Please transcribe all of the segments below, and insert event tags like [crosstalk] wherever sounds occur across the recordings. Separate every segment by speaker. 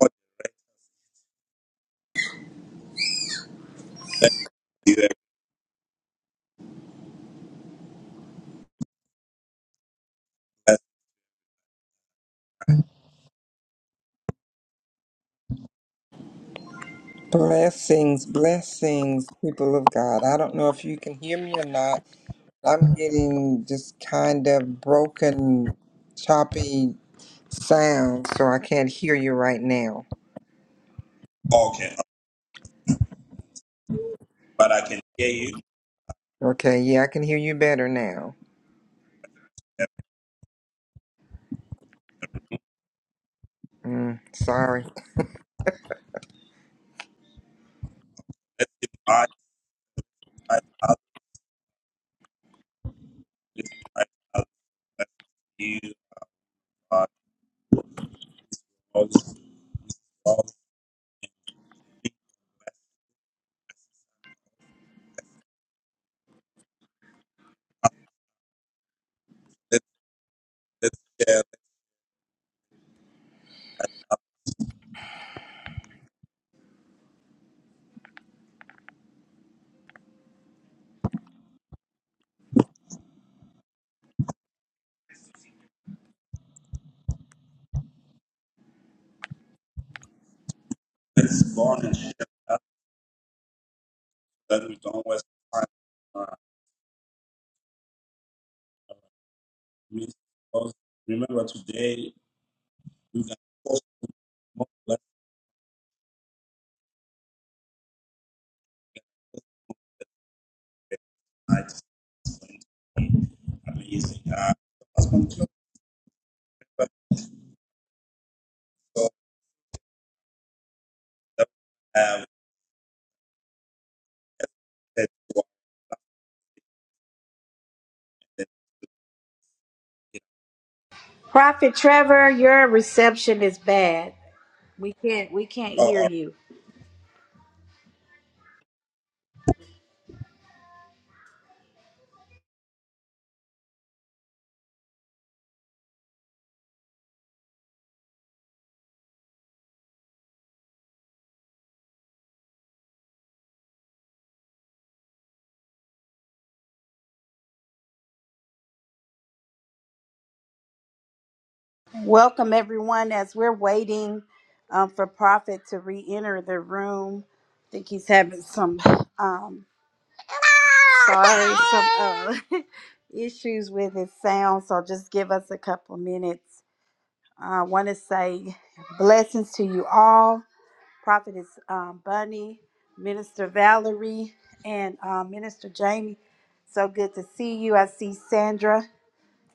Speaker 1: Lord, thank you have blessed
Speaker 2: Blessings, blessings, people of God. I don't know if you can hear me or not. I'm getting just kind of broken, choppy sound, so I can't hear you right now.
Speaker 1: all can, but I can hear you.
Speaker 2: Okay, yeah, I can hear you better now. Mm, sorry.
Speaker 1: Let's give my eyes out. This eyes out. Bless you, God. Most all let's let's share. Let's go on and share that so that we don't waste time. Uh, we- because remember today we can post more last night. Amazing. Uh, as concluded, so that we have that- that- that-
Speaker 3: Prophet Trevor, your reception is bad. We can't we can't
Speaker 1: oh, all
Speaker 3: hear
Speaker 1: right.
Speaker 3: you. Welcome everyone as we're waiting um, for Prophet to re-enter the room. I think he's having some um sorry some uh, [laughs] issues with his sound. So just give us a couple minutes. I want to say blessings to you all. Prophetess um, Bunny, Minister Valerie, and um, Minister Jamie. So good to see you. I see Sandra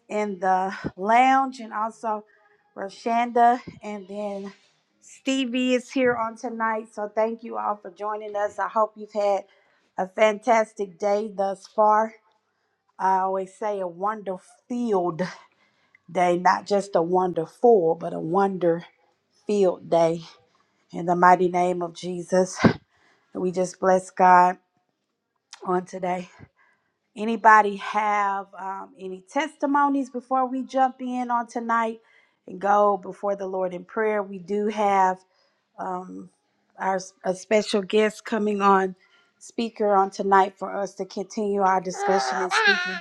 Speaker 3: in the lounge and also Roshanda. And then Stevie is here on tonight. So thank you all for joining us. I hope you've had a fantastic day thus far. I always say a wonder filled day, not just a wonderful, but a wonder filled day. In the mighty name of Jesus. We just bless God on today. Anybody have um, any testimonies before we jump in on tonight and go before the Lord in prayer? We do have um, our a special guest coming on speaker on tonight for us to continue our discussion and speaking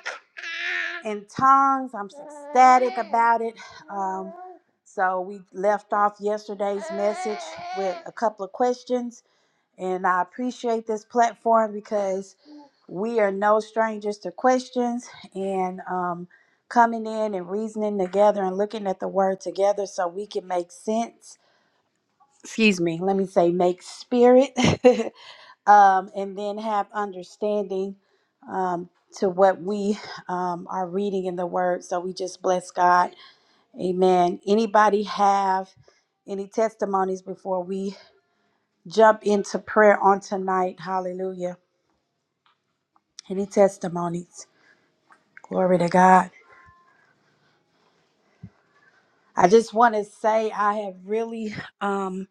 Speaker 3: in tongues. I'm so ecstatic about it. Um, so we left off yesterday's message with a couple of questions, and I appreciate this platform because we are no strangers to questions and um, coming in and reasoning together and looking at the word together so we can make sense. Excuse me, let me say make spirit [laughs] um, and then have understanding um, to what we um, are reading in the word. So we just bless God. Amen. Anybody have any testimonies before we jump into prayer on tonight? Hallelujah. Any testimonies? Glory to God. I just want to say I have really um,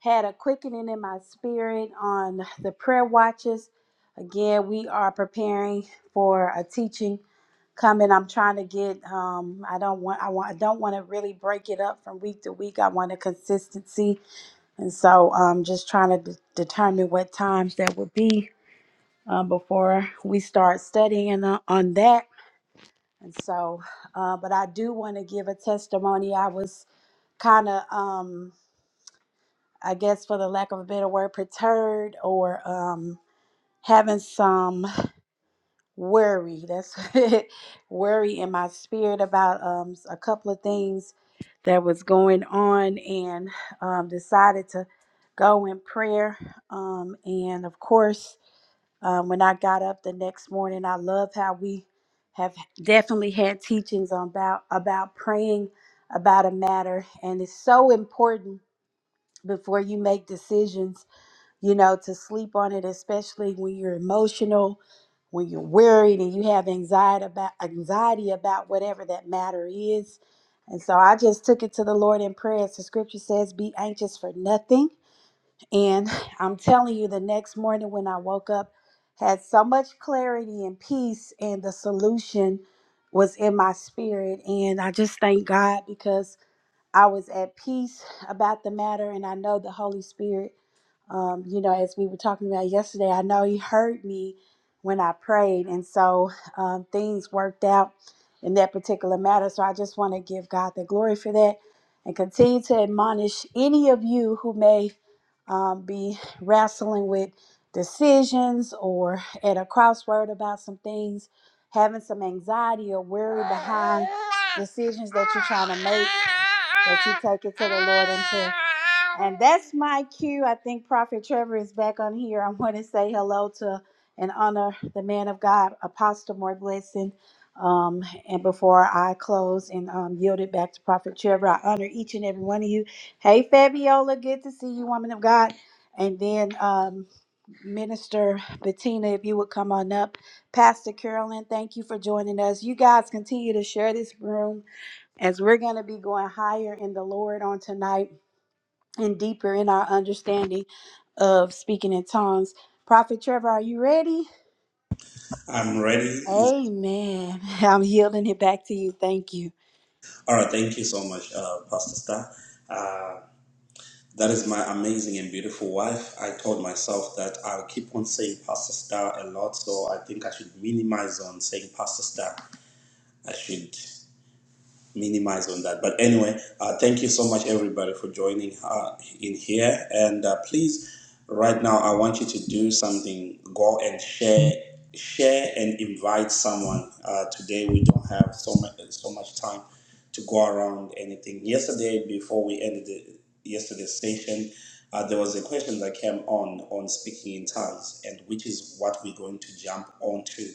Speaker 3: had a quickening in my spirit on the prayer watches. Again, we are preparing for a teaching coming. I'm trying to get. Um, I don't want. I want. I don't want to really break it up from week to week. I want a consistency, and so I'm just trying to de- determine what times that would be um, before we start studying on, on that. And so, uh, but I do want to give a testimony. I was kind of um i guess for the lack of a better word perturbed or um having some worry that's [laughs] worry in my spirit about um a couple of things that was going on and um decided to go in prayer um and of course um, when i got up the next morning i love how we have definitely had teachings on about about praying about a matter and it's so important before you make decisions, you know, to sleep on it, especially when you're emotional, when you're worried and you have anxiety about anxiety about whatever that matter is. And so I just took it to the Lord in prayer. As the scripture says, be anxious for nothing. And [sighs] I'm telling you, the next morning when I woke up, had so much clarity and peace, and the solution was in my spirit. And I just thank God because I was at peace about the matter, and I know the Holy Spirit. Um, you know, as we were talking about yesterday, I know He heard me when I prayed, and so um, things worked out in that particular matter. So I just want to give God the glory for that, and continue to admonish any of you who may um, be wrestling with decisions or at a crossword about some things having some anxiety or worry behind decisions that you're trying to make, that you take it to the Lord in prayer. And that's my cue. I think Prophet Trevor is back on here. I want to say hello to and honor the man of God, Apostle More Blessing. Um, and before I close and um, yield it back to Prophet Trevor, I honor each and every one of you. Hey, Fabiola, good to see you, woman of God. And then um, Minister Bettina, if you would come on up. Pastor Carolyn, thank you for joining us. You guys continue to share this room as we're going to be going higher in the Lord on tonight and deeper in our understanding of speaking in tongues. Prophet Trevor, are you ready?
Speaker 1: I'm ready.
Speaker 3: Amen. [laughs] I'm yielding it back to you. Thank you.
Speaker 1: All right, thank you so much, uh, Pastor Star. Uh, that is my amazing and beautiful wife. I told myself that I'll keep on saying Pastor Star a lot, so I think I should minimize on saying Pastor Star. I should minimize on that. But anyway, uh, thank you so much, everybody, for joining uh, in here. And uh, please, right now, I want you to do something. Go and share, share and invite someone. Uh, today we don't have so much so much time to go around anything. Yesterday, before we ended the, yesterday's session, uh, there was a question that came on on speaking in tongues, and which is what we're going to jump onto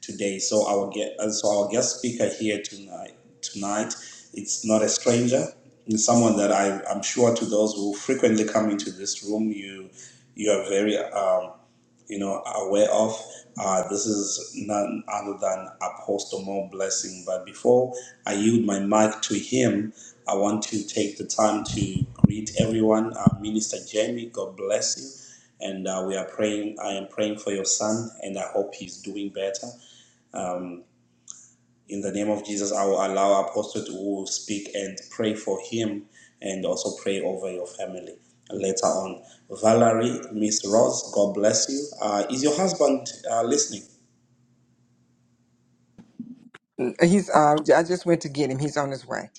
Speaker 1: today. So our ge- uh, so our guest speaker here tonight tonight it's not a stranger. It's someone that I, I'm sure to those who frequently come into this room, you you are very um, you know, aware of. Uh, this is none other than Apostle Mo Blessing. But before I yield my mic to him, I want to take the time to greet everyone. Uh, Minister Jamie, God bless you. And uh, we are praying, I am praying for your son, and I hope he's doing better. In the name of Jesus, I will allow Apostle to speak and pray for him and also pray over your family later on. Valerie, Miss Ross, God bless you. Uh, is your husband uh, listening?
Speaker 2: Uh, He's. Uh, I just went to get him. He's on his way.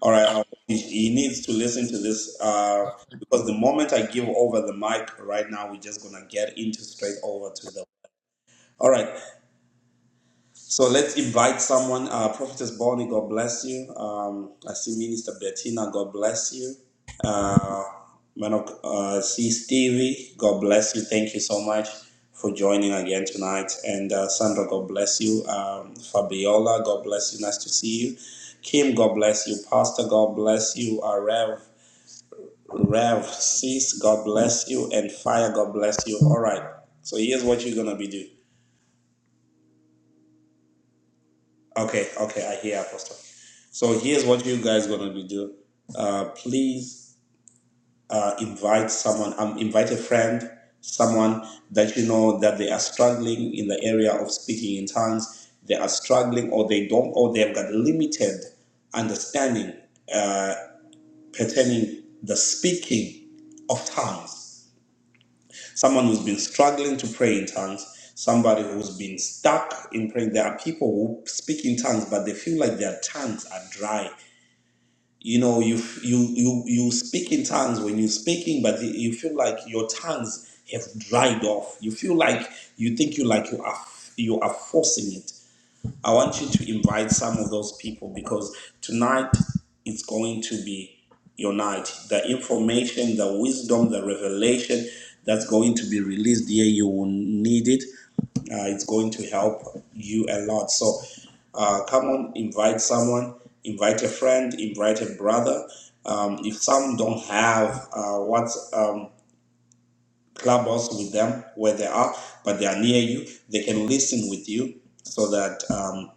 Speaker 1: All right, I- he he needs to listen to this uh, because the moment I give over the mic right now, we're just going to get into straight over to the. All right, So let's invite someone. Uh, Prophetess Bonnie, God bless you. Um, I see Minister Bettina, God bless you. Uh, man of, uh, see Stevie, God bless you. Thank you so much for joining again tonight. And uh, Sandra, God bless you. Um, Fabiola, God bless you. Nice to see you. Kim, God bless you. Pastor, God bless you. Uh, Rev, Rev, Sis, God bless you. And Fire, God bless you. All right. So here's what you're going to be doing. Okay, okay, I hear Apostle. So here's what you guys gonna be do. Uh, please uh, invite someone. Um, invite a friend, someone that you know that they are struggling in the area of speaking in tongues. They are struggling, or they don't, or they have got limited understanding uh, pertaining the speaking of tongues someone who's been struggling to pray in tongues, somebody who's been stuck in praying. There are people who speak in tongues, but they feel like their tongues are dry. You know, you you you you speak in tongues when you're speaking, but you feel like your tongues have dried off. You feel like you think you like you are you are forcing it. I want you to invite some of those people because tonight it's going to be your night. The information, the wisdom, the revelation that's going to be released here, you will need it. Uh, it's going to help you a lot. So uh, come on, invite someone, invite a friend, invite a brother. Um, if some don't have uh, what um, clubhouse with them where they are, but they are near you, they can listen with you so that. Um,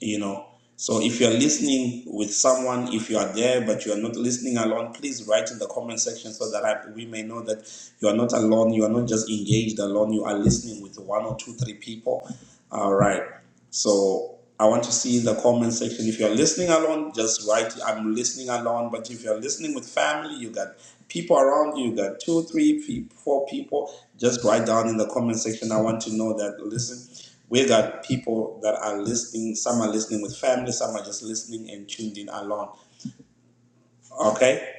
Speaker 1: you know so if you're listening with someone if you are there but you are not listening alone please write in the comment section so that I, we may know that you are not alone you are not just engaged alone you are listening with one or two three people all right so i want to see in the comment section if you're listening alone just write i'm listening alone but if you're listening with family you got people around you you got two three pe- four people just write down in the comment section i want to know that listen we got people that are listening. Some are listening with family. Some are just listening and tuned in alone. Okay.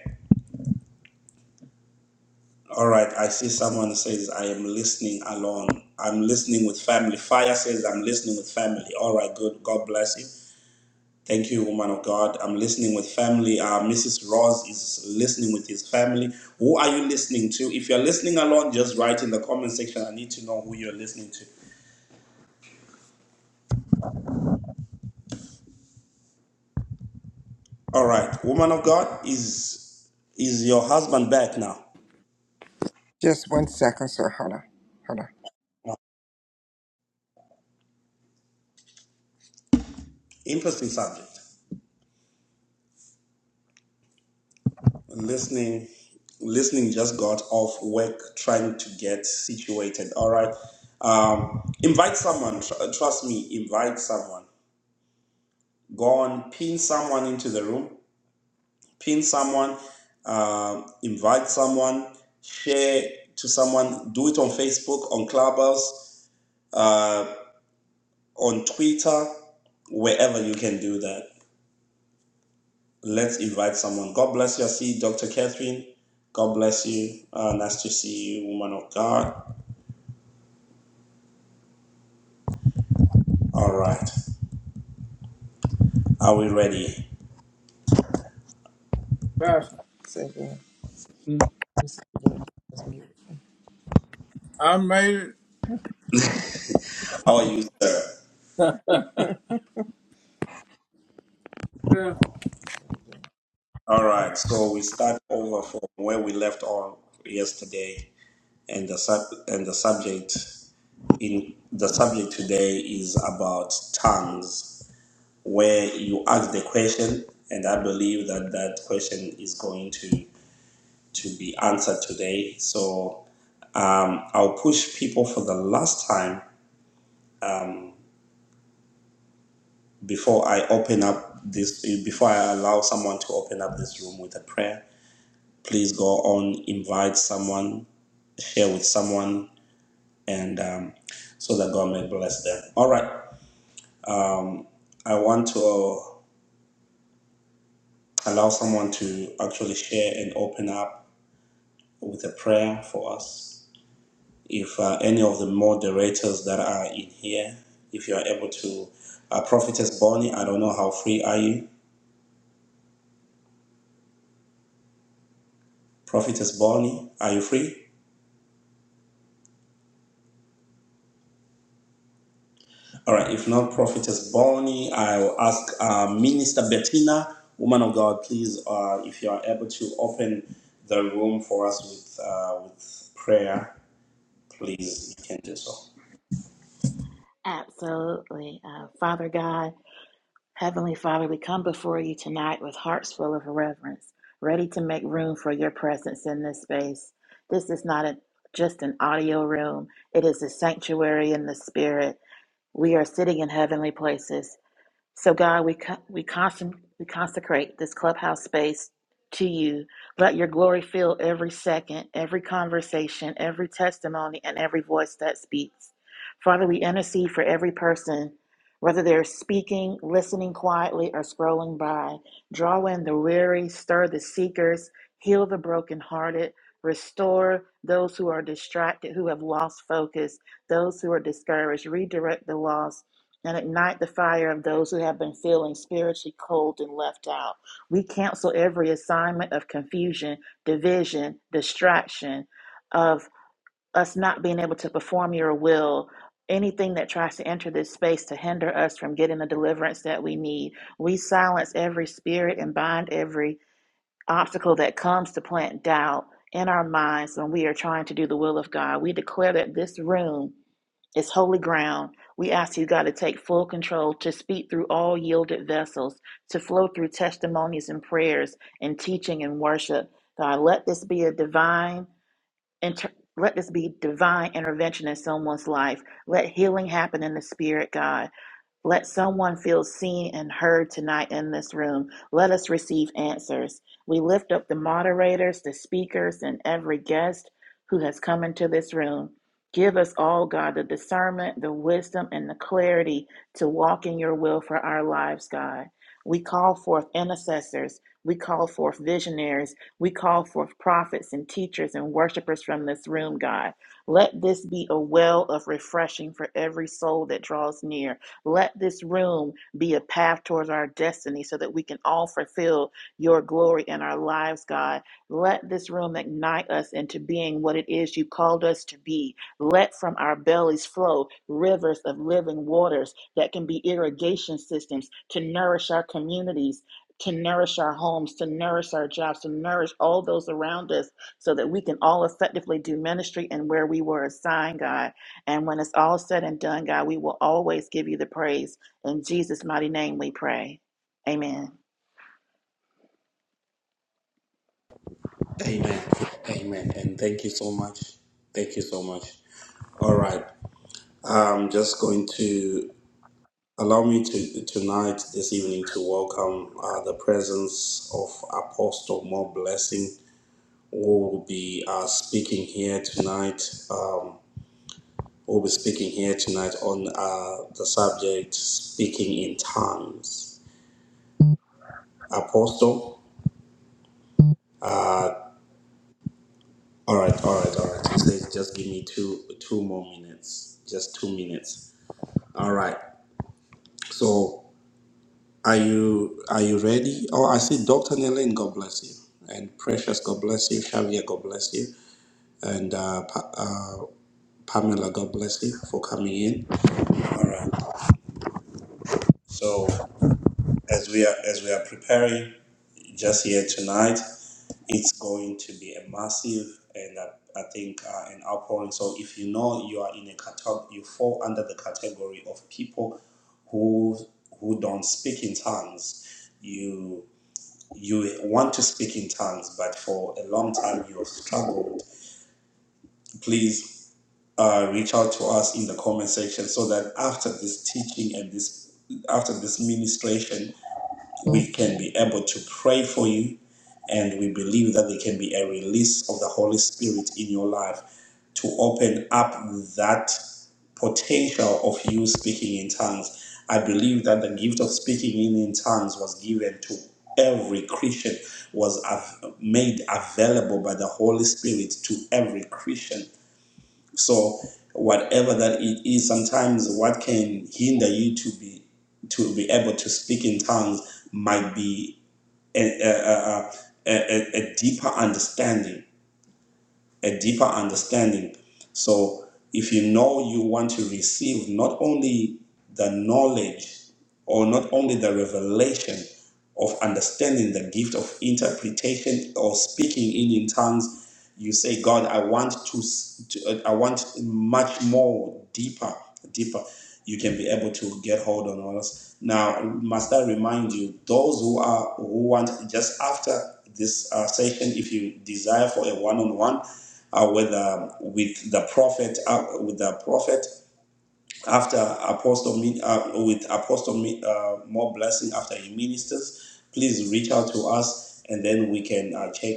Speaker 1: All right. I see someone says I am listening alone. I'm listening with family. Fire says I'm listening with family. All right. Good. God bless you. Thank you, woman of God. I'm listening with family. Uh, Mrs. Ross is listening with his family. Who are you listening to? If you're listening alone, just write in the comment section. I need to know who you're listening to. All right, woman of God, is is your husband back now?
Speaker 2: Just one second, sir. Hold on. Hold on.
Speaker 1: Interesting subject. Listening, listening just got off work trying to get situated. All right. Um, invite someone. Tr- uh, trust me, invite someone. Go on, pin someone into the room. Pin someone. Um, invite someone. Share to someone. Do it on Facebook, on Clubhouse, uh, on Twitter, wherever you can do that. Let's invite someone. God bless you. I see Dr. Catherine. God bless you. Uh, nice to see you, woman of God. All right. Are we ready?
Speaker 2: Pastor, Say again. mm, Say again. That's mute. I made it.
Speaker 1: How are you, sir?
Speaker 2: Yeah.
Speaker 1: All right. So we start over from where we left off yesterday, and the sub and the subject in the subject today is about tongues, where you ask the question, and I believe that that question is going to to be answered today. So Um, I'll push people for the last time before I open up this, before I allow someone to open up this room with a prayer. Please go on, invite someone, share with someone, and um, so that God may bless them. All right. I want to uh, allow someone to actually share and open up with a prayer for us. If uh, any of the moderators that are in here, if you are able to, uh, Prophetess Bonnie, I don't know how free are you Prophetess Bonnie, are you free? All right, if not Prophetess Bonnie, I'll ask uh, Minister Bettina, woman of God, please, uh, if you are able to open the room for us with, uh, with prayer, please, you can do so.
Speaker 4: Absolutely. Uh, Father God, Heavenly Father, we come before you tonight with hearts full of reverence, ready to make room for your presence in this space. This is not a, just an audio room, it is a sanctuary in the spirit. We are sitting in heavenly places so, God, we, co- we, consec- we consecrate this clubhouse space to you. Let your glory fill every second, every conversation, every testimony, and every voice that speaks. Father, we intercede for every person, whether they're speaking, listening quietly, or scrolling by. Draw in the weary, stir the seekers, heal the brokenhearted, restore those who are distracted, who have lost focus, those who are discouraged, redirect the lost and ignite the fire of those who have been feeling spiritually cold and left out. We cancel every assignment of confusion, division, distraction, of us not being able to perform your will. Anything that tries to enter this space to hinder us from getting the deliverance that we need. We silence every spirit and bind every obstacle that comes to plant doubt in our minds when we are trying to do the will of God. We declare that this room it's holy ground. We ask you, God, to take full control, to speak through all yielded vessels, to flow through testimonies and prayers and teaching and worship. God, let this be a divine inter- let this be divine intervention in someone's life. Let healing happen in the spirit, God. Let someone feel seen and heard tonight in this room. Let us receive answers. We lift up the moderators, the speakers, and every guest who has come into this room. Give us all, God, the discernment, the wisdom, and the clarity to walk in your will for our lives, God. We call forth intercessors. We call forth visionaries. We call forth prophets and teachers and worshipers from this room, God. Let this be a well of refreshing for every soul that draws near. Let this room be a path towards our destiny so that we can all fulfill your glory in our lives, God. Let this room ignite us into being what it is you called us to be. Let from our bellies flow rivers of living waters that can be irrigation systems to nourish our communities. To nourish our homes, to nourish our jobs, to nourish all those around us, so that we can all effectively do ministry and where we were assigned, God. And when it's all said and done, God, we will always give you the praise. In Jesus' mighty name we pray. Amen.
Speaker 1: Amen. Amen. And thank you so much. Thank you so much. All right. I'm just going to allow me to tonight, this evening, to welcome uh, the presence of Apostle More Blessing will be uh, speaking here tonight. Um, will be speaking here tonight on uh, the subject speaking in tongues. Apostle. All right, all right, all right. He says, just give me two two more minutes. Just two minutes. All right. So are you are you ready? Oh, I see Dr. Nelen, God bless you. And Precious, God bless you. Xavier, God bless you. And uh, pa- uh, Pamela, God bless you for coming in. All right. So as we are as we are preparing just here tonight it's going to be a massive and uh, I think uh, an outpouring. So if you know you are in a category, you fall under the category of people who who don't speak in tongues. You you want to speak in tongues, but for a long time you have struggled. Please uh, reach out to us in the comment section so that after this teaching and this after this ministration we can be able to pray for you, and we believe that there can be a release of the Holy Spirit in your life to open up that potential of you speaking in tongues. I believe that the gift of speaking in, in tongues was given to every Christian, was av- made available by the Holy Spirit to every Christian. So whatever that it is, sometimes what can hinder you to be to be able to speak in tongues might be a, a, a, a, a deeper understanding a deeper understanding. So if you know you want to receive not only the knowledge or not only the revelation of understanding the gift of interpretation or speaking in, in tongues, you say, God, I want to, to uh, I want much more deeper, deeper you can be able to get hold on us. Now, must I remind you, those who are who want just after this uh, session, if you desire for a one-on-one uh, with uh, with the prophet, uh, with the prophet after Apostle Mi- uh, with Apostle Mi- uh, more blessing after he ministers, please reach out to us, and then we can uh, check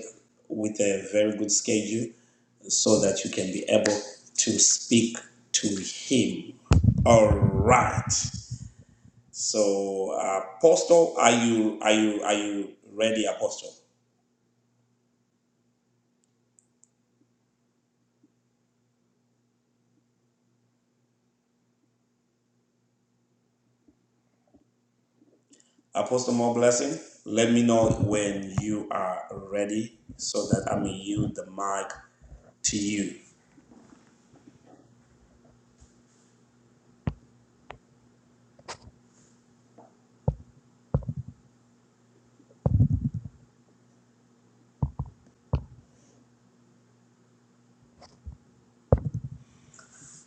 Speaker 1: with a very good schedule so that you can be able to speak to him. All right. So, Apostle, are you are you are you ready, Apostle? Apostle, more blessing. Let me know when you are ready, so that I may yield the mic to you.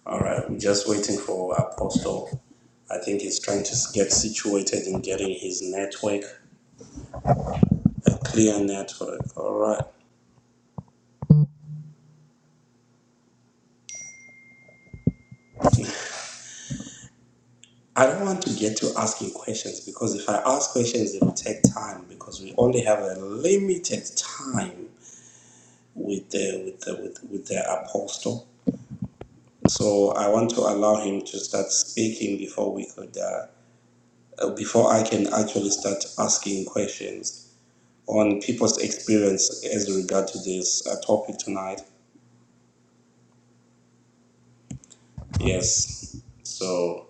Speaker 1: All right. We're just waiting for Apostle. I think he's trying to get situated in getting his network, a clear network. All right. [laughs] I don't want to get to asking questions because if I ask questions, it will take time because we only have a limited time with the with the with, with the apostle. So I want to allow him to start speaking before we could uh, uh, before I can actually start asking questions on people's experience as regard to this uh, topic tonight. Yes. So.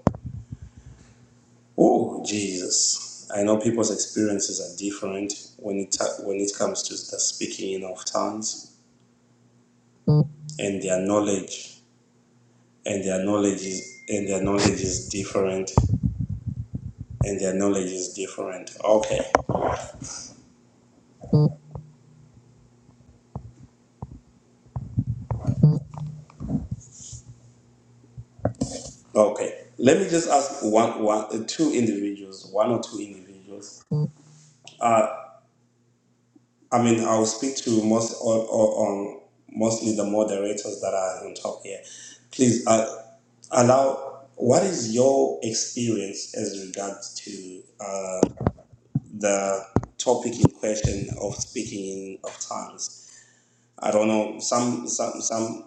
Speaker 1: Oh, Jesus. I know people's experiences are different when it when it comes to the speaking in of tongues and their knowledge and their knowledge is and their knowledge is different and their knowledge is different. Okay. Okay. Let me just ask one one uh, two individuals, one or two individuals. I mean, I'll speak to most or, or um, mostly the moderators that are on top here. Please uh, allow. What is your experience as regards to uh, the topic in question of speaking in of tongues? I don't know. Some some some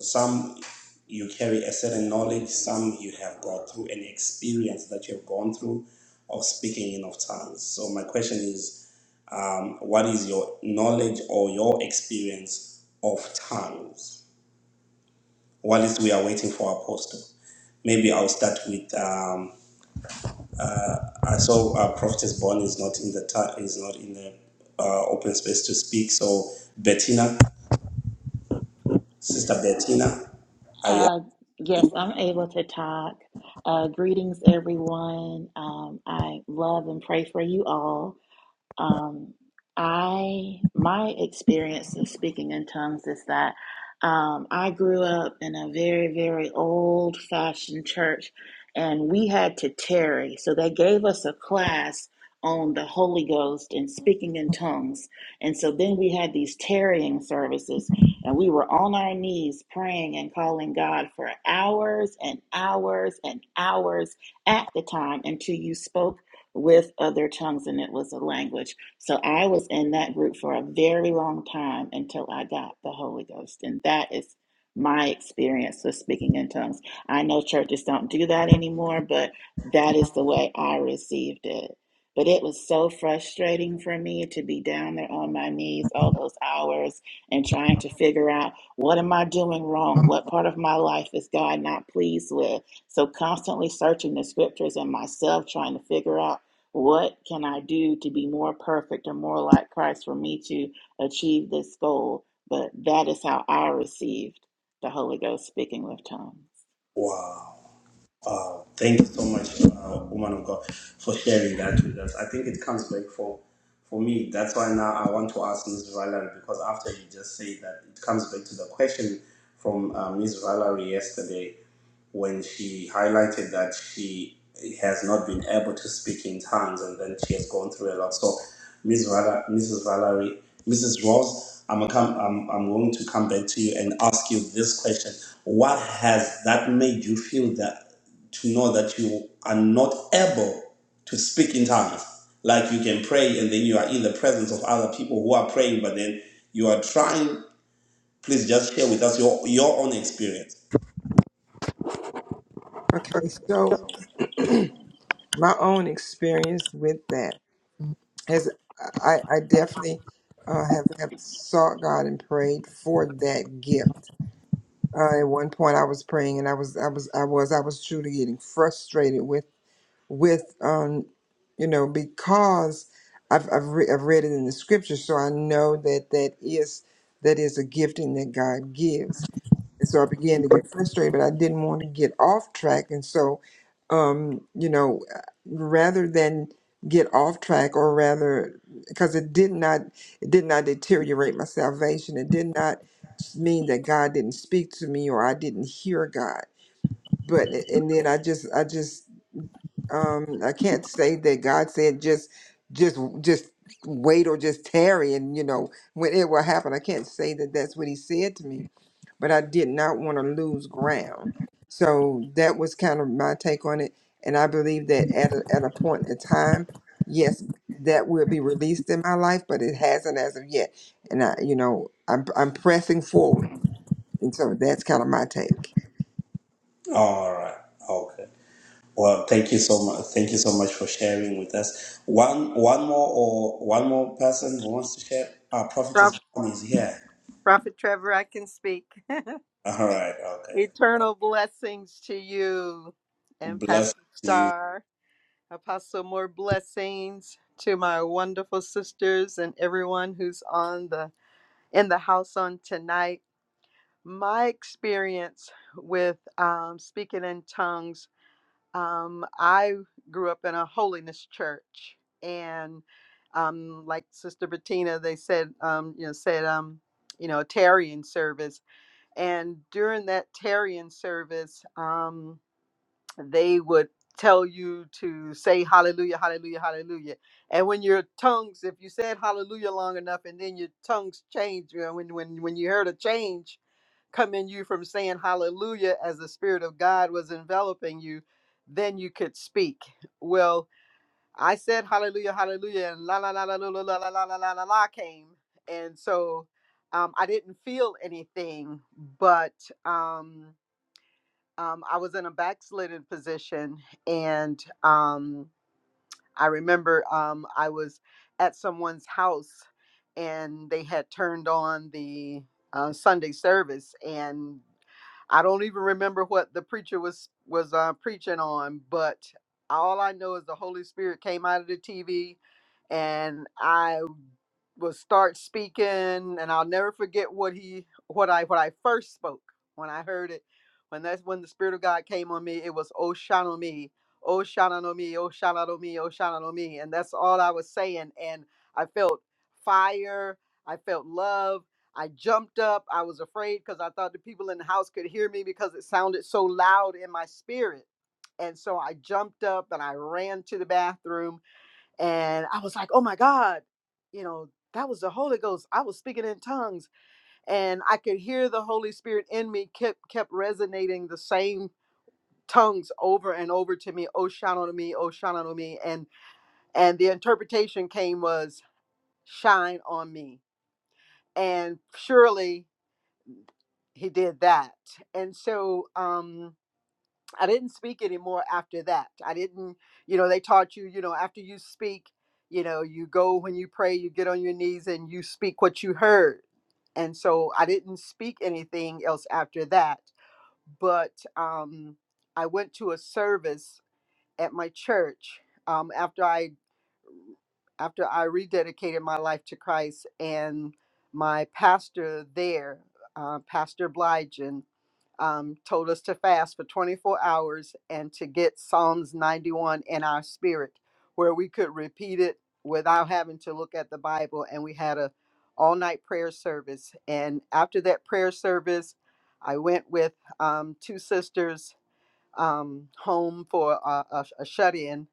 Speaker 1: some you carry a certain knowledge. Some you have gone through an experience that you have gone through of speaking in of tongues. So my question is um, what is your knowledge or your experience of tongues while we are waiting for apostle maybe i'll start with um, i saw uh, prophetess born is not in the ti- is not in the uh, open space to speak so bettina sister bettina are you
Speaker 4: Uh, yes, I'm able to talk. Uh, greetings, everyone. Um, I love and pray for you all. Um, I my experience of speaking in tongues is that um, I grew up in a very very old fashioned church, and we had to tarry. So they gave us a class on the Holy Ghost and speaking in tongues, and so then we had these tarrying services, and we were on our knees praying and calling God for hours and hours and hours at the time until you spoke with other tongues, and it was a language. So I was in that group for a very long time until I got the Holy Ghost. And that is my experience with speaking in tongues. I know churches don't do that anymore, but that is the way I received it. But it was so frustrating for me to be down there on my knees all those hours and trying to figure out what am I doing wrong? What part of my life is God not pleased with? So constantly searching the scriptures and myself trying to figure out what can I do to be more perfect or more like Christ for me to achieve this goal? But that is how I received the Holy Ghost speaking with tongues.
Speaker 1: wow Uh, thank you so much, uh, woman of God, for sharing that with us. I think it comes back for for me. That's why now I want to ask Ms. Valerie because after you just say that, it comes back to the question from uh, Ms. Valerie yesterday when she highlighted that she has not been able to speak in tongues and then she has gone through a lot. So, Miss Vala, Mrs. Valerie, Mrs. Rose, I'm, a come, I'm, I'm going to come back to you and ask you this question. What has that made you feel that to know that you are not able to speak in tongues? Like you can pray and then you are in the presence of other people who are praying, but then you are trying. Please just share with us your, your own experience.
Speaker 2: Okay, so my own experience with that. As I, I definitely uh, have, have sought God and prayed for that gift. Uh, at one point, I was praying, and I was I was I was I was truly getting frustrated with with um you know because I've I've, re- I've read it in the scripture, so I know that that is that is a gifting that God gives and so I began to get frustrated, but I didn't want to get off track. And so, um, you know, rather than get off track or rather because it did not it did not deteriorate my salvation. It did not mean that God didn't speak to me or I didn't hear God. But and then I just I just um i can't say that god said just just just wait or just tarry and you know when it will happen i can't say that that's what he said to me but i did not want to lose ground so that was kind of my take on it and i believe that at a, at a point in time yes that will be released in my life but it hasn't as of yet and i you know i'm, I'm pressing forward and so that's kind of my take
Speaker 1: All right. Okay. Well, thank you so much. Thank you so much for sharing with us. One, one more, or one more person who wants to share. Our prophetess
Speaker 5: Prof-
Speaker 1: Bonnie is here.
Speaker 5: Prophet Trevor, I can speak. [laughs]
Speaker 1: All right. Okay.
Speaker 5: Eternal blessings to you and Pastor
Speaker 1: Bless you.
Speaker 5: Star. Apostle, more blessings to my wonderful sisters and everyone who's on the in the house on tonight. My experience with um, speaking in tongues, um, I grew up in a holiness church, and um, like Sister Bettina, they said, um, you know, said, um, you know, a tarrying service And during that Tarian service, um, they would tell you to say hallelujah, hallelujah, hallelujah. And when your tongues, if you said hallelujah long enough and then your tongues changed, you know, when, when, when you heard a change come in you from saying hallelujah as the Spirit of God was enveloping you, then you could speak. Well, I said hallelujah, hallelujah, and la la la la la la la la la la la la la came, and so um, I didn't feel anything, but um, um, I was in a backslidden position, and um, I remember um, I was at someone's house and they had turned on the uh, Sunday service, and I don't even remember what the preacher was was uh, preaching on, but all I know is the Holy Spirit came out of the TV, and I will start speaking and I'll never forget what he what I what I first spoke when I heard it when that's when the spirit of God came on me it was Oshanomi oh shana no me, oh shana no me, oh shana no me. And that's all I was saying. And I felt fire, I felt love. I jumped up. I was afraid because I thought the people in the house could hear me because it sounded so loud in my spirit. And so I jumped up and I ran to the bathroom and I was like, oh my God, you know, that was the Holy Ghost. I was speaking in tongues and I could hear the Holy Spirit in me kept kept resonating the same tongues over and over to me, oh shine on me, oh shine on me. And and the interpretation came was shine on me. And surely he did that. And so um I didn't speak anymore after that. I didn't, you know, they taught you, you know, after you speak, you know, you go when you pray, you get on your knees and you speak what you heard. And so I didn't speak anything else after that. But um I went to a service at my church um, after I after I rededicated my life to Christ, and my pastor there, uh, Pastor Bligen, um, told us to fast for 24 hours and to get Psalms 91 in our spirit, where we could repeat it without having to look at the Bible. And we had a all night prayer service. And after that prayer service, I went with um, two sisters um, home for a, a, a shut-in,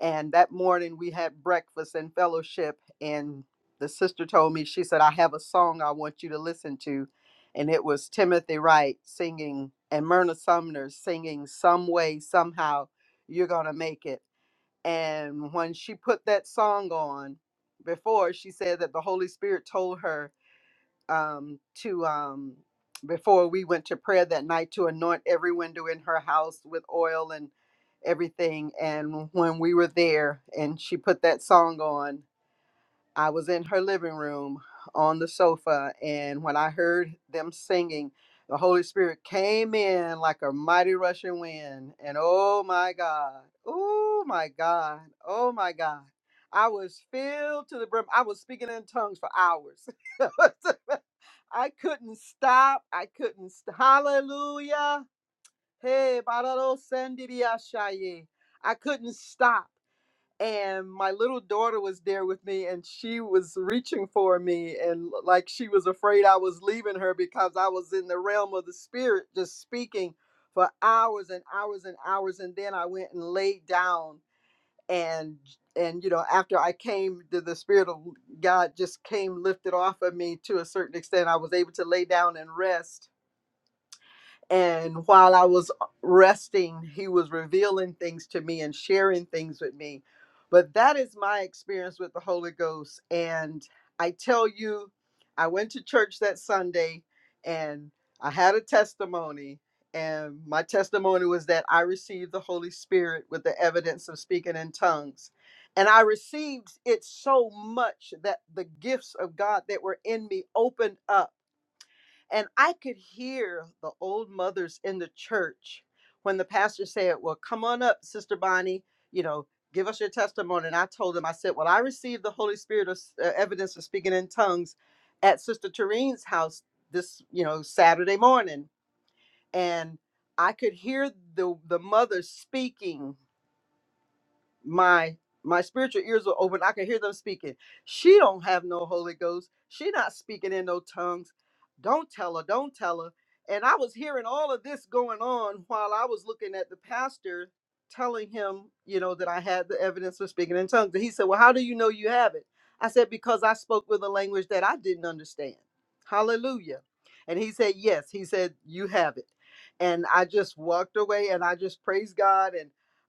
Speaker 5: and that morning we had breakfast and fellowship. And the sister told me, she said, "I have a song I want you to listen to," and it was Timothy Wright singing and Myrna Sumner singing "Some Way Somehow You're Gonna Make It." And when she put that song on, before she said that the Holy Spirit told her um, to um, before we went to prayer that night to anoint every window in her house with oil and everything. And when we were there, and she put that song on, I was in her living room on the sofa, and when I heard them singing, the Holy Spirit came in like a mighty rushing wind. And oh my God, oh my God, oh my God. I was filled to the brim. I was speaking in tongues for hours. [laughs] I couldn't stop. I couldn't. St- Hallelujah. Hey, bararo sandiria shaye. I couldn't stop and my little daughter was there with me and she was reaching for me and l- like she was afraid I was leaving her because I was in the realm of the spirit just speaking for hours and hours and hours and then I went and laid down and and you know after I came the, the spirit of God just came lifted off of me to a certain extent I was able to lay down and rest and while I was uh, resting, he was revealing things to me and sharing things with me. But that is my experience with the Holy Ghost. And I tell you, I went to church that Sunday and I had a testimony. And my testimony was that I received the Holy Spirit with the evidence of speaking in tongues. And I received it so much that the gifts of God that were in me opened up and I could hear the old mothers in the church when the pastor said, Well, come on up, Sister Bonnie, you know, give us your testimony. And I told them, I said, Well, I received the Holy Spirit of uh, evidence of speaking in tongues at Sister Tereen's house this, you know, Saturday morning. And I could hear the, the mothers speaking my my spiritual ears were open i could hear them speaking she don't have no holy ghost she not speaking in no tongues don't tell her don't tell her and i was hearing all of this going on while i was looking at the pastor telling him you know that i had the evidence for speaking in tongues and he said well how do you know you have it i said because i spoke with a language that i didn't understand hallelujah and he said yes he said you have it and i just walked away and i just praised god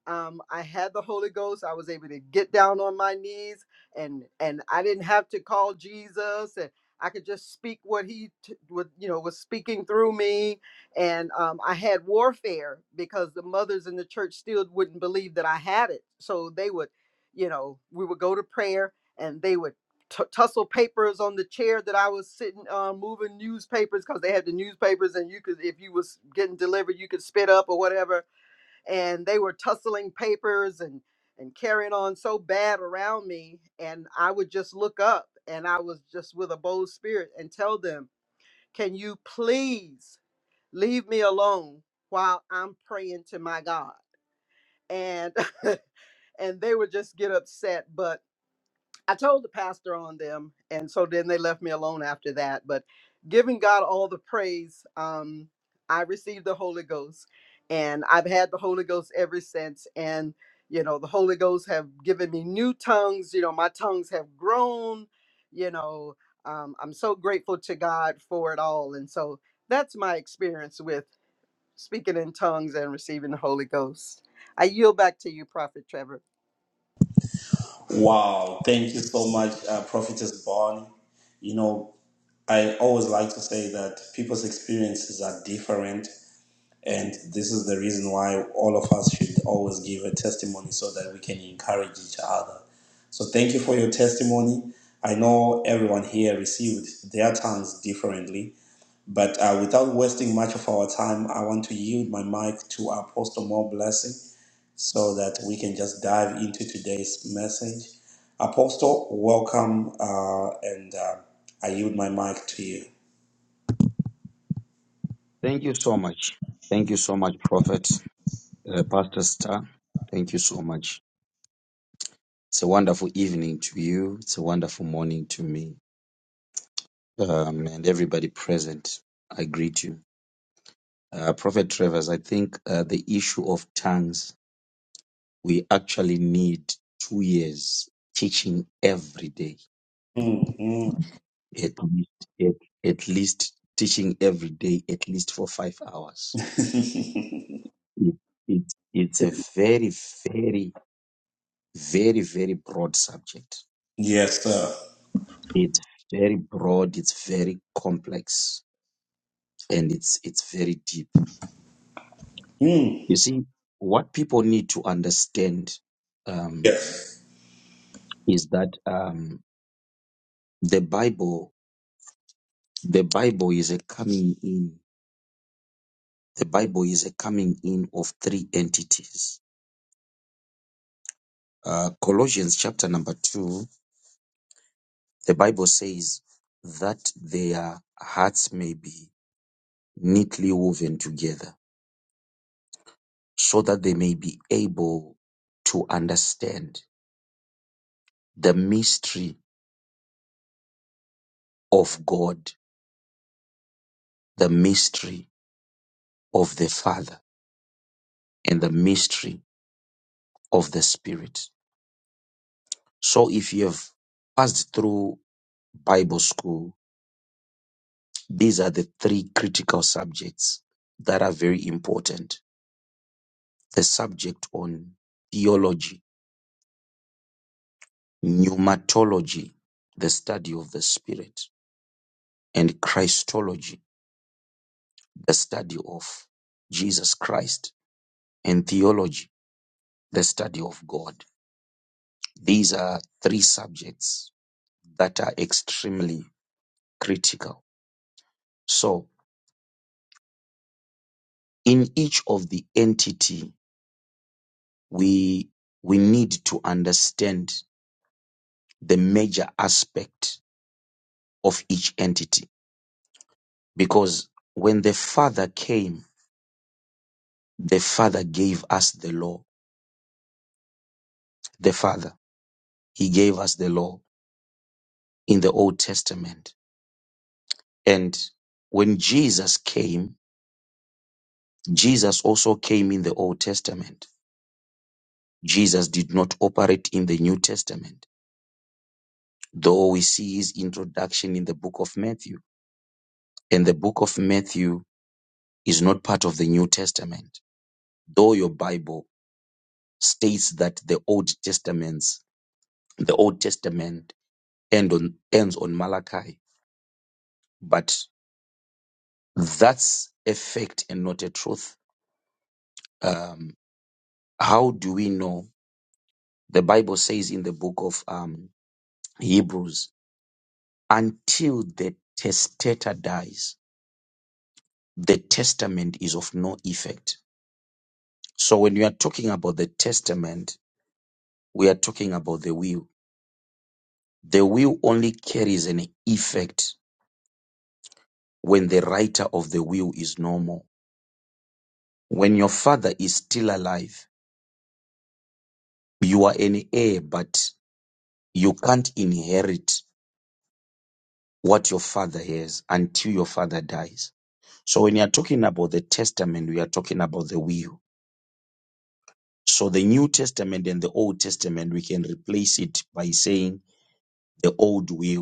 Speaker 5: um, I had the Holy Ghost. I was able to get down on my knees, and and I didn't have to call Jesus, and I could just speak what he t- what you know was speaking through me. And um, I had warfare because the mothers in the church still wouldn't believe that I had it, so they would, you know, we would go to prayer, and they would. T- tussle papers on the chair that I was sitting, uh, moving newspapers because they had the newspapers, and you could, if you was getting delivered, you could spit up or whatever and they were tussling papers and and carrying on so bad around me and i would just look up and i was just with a bold spirit and tell them can you please leave me alone while i'm praying to my god and [laughs] and they would just get upset but. I told the pastor on them, and so then they left me alone after that. But giving God all the praise, um, I received the Holy Ghost, and I've had the Holy Ghost ever since. And you know, the Holy Ghost have given me new tongues. You know, my tongues have grown. You know, um, I'm so grateful to God for it all, and so that's my experience with speaking in tongues and receiving the Holy Ghost. I yield back to you, Prophet Trevor.
Speaker 1: Wow. Thank you so much, uh, prophetess Bonnie. You know, I always like to say that people's experiences are different, And this is the reason why all of us should always give a testimony so that we can encourage each other. So thank you for your testimony. I know everyone here received their tongues differently, but uh, without wasting much of our time, I want to yield my mic to Apostle More Blessing so that we can just dive into today's message. Apostle, welcome, uh, and uh, I yield my mic to you.
Speaker 6: Thank you so much. Thank you so much, Prophet, uh, Pastor Star. Thank you so much. It's a wonderful evening to you. It's a wonderful morning to me. Um, and everybody present, I greet you. Uh, Prophet Travers, I think uh, the issue of tongues, we actually need two years teaching every day,
Speaker 1: Mm,
Speaker 6: at least, at, at least teaching every day, at least for five
Speaker 1: mm.
Speaker 6: hours.
Speaker 1: [laughs]
Speaker 6: It, it, it's a very, very Very, very broad subject.
Speaker 1: yes, sir.
Speaker 6: It's very broad, it's very complex, and it's it's very deep.
Speaker 1: Mm.
Speaker 6: You see, what people need to understand
Speaker 1: yeah.
Speaker 6: um, is that um, the Bible, the Bible is a coming in. The Bible is a coming in of three entities. Uh, Colossians chapter number two, the Bible says that their hearts may be neatly woven together. so that they may be able to understand the mystery of God, the mystery of the Father, and the mystery of the Spirit. So if you have passed through Bible school, these are the three critical subjects that are very important. The subject on theology, pneumatology, the study of the Spirit, and Christology, the study of Jesus Christ and theology, the study of God. These are three subjects that are extremely critical. So in each of the entity, we, we need to understand the major aspect of each entity because when the father came, the father gave us the law. The father, he gave us the law in the Old Testament. And when Jesus came, Jesus also came in the Old Testament Jesus did not operate in the New Testament, though we see his introduction in the book of Matthew. And the book of Matthew is not part of the New Testament, though your Bible states that the Old Testaments, the Old Testament end on, ends on Malachi, but that's a fact and not a truth. Um, how do we know? The Bible says in the book of um, Hebrews, until the testator dies, the testament is of no effect. So when we are talking about the testament, we are talking about the will. The will only carries an effect when the writer of the will is no more. When your father is still alive, you are an heir, but you can't inherit what your father has until your father dies. So when you are talking about the testament, we are talking about the will. So the New Testament and the Old Testament, we can replace it by saying the old will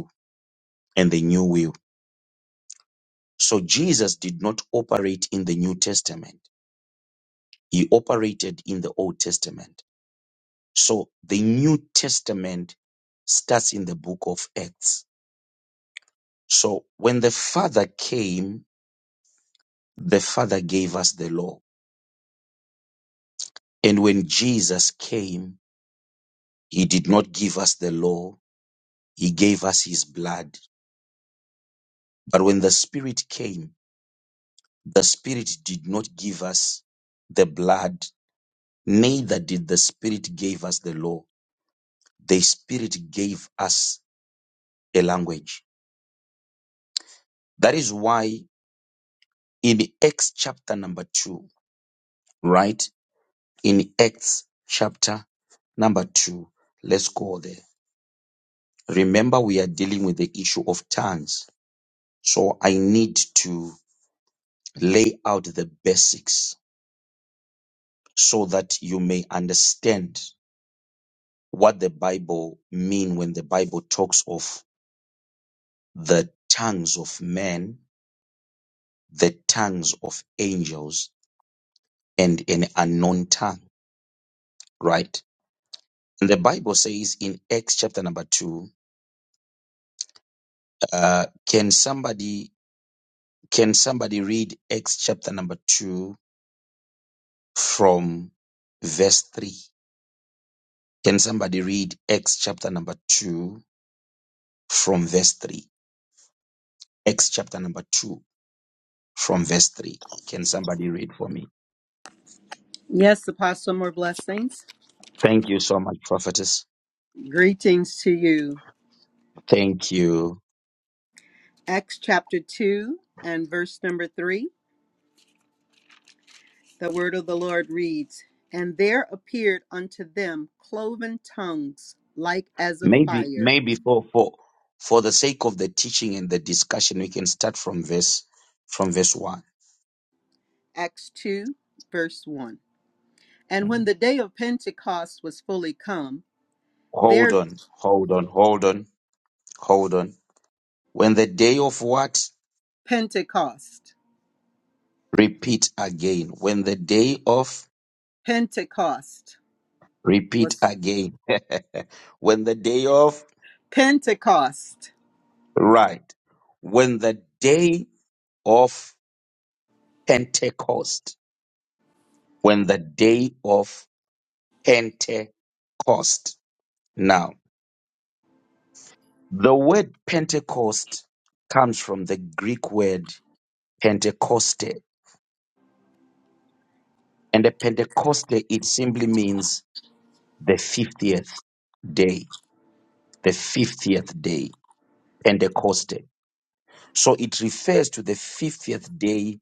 Speaker 6: and the new will. So Jesus did not operate in the New Testament. He operated in the Old Testament. So the New Testament starts in the book of Acts. So when the Father came, the Father gave us the law. And when Jesus came, he did not give us the law. He gave us his blood. But when the Spirit came, the Spirit did not give us the blood, neither did the Spirit give us the law the Spirit gave us a language. That is why in Acts chapter number two, right? In Acts chapter number two, let's go there. Remember, we are dealing with the issue of tongues. So I need to lay out the basics so that you may understand what the Bible mean when the Bible talks of the tongues of men, the tongues of angels, and an unknown tongue, right? And the Bible says in Acts chapter number two, uh, can somebody can somebody read Acts chapter number two from verse three? Can somebody read Acts chapter number two from verse three? Acts chapter number two from verse three. Can somebody read for me?
Speaker 5: Yes, Apostle, more blessings.
Speaker 6: Thank you so much, prophetess.
Speaker 5: Greetings to you.
Speaker 6: Thank you.
Speaker 5: Acts chapter 2 and verse number 3. The word of the Lord reads And there appeared unto them cloven tongues like as of
Speaker 6: Maybe,
Speaker 5: fire.
Speaker 6: maybe for for for the sake of the teaching and the discussion, we can start from verse from verse one.
Speaker 5: Acts 2, verse 1. And when
Speaker 6: Mm.
Speaker 5: the day of Pentecost was fully come,
Speaker 6: Hold
Speaker 5: there
Speaker 6: on, hold on, hold on, hold on. When the day of what?
Speaker 5: Pentecost,
Speaker 6: Repeat again. When the day of
Speaker 5: Pentecost
Speaker 6: repeat
Speaker 5: was
Speaker 6: again. [laughs] when the day of
Speaker 5: Pentecost.
Speaker 6: right. When the day of Pentecost. When the day of Pentecost. Now. The word Pentecost comes from the Greek word Pentecoste, and the Pentecoste it simply means the 50th day, the 50th day, Pentecoste. So it refers to the 50th day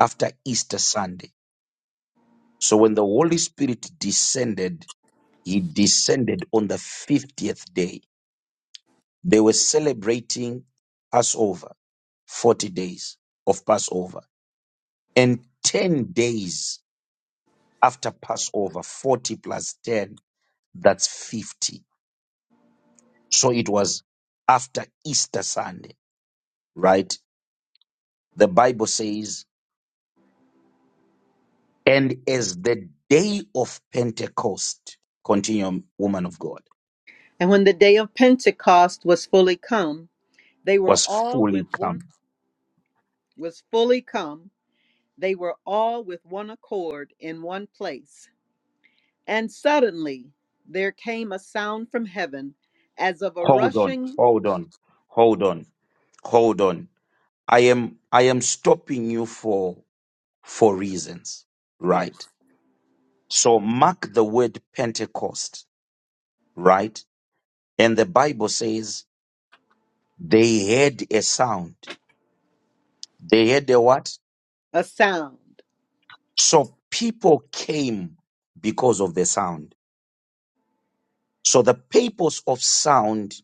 Speaker 6: after Easter Sunday. So when the Holy Spirit descended, he descended on the 50th day. They were celebrating Passover, 40 days of Passover, and 10 days after Passover, 40 plus 10, that's 50. So it was after Easter Sunday, right? The Bible says, and as the day of Pentecost, continuum, woman of God,
Speaker 5: And when the day of Pentecost was fully come, they were
Speaker 6: was
Speaker 5: all with
Speaker 6: fully
Speaker 5: one
Speaker 6: come.
Speaker 5: was fully come. They were all with one accord in one place. And suddenly there came a sound from heaven as of a
Speaker 6: Hold on,
Speaker 5: rushing,
Speaker 6: hold on, hold on, hold on. I am, I am stopping you for, for reasons,
Speaker 5: yes,
Speaker 6: right? So mark the word Pentecost, right? And the Bible says They heard a sound. They heard a what?
Speaker 5: a sound.
Speaker 6: So people came because of the sound. So the purpose of sound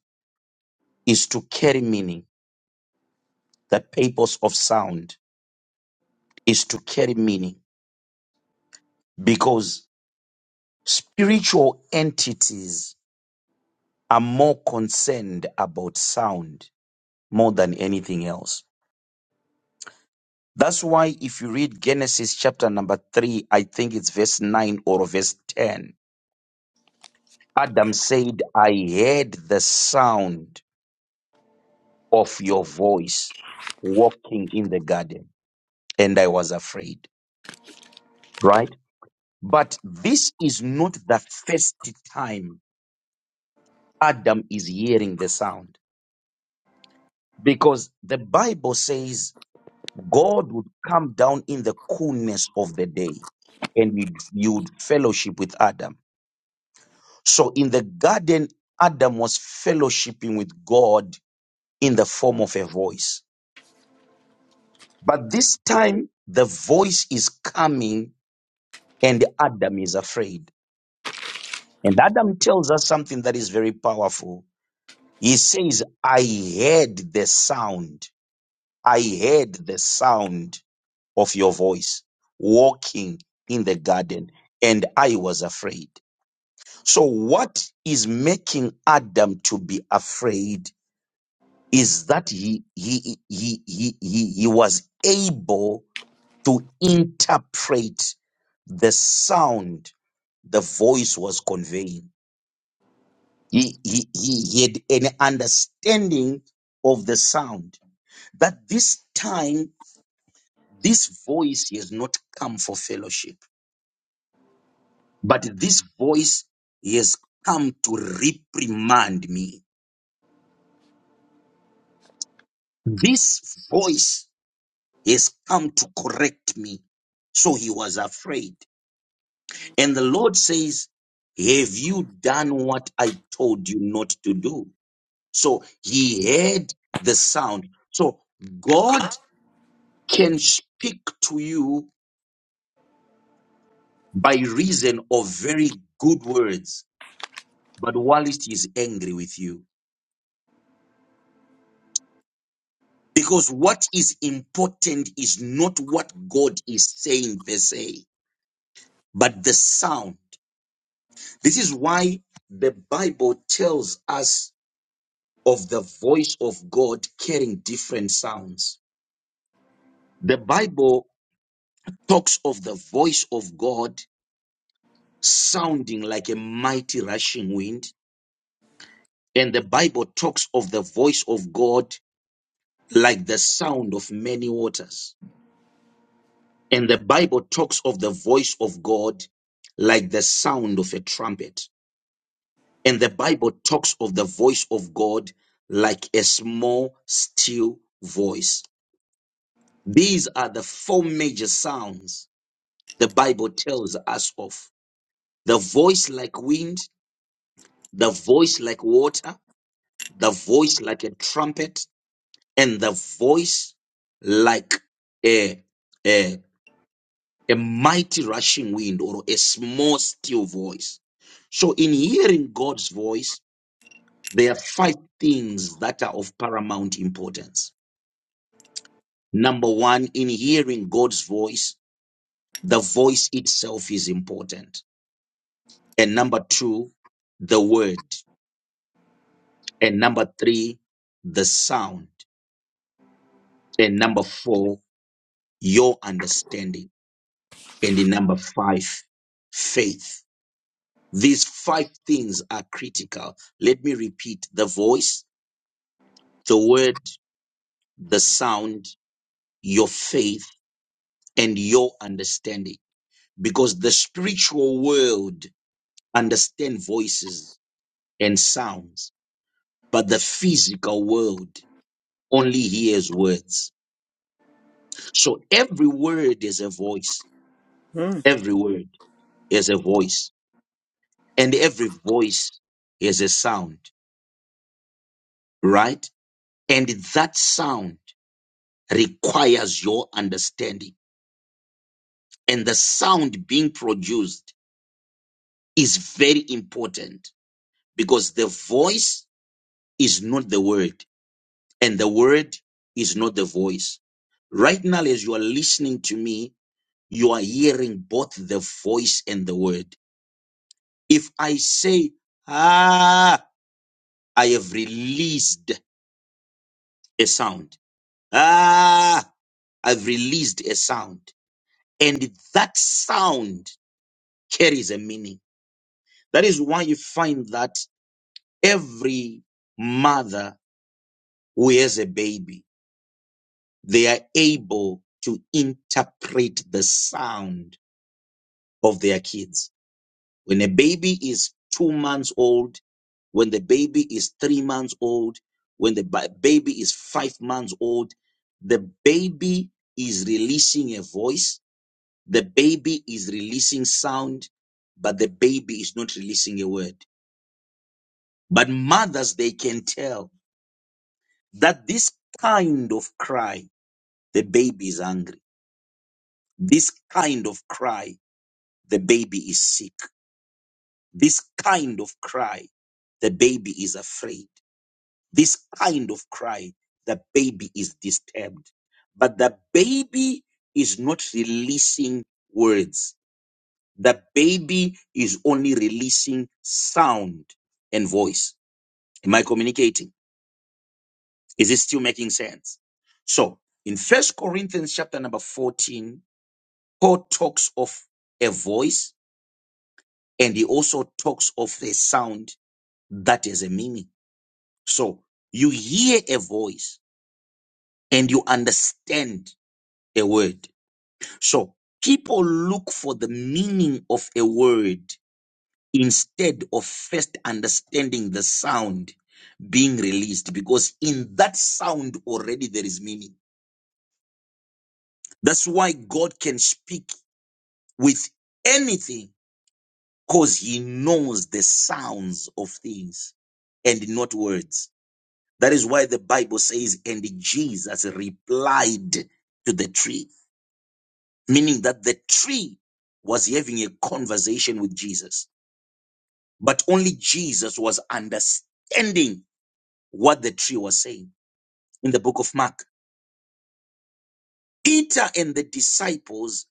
Speaker 6: is to carry meaning. The purpose of sound is to carry meaning because spiritual entities are more concerned about sound more than anything else. That's why if you read Genesis chapter number three, I think it's verse nine or verse 10, Adam said, I heard the sound of your voice walking in the garden and I was afraid, right? But this is not the first time Adam is hearing the sound because the Bible says God would come down in the coolness of the day and you'd, you'd fellowship with Adam. So in the garden, Adam was fellowshipping with God in the form of a voice But this time, the voice is coming, and Adam is afraid. And Adam tells us something that is very powerful. He says, I heard the sound. I heard the sound of your voice walking in the garden, and I was afraid. So, what is making Adam to be afraid is that he, he, he, he, he, he was able to interpret the sound the voice was conveying. He, he, he he had an understanding of the sound that this time, this voice has not come for fellowship, but this voice has come to reprimand me. This voice has come to correct me. So he was afraid. And the Lord says, Have you done what I told you not to do? So he heard the sound. So God can speak to you by reason of very good words, but whilst he is angry with you. Because what is important is not what God is saying per se, but the sound. This is why the Bible tells us of the voice of God carrying different sounds The Bible talks of the voice of God sounding like a mighty rushing wind, and the Bible talks of the voice of God like the sound of many waters, and the Bible talks of the voice of God like the sound of a trumpet, and the Bible talks of the voice of God like a small, still voice. These are the four major sounds the Bible tells us of the voice like wind the voice like water, the voice like a trumpet, and the voice like a, a, a mighty rushing wind or a small still voice. So, in hearing God's voice, there are five things that are of paramount importance. Number one, in hearing God's voice, the voice itself is important. And number two, the word. And number three, the sound. And number four, your understanding. And in number five, faith. These five things are critical. Let me repeat the voice, the word, the sound, your faith, and your understanding. Because the spiritual world understand voices and sounds, but the physical world only hears words. So every word is a voice.
Speaker 5: Hmm.
Speaker 6: Every word is a voice. And every voice is a sound. right? And that sound requires your understanding. And the sound being produced is very important because the voice is not the word and the word is not the voice. Right now, as you are listening to me, you are hearing both the voice and the word. If I say, ah, I have released a sound. Ah, I've released a sound. and that sound carries a meaning. That is why you find that every mother who has a baby, they are able to interpret the sound of their kids. When a baby is two months old, when the baby is three months old, when the ba- baby is five months old, the baby is releasing a voice The baby is releasing sound, but the baby is not releasing a word. But mothers, they can tell that this kind of cry, the baby is angry. This kind of cry, the baby is sick. This kind of cry, the baby is afraid. This kind of cry, the baby is disturbed. But the baby is not releasing words The baby is only releasing sound and voice. Am I communicating? Is it still making sense? So in First Corinthians chapter number 14, Paul talks of a voice and he also talks of a sound that is a meaning. So you hear a voice and you understand a word. So people look for the meaning of a word instead of first understanding the sound being released because in that sound already there is meaning that's why god can speak with anything because he knows the sounds of things and not words that is why the bible says and jesus replied to the tree meaning that the tree was having a conversation with jesus but only jesus was understanding what the tree was saying in the book of Mark. Peter and the disciples,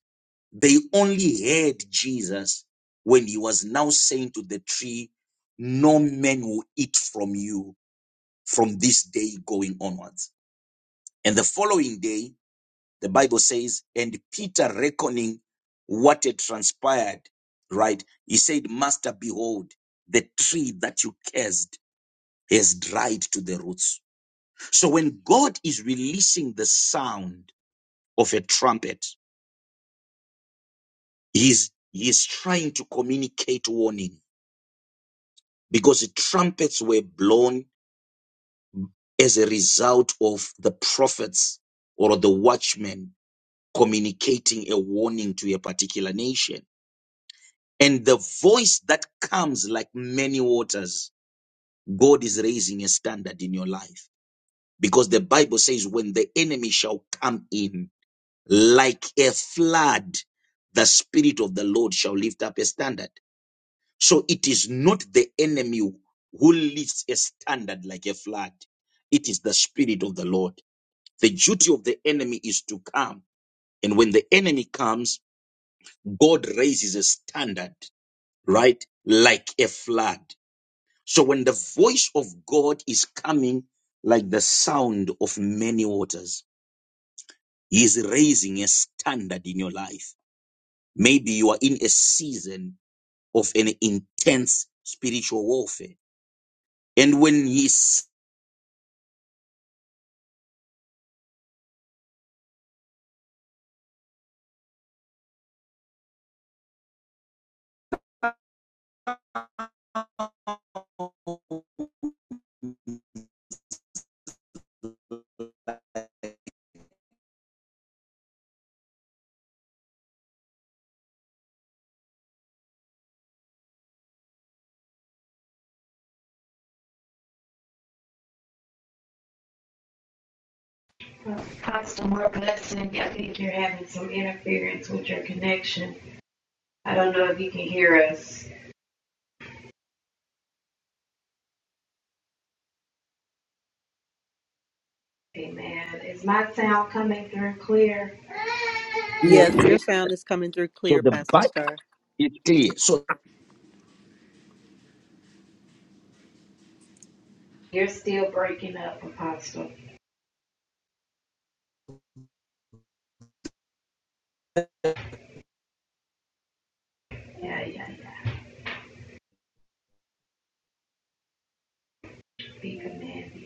Speaker 6: they only heard Jesus when he was now saying to the tree, No man will eat from you from this day going onwards. And the following day, the Bible says, And Peter reckoning what had transpired, right? He said, Master, behold, the tree that you cursed has dried to the roots. So when God is releasing the sound of a trumpet, He's he's trying to communicate warning because the trumpets were blown as a result of the prophets or the watchmen communicating a warning to a particular nation. And the voice that comes like many waters, God is raising a standard in your life. Because the Bible says, when the enemy shall come in like a flood, the Spirit of the Lord shall lift up a standard. So it is not the enemy who lifts a standard like a flood. It is the spirit of the Lord. The duty of the enemy is to come. And when the enemy comes, God raises a standard, right? Like a flood. So when the voice of God is coming like the sound of many waters, he is raising a standard in your life. Maybe you are in a season of an intense spiritual warfare. And when he So
Speaker 3: Pastor more blessing. I think you're having some interference with your connection. I don't know if you can hear us. Amen. Is my sound coming through clear?
Speaker 5: Yes,
Speaker 2: Yeah.
Speaker 5: your sound is coming through clear,
Speaker 6: the
Speaker 5: Pastor
Speaker 6: Bible
Speaker 5: Star.
Speaker 6: is clear. So
Speaker 3: You're still breaking up, Apostle. Yeah, yeah. be commanded.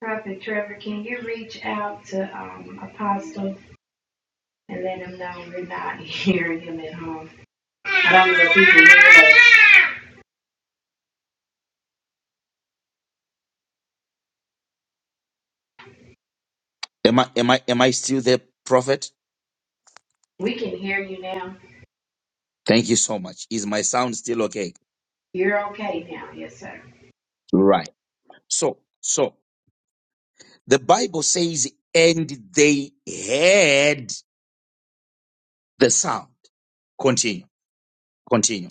Speaker 3: Prophet Trevor, can you reach out to um, Apostle and let him know we're not [laughs] hearing him at home? I don't know if he can hear us.
Speaker 6: am I am I am I still there, prophet?
Speaker 3: We can hear you now.
Speaker 6: Thank you so much. Is my sound still okay?
Speaker 3: You're okay now. Yes, sir.
Speaker 6: Right. So so the Bible says, and they heard the sound. Continue. Continue.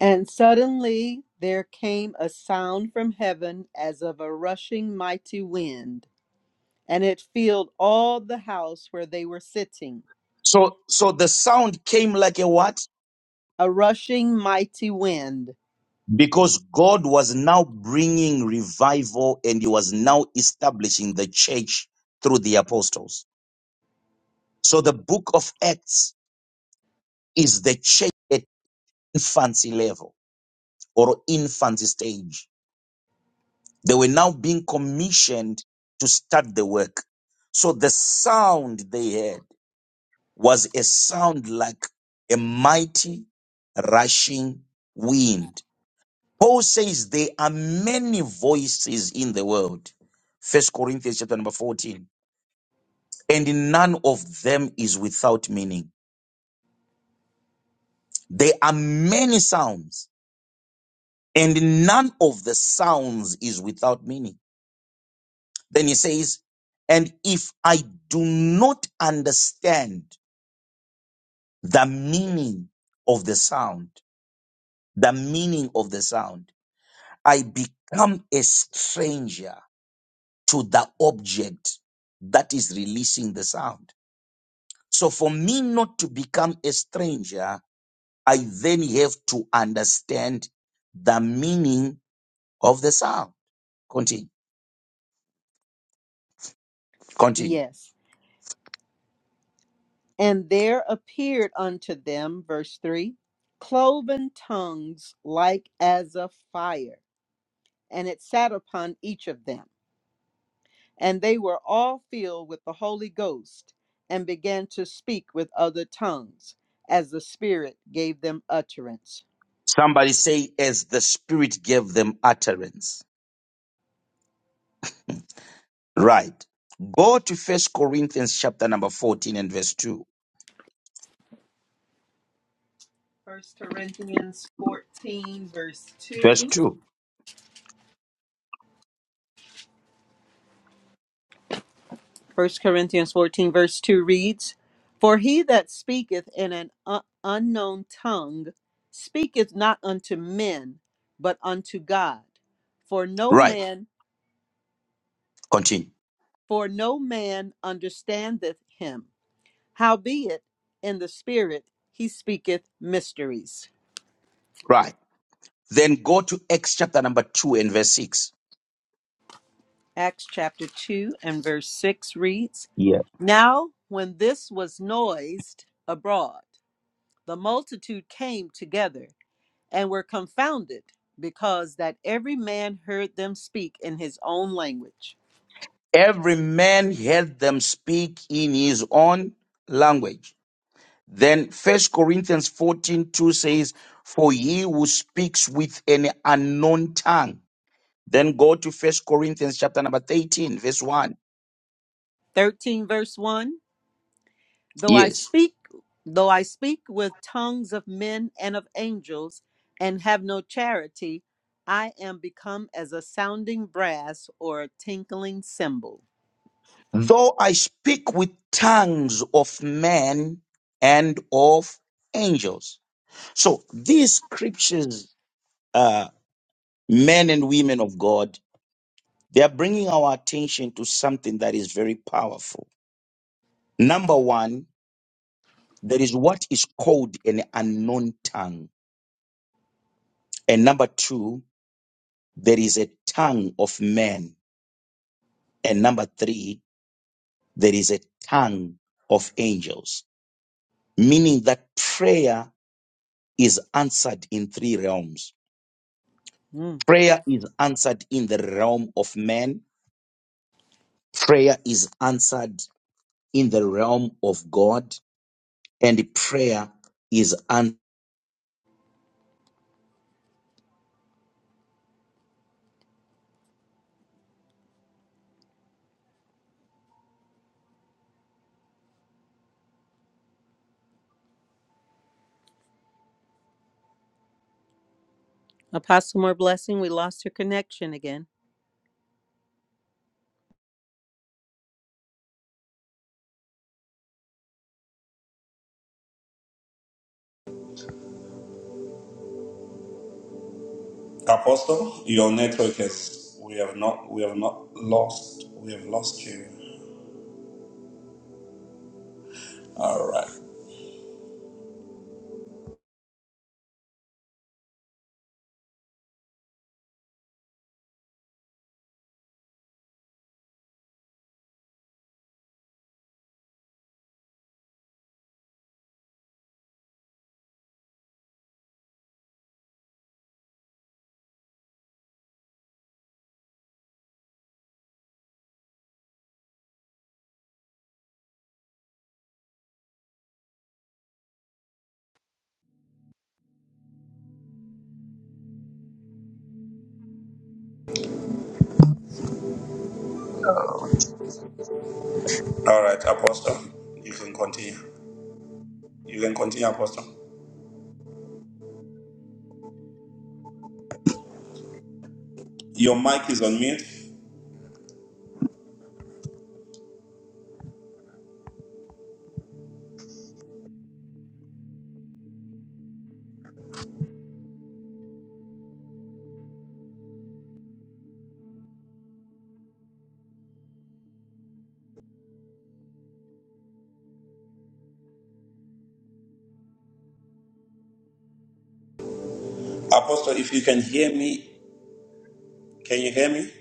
Speaker 5: And suddenly there came a sound from heaven as of a rushing mighty wind, and it filled all the house where they were sitting.
Speaker 6: So so the sound came like a what?
Speaker 5: A rushing mighty wind.
Speaker 6: Because God was now bringing revival and he was now establishing the church through the apostles. So the book of Acts is the church at infancy level or infancy stage. They were now being commissioned to start the work. So the sound they heard was a sound like a mighty rushing wind. Paul says there are many voices in the world. First Corinthians chapter number 14. And none of them is without meaning. There are many sounds, and none of the sounds is without meaning. Then he says, and if I do not understand the meaning of the sound, the meaning of the sound, I become a stranger to the object that is releasing the sound. So for me not to become a stranger, I then have to understand the meaning of the sound. Continue. Continue.
Speaker 5: Yes. And there appeared unto them, verse 3, cloven tongues like as of fire, and it sat upon each of them. And they were all filled with the Holy Ghost, and began to speak with other tongues, as the Spirit gave them utterance.
Speaker 6: Somebody say, as the Spirit gave them utterance Right. Go to First Corinthians chapter number 14 and verse 2.
Speaker 5: First Corinthians 14, verse
Speaker 6: Verse
Speaker 5: 2.
Speaker 6: 2.
Speaker 5: First Corinthians 14, verse 2 reads, For he that speaketh in an u- unknown tongue speaketh not unto men, but unto God. For no
Speaker 6: Right.
Speaker 5: man,
Speaker 6: Continue.
Speaker 5: for no man understandeth him. Howbeit, in the spirit he speaketh mysteries.
Speaker 6: Right. Then go to Acts chapter number 2 and verse 6.
Speaker 5: Acts chapter 2 and verse 6 reads,
Speaker 6: Yeah.
Speaker 5: Now when this was noised abroad, the multitude came together and were confounded because that every man heard them speak in his own language
Speaker 6: Every man heard them speak in his own language. Then First Corinthians 14 2 says, For he who speaks with an unknown tongue. Then go to First Corinthians chapter number 13, verse 1.
Speaker 5: 13 verse 1 though i
Speaker 6: Yes.
Speaker 5: speak though i speak with tongues of men and of angels and have no charity i am become as a sounding brass or a tinkling cymbal
Speaker 6: Though I speak with tongues of men and of angels. So these scriptures, uh, men and women of God, they are bringing our attention to something that is very powerful. Number one, there is what is called an unknown tongue. And number two, there is a tongue of men. And number three, there is a tongue of angels, meaning that prayer is answered in three realms
Speaker 5: mm.
Speaker 6: Prayer is answered in the realm of man. Prayer is answered in the realm of God. And prayer is answered.
Speaker 5: apostle more blessing we lost your connection again
Speaker 1: Apostle, your network has we have not we have not lost we have lost you. All right, all right, Apostle, you can continue. You can continue, Apostle. Your mic is on mute, Apostle. If you can hear me, can you hear me?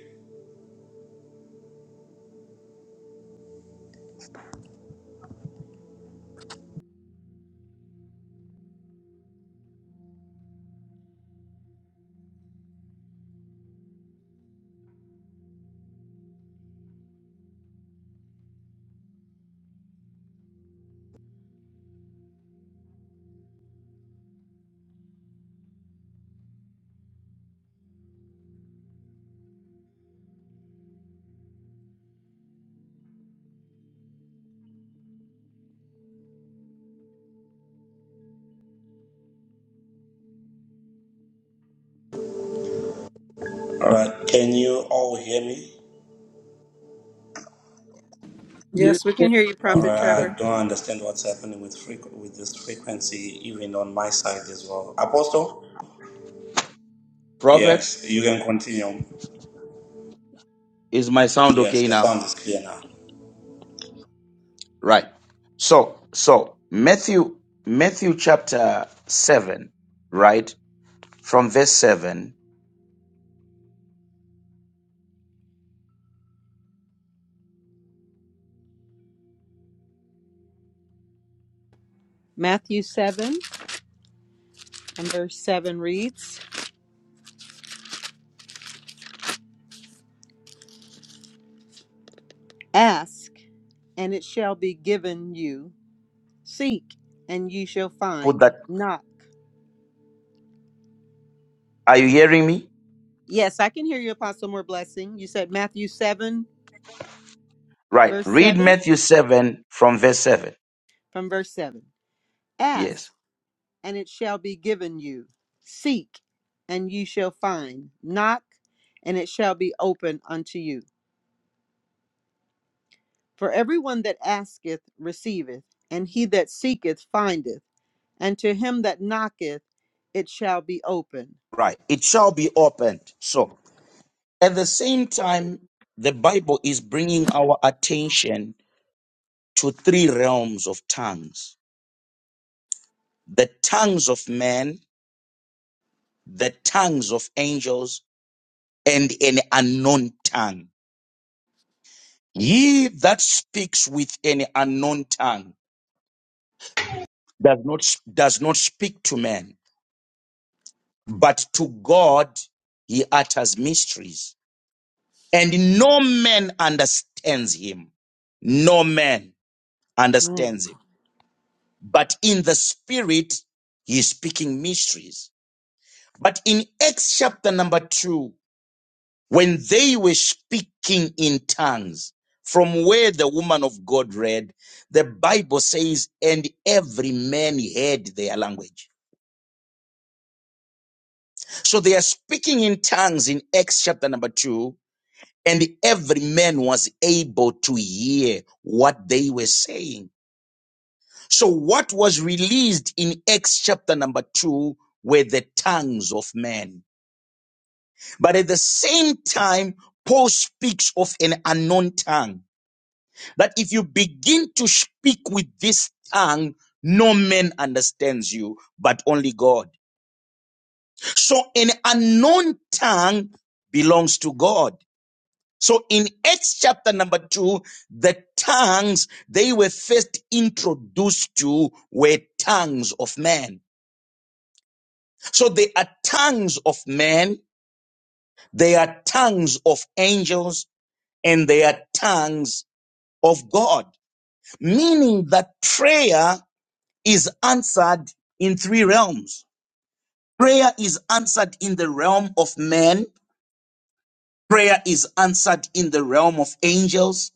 Speaker 1: All right, can you all hear me?
Speaker 5: Yes, we
Speaker 2: Yeah.
Speaker 5: can hear you,
Speaker 1: All
Speaker 5: Prophet
Speaker 1: right, I
Speaker 5: Trevor.
Speaker 1: don't understand what's happening with frequ- with this frequency, even on my side as well. Apostle,
Speaker 6: Prophet,
Speaker 1: yes, you can continue.
Speaker 6: is my sound
Speaker 1: Yes,
Speaker 6: okay
Speaker 1: your
Speaker 6: now?
Speaker 1: sound is clear now.
Speaker 6: Right. So, so Matthew, Matthew chapter 7, right? From verse 7.
Speaker 5: matthew 7 and verse 7 reads ask and it shall be given you Seek and you shall
Speaker 6: Put
Speaker 5: find.
Speaker 6: that.
Speaker 5: Knock.
Speaker 6: Are you hearing me?
Speaker 5: Yes, I can hear you, Apostle More Blessing. You said Matthew 7,
Speaker 6: Right.
Speaker 5: verse
Speaker 6: Read
Speaker 5: 7,
Speaker 6: Matthew 7 from verse 7.
Speaker 5: from verse 7.
Speaker 6: Yes.
Speaker 5: Ask and it shall be given you. Seek and you shall find. Knock and it shall be open unto you. For everyone that asketh receiveth, and he that seeketh findeth, and to him that knocketh it shall be open.
Speaker 6: Right. It shall be opened. So At the same time, the Bible is bringing our attention to three realms of tongues the tongues of men, the tongues of angels, and an unknown tongue. He that speaks with an unknown tongue does not, does not speak to man, but to God he utters mysteries. And no man understands him. No man
Speaker 5: Mm.
Speaker 6: understands him. but in the spirit, he is speaking mysteries. But in Acts chapter number two, when they were speaking in tongues, from where the woman of God read, the Bible says, and every man heard their language. So they are speaking in tongues in Acts chapter number two, and every man was able to hear what they were saying. So what was released in Acts chapter number two were the tongues of men. But at the same time, Paul speaks of an unknown tongue. That if you begin to speak with this tongue, no man understands you, but only God. So an unknown tongue belongs to God. So in Acts chapter number two, the tongues they were first introduced to were tongues of men. So there are tongues of men, there are tongues of angels, and there are tongues of God, meaning that prayer is answered in three realms. Prayer is answered in the realm of men, prayer is answered in the realm of angels,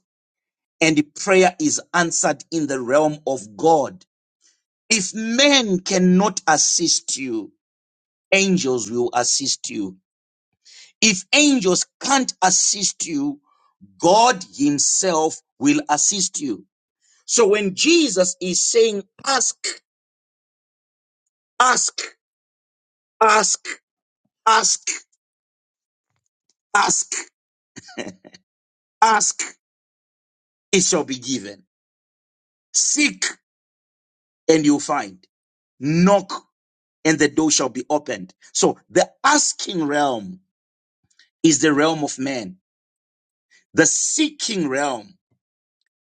Speaker 6: and prayer is answered in the realm of God. If men cannot assist you, angels will assist you. If angels can't assist you, God himself will assist you. So when Jesus is saying, ask, ask, ask, ask, ask, ask, it shall be given. Seek and you'll find. Knock and the door shall be opened. So the asking realm is the realm of man. The seeking realm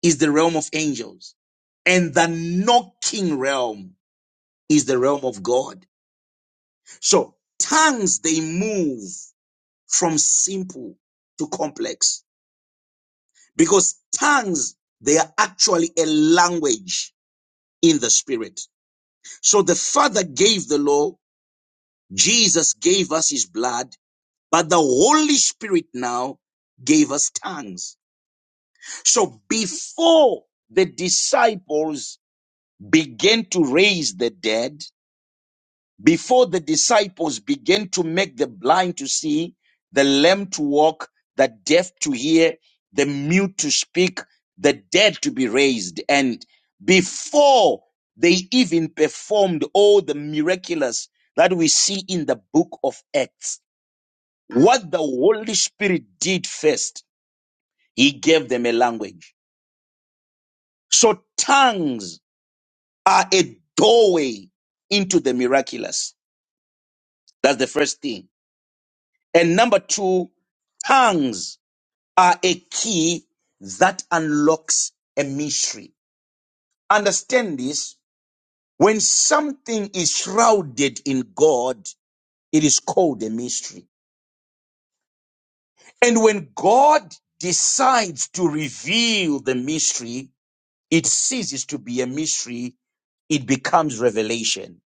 Speaker 6: is the realm of angels. And the knocking realm is the realm of God. So tongues, they move from simple to complex because tongues they are actually a language in the spirit so the father gave the law jesus gave us his blood but the holy spirit now gave us tongues so before the disciples began to raise the dead Before the disciples began to make the blind to see, the lame to walk, the deaf to hear, the mute to speak, the dead to be raised, and before they even performed all the miraculous that we see in the book of Acts, what the Holy Spirit did first, He gave them a language. So tongues are a doorway into the miraculous. That's the first thing. And number two, tongues are a key that unlocks a mystery. Understand this. When something is shrouded in God, it is called a mystery. And when God decides to reveal the mystery, it ceases to be a mystery. It becomes revelation.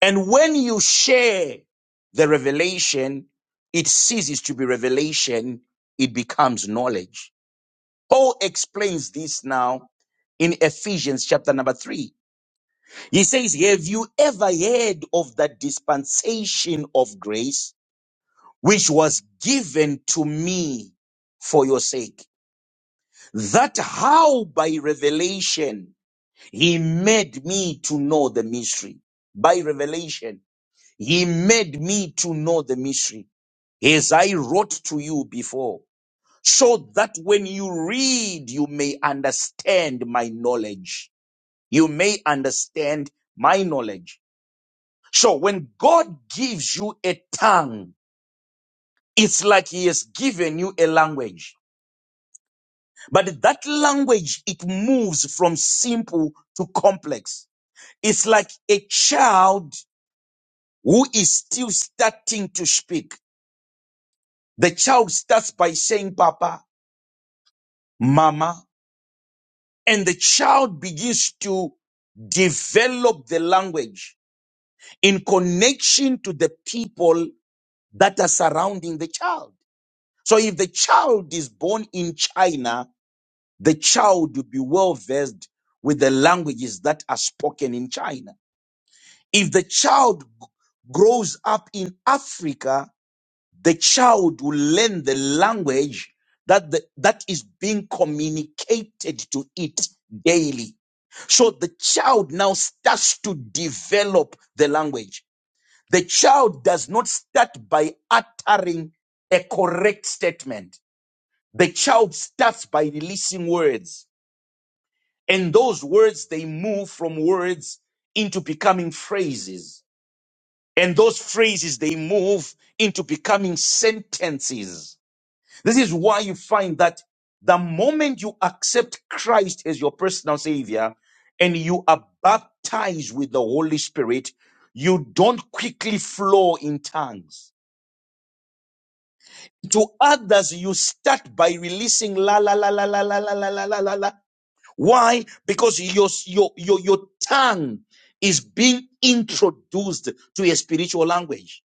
Speaker 6: And when you share the revelation, it ceases to be revelation. It becomes knowledge. Paul explains this now in Ephesians chapter number three. He says, Have you ever heard of the dispensation of grace which was given to me for your sake? That how by revelation he made me to know the mystery. By revelation, he made me to know the mystery as I wrote to you before so that when you read, you may understand my knowledge you may understand my knowledge. So when God gives you a tongue, it's like he has given you a language. But that language, it moves from simple to complex. It's like a child who is still starting to speak. The child starts by saying, Papa, Mama, and the child begins to develop the language in connection to the people that are surrounding the child. So if the child is born in China, the child will be well versed with the languages that are spoken in China. If the child g- grows up in Africa, the child will learn the language that the, that is being communicated to it daily. So the child now starts to develop the language the child does not start by uttering a correct statement. The child starts by releasing words. And those words, they move from words into becoming phrases. And those phrases, they move into becoming sentences. This is why you find that the moment you accept Christ as your personal savior and you are baptized with the Holy Spirit, you don't quickly flow in tongues to others you start by releasing la la la la la la la la la la la la why because your your your, your tongue is being introduced to a spiritual language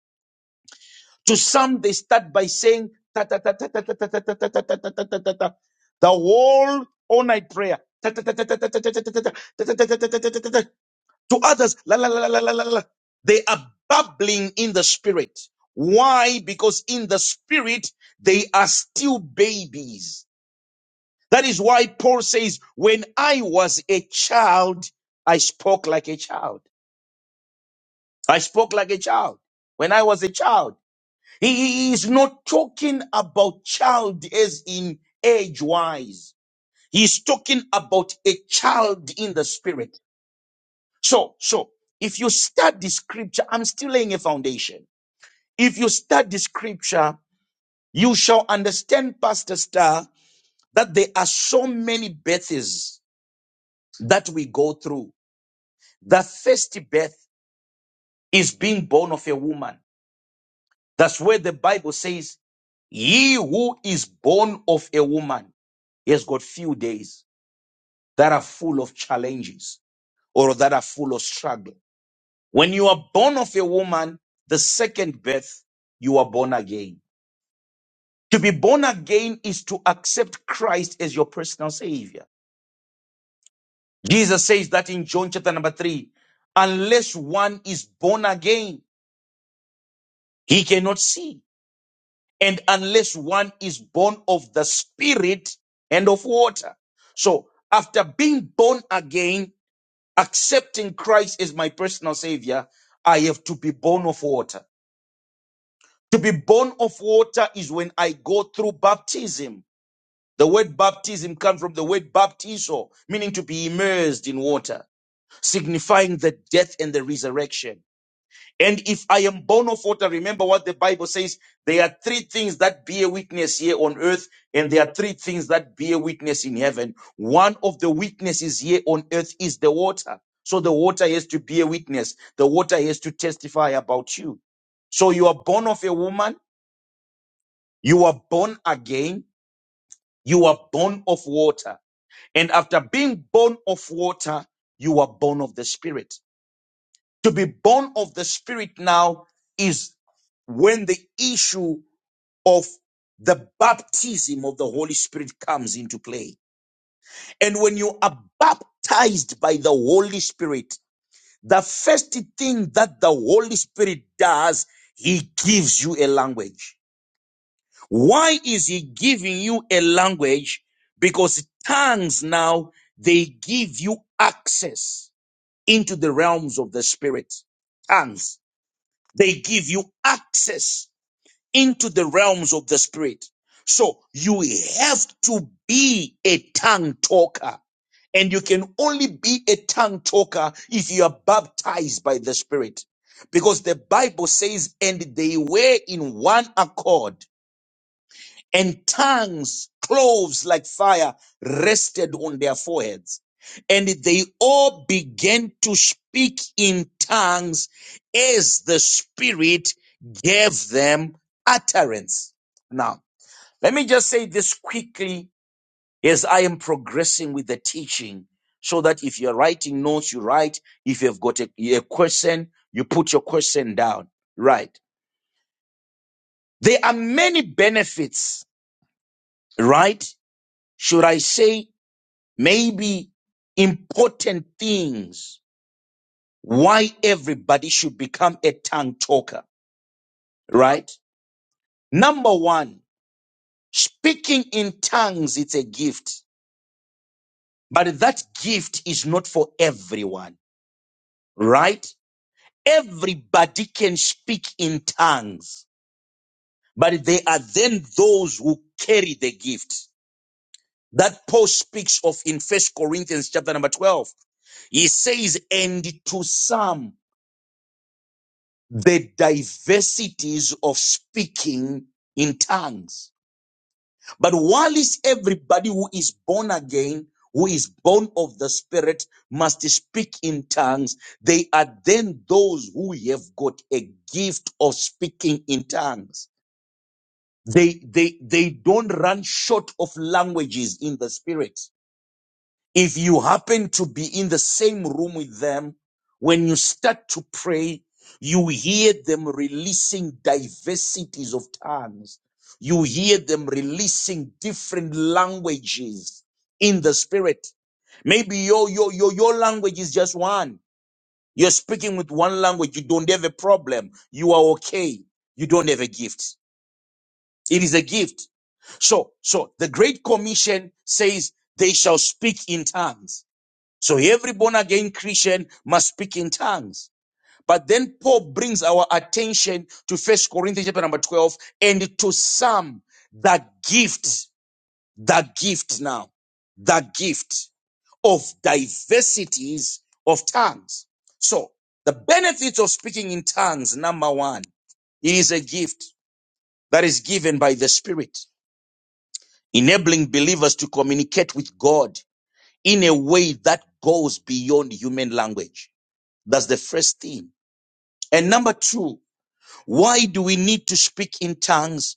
Speaker 6: to some they start by saying ta ta ta ta ta ta ta ta ta ta ta ta ta ta ta ta the whole all night prayer Ta ta ta ta ta ta ta ta ta ta ta ta ta ta ta ta ta ta ta to others. La, la, la, la, la, la, la, They are babbling in the spirit. Why? Because in the spirit, they are still babies. That is why Paul says, when I was a child, I spoke like a child. I spoke like a child when I was a child. He he is not talking about child as in age wise. He's talking about a child in the spirit. So, so if you start the scripture, I'm still laying a foundation. If you start the scripture, you shall understand, Pastor Star, that there are so many births that we go through. The first birth is being born of a woman. That's where the Bible says, He who is born of a woman he has got few days that are full of challenges or that are full of struggle. When you are born of a woman, the second birth, you are born again. To be born again is to accept Christ as your personal savior. Jesus says that in John chapter number three, unless one is born again, he cannot see. And unless one is born of the spirit and of water. So after being born again, accepting Christ as my personal savior, I have to be born of water. To be born of water is when I go through baptism. The word baptism comes from the word baptizo, meaning to be immersed in water, signifying the death and the resurrection. And if I am born of water, remember what the Bible says. There are three things that bear witness here on earth, and there are three things that bear witness in heaven. One of the witnesses here on earth is the water. So the water has to bear witness. The water has to testify about you. So you are born of a woman. You are born again. You are born of water. And after being born of water, you are born of the Spirit. To be born of the Spirit now is when the issue of the baptism of the Holy Spirit comes into play. And when you are baptized by the Holy Spirit, the first thing that the Holy Spirit does, He gives you a language. Why is he giving you a language? Because tongues now, they give you access into the realms of the spirit. Tongues, they give you access into the realms of the spirit. So you have to be a tongue talker. And you can only be a tongue talker if you are baptized by the spirit. Because the Bible says, and they were in one accord and tongues, cloves like fire, rested on their foreheads. And they all began to speak in tongues as the Spirit gave them utterance. Now, let me just say this quickly as I am progressing with the teaching so that if you're writing notes, you write. If you've got a, a question, you put your question down. Right. There are many benefits, right? Should I say maybe important things why everybody should become a tongue talker, right? Number one, speaking in tongues, it's a gift, but that gift is not for everyone, right? Everybody can speak in tongues, but there are then those who carry the gift that Paul speaks of in First Corinthians chapter number 12. He says, and to some the diversities of speaking in tongues. But while is everybody who is born again, who is born of the Spirit, must speak in tongues, they are then those who have got a gift of speaking in tongues. They, they, they don't run short of languages in the Spirit. If you happen to be in the same room with them, when you start to pray, you hear them releasing diversities of tongues. You hear them releasing different languages in the spirit. Maybe your, your, your, your language is just one. You're speaking with one language. You don't have a problem. You are okay. You don't have a gift. It is a gift. So, so the Great Commission says they shall speak in tongues. So every born again Christian must speak in tongues. But then Paul brings our attention to First Corinthians chapter number 12 and to some the gift, the gift now, the gift of diversities of tongues. So the benefits of speaking in tongues, number one, it is a gift that is given by the Spirit, enabling believers to communicate with God in a way that goes beyond human language. That's the first thing. And number two, why do we need to speak in tongues?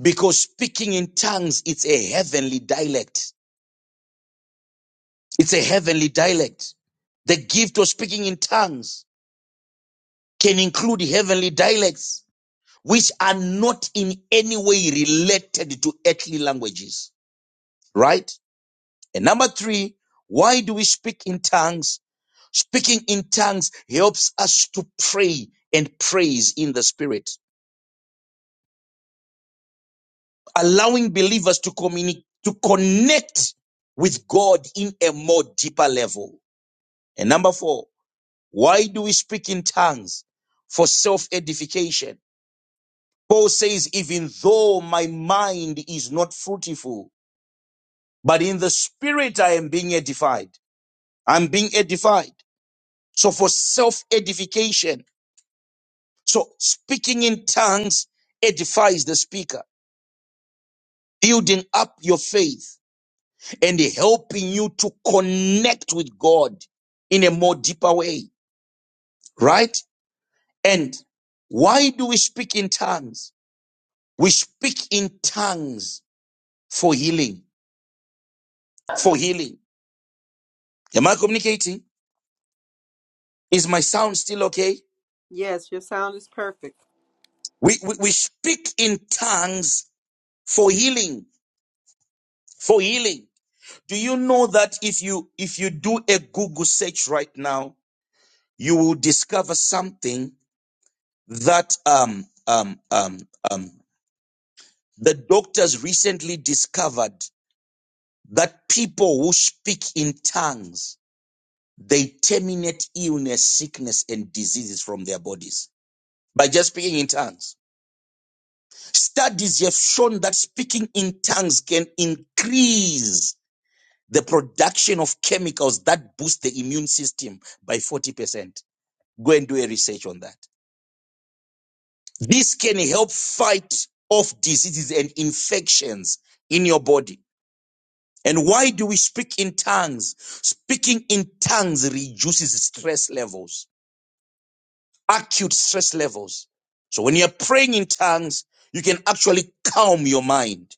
Speaker 6: Because speaking in tongues, it's a heavenly dialect. It's a heavenly dialect. The gift of speaking in tongues can include heavenly dialects, which are not in any way related to earthly languages, right? And number three, why do we speak in tongues? Speaking in tongues helps us to pray and praise in the spirit allowing believers to communicate, to connect with God in a more deeper level. And number four, why do we speak in tongues? For self edification. Paul says, even though my mind is not fruitful, but in the spirit I am being edified. I'm being edified. So for self edification. So speaking in tongues edifies the speaker, building up your faith and helping you to connect with God in a more deeper way, right? And why do we speak in tongues? We speak in tongues for healing, for healing. Am I communicating? Is my sound still okay?
Speaker 5: Yes, your sound is perfect.
Speaker 6: We, we, we speak in tongues for healing, for healing. Do you know that if you, if you do a Google search right now, you will discover something that, um, um, um, um, The doctors recently discovered that people who speak in tongues, they terminate illness, sickness, and diseases from their bodies by just speaking in tongues. Studies have shown that speaking in tongues can increase the production of chemicals that boost the immune system by 40%. Go and do a research on that. This can help fight off diseases and infections in your body And why do we speak in tongues? Speaking in tongues reduces stress levels, acute stress levels. So when you're praying in tongues, you can actually calm your mind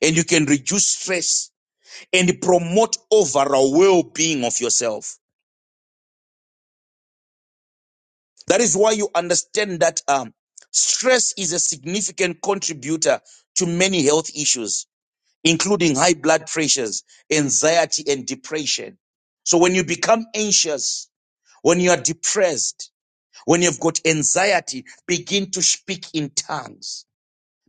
Speaker 6: and you can reduce stress and promote overall well-being of yourself. That is why you understand that um, stress is a significant contributor to many health issues, including high blood pressures, anxiety, and depression. So when you become anxious, When you are depressed, when you've got anxiety, begin to speak in tongues.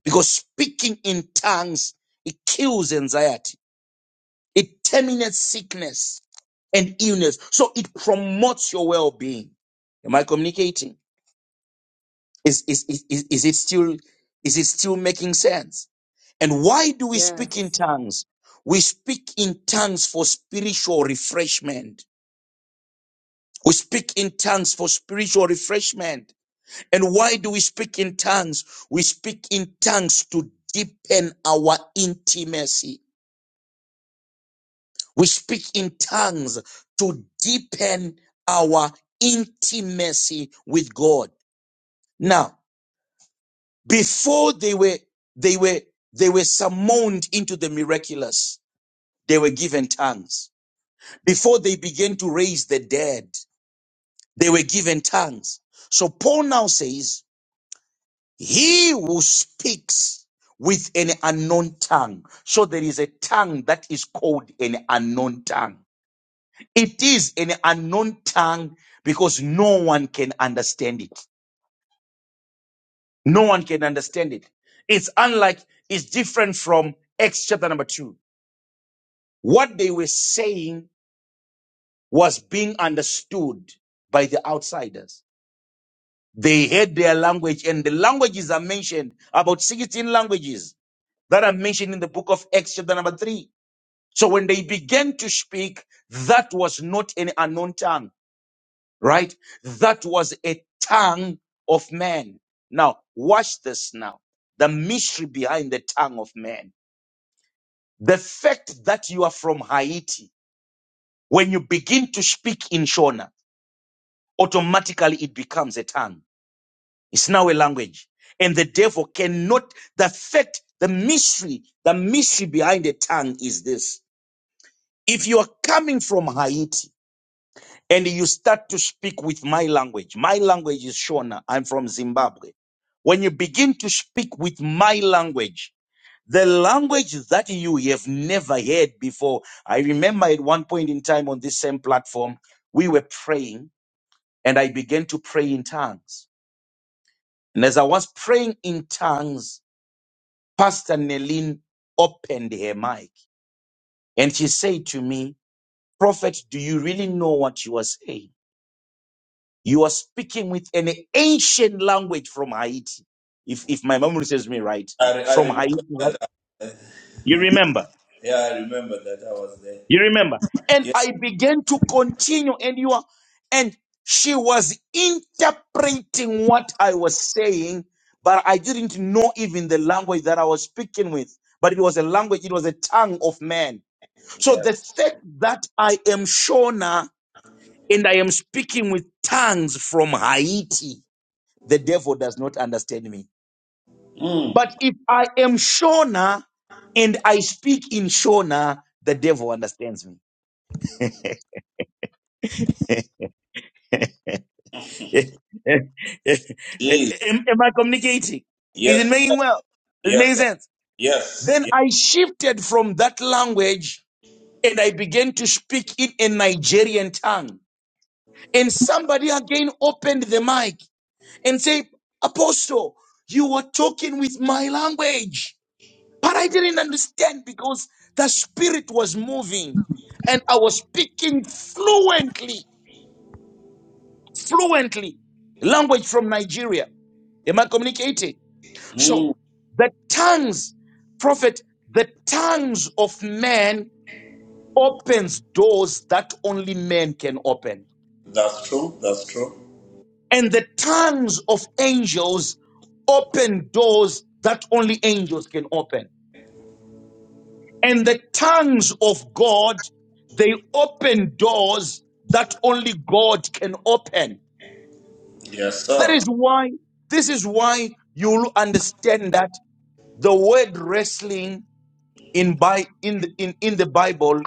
Speaker 6: Because speaking in tongues, it kills anxiety. It terminates sickness and illness. So it promotes your well-being. Am I communicating? Is, is, is, is, is it still, is it still making sense? And why do we
Speaker 5: Yes.
Speaker 6: speak in tongues? We speak in tongues for spiritual refreshment. We speak in tongues for spiritual refreshment. And why do we speak in tongues? We speak in tongues to deepen our intimacy. We speak in tongues to deepen our intimacy with God. Now, before they were, they were, they were summoned into the miraculous, they were given tongues. Before they began to raise the dead, they were given tongues. So Paul now says, He who speaks with an unknown tongue. So there is a tongue that is called an unknown tongue. It is an unknown tongue because no one can understand it. No one can understand it. It's unlike, it's different from Acts chapter number two. What they were saying was being understood by the outsiders. They heard their language and the languages are mentioned, about 16 languages that are mentioned in the book of Acts chapter number three. So when they began to speak, that was not an unknown tongue, right? That was a tongue of man. Now, watch this now. The mystery behind the tongue of man. The fact that you are from Haiti, when you begin to speak in Shona, automatically it becomes a tongue. It's now a language. And the devil cannot, the fact, the mystery, the mystery behind the tongue is this. If you are coming from Haiti, and you start to speak with my language. My language is Shona. I'm from Zimbabwe. When you begin to speak with my language, the language that you have never heard before. I remember at one point in time on this same platform, we were praying and I began to pray in tongues. And as I was praying in tongues, Pastor Nelin opened her mic and she said to me, Prophet, do you really know what you are saying? You are speaking with an ancient language from Haiti, if, if my memory serves me right.
Speaker 1: I, re-
Speaker 6: It's
Speaker 1: I
Speaker 6: from
Speaker 1: remember
Speaker 6: Haiti, right?
Speaker 1: that. uh,
Speaker 6: You remember.
Speaker 1: Yeah, I remember that I was there.
Speaker 6: You remember. And
Speaker 1: Yeah,
Speaker 6: I began to continue, and you are, and she was interpreting what I was saying, but I didn't know even the language that I was speaking with. But it was a language, it was a tongue of man. So
Speaker 1: yeah.
Speaker 6: the fact that I am Shona and I am speaking with tongues from Haiti The devil does not understand me.
Speaker 1: Mm.
Speaker 6: But if I am Shona and I speak in Shona, the devil understands me. [laughs] am,
Speaker 1: Yes,
Speaker 6: am I communicating? Is it
Speaker 1: yes, sir.
Speaker 6: making well? Is it
Speaker 1: yes,
Speaker 6: making
Speaker 1: sir.
Speaker 6: sense?
Speaker 1: yes.
Speaker 6: Then
Speaker 1: yes.
Speaker 6: I shifted from that language and I began to speak in a Nigerian tongue. And somebody again opened the mic and said, Apostle, you were talking with my language. But I didn't understand because the spirit was moving and I was speaking fluently, fluently, language from Nigeria. Am I communicating?
Speaker 1: Mm.
Speaker 6: So the tongues, prophet, the tongues of man opens doors that only men can open.
Speaker 1: That's true. That's true.
Speaker 6: And the tongues of angels open doors that only angels can open. And the tongues of God, they open doors that only God can open.
Speaker 1: Yes,
Speaker 6: That
Speaker 1: sir.
Speaker 6: is why, this is why you'll understand that the word wrestling in, by, in, the, in, in the Bible,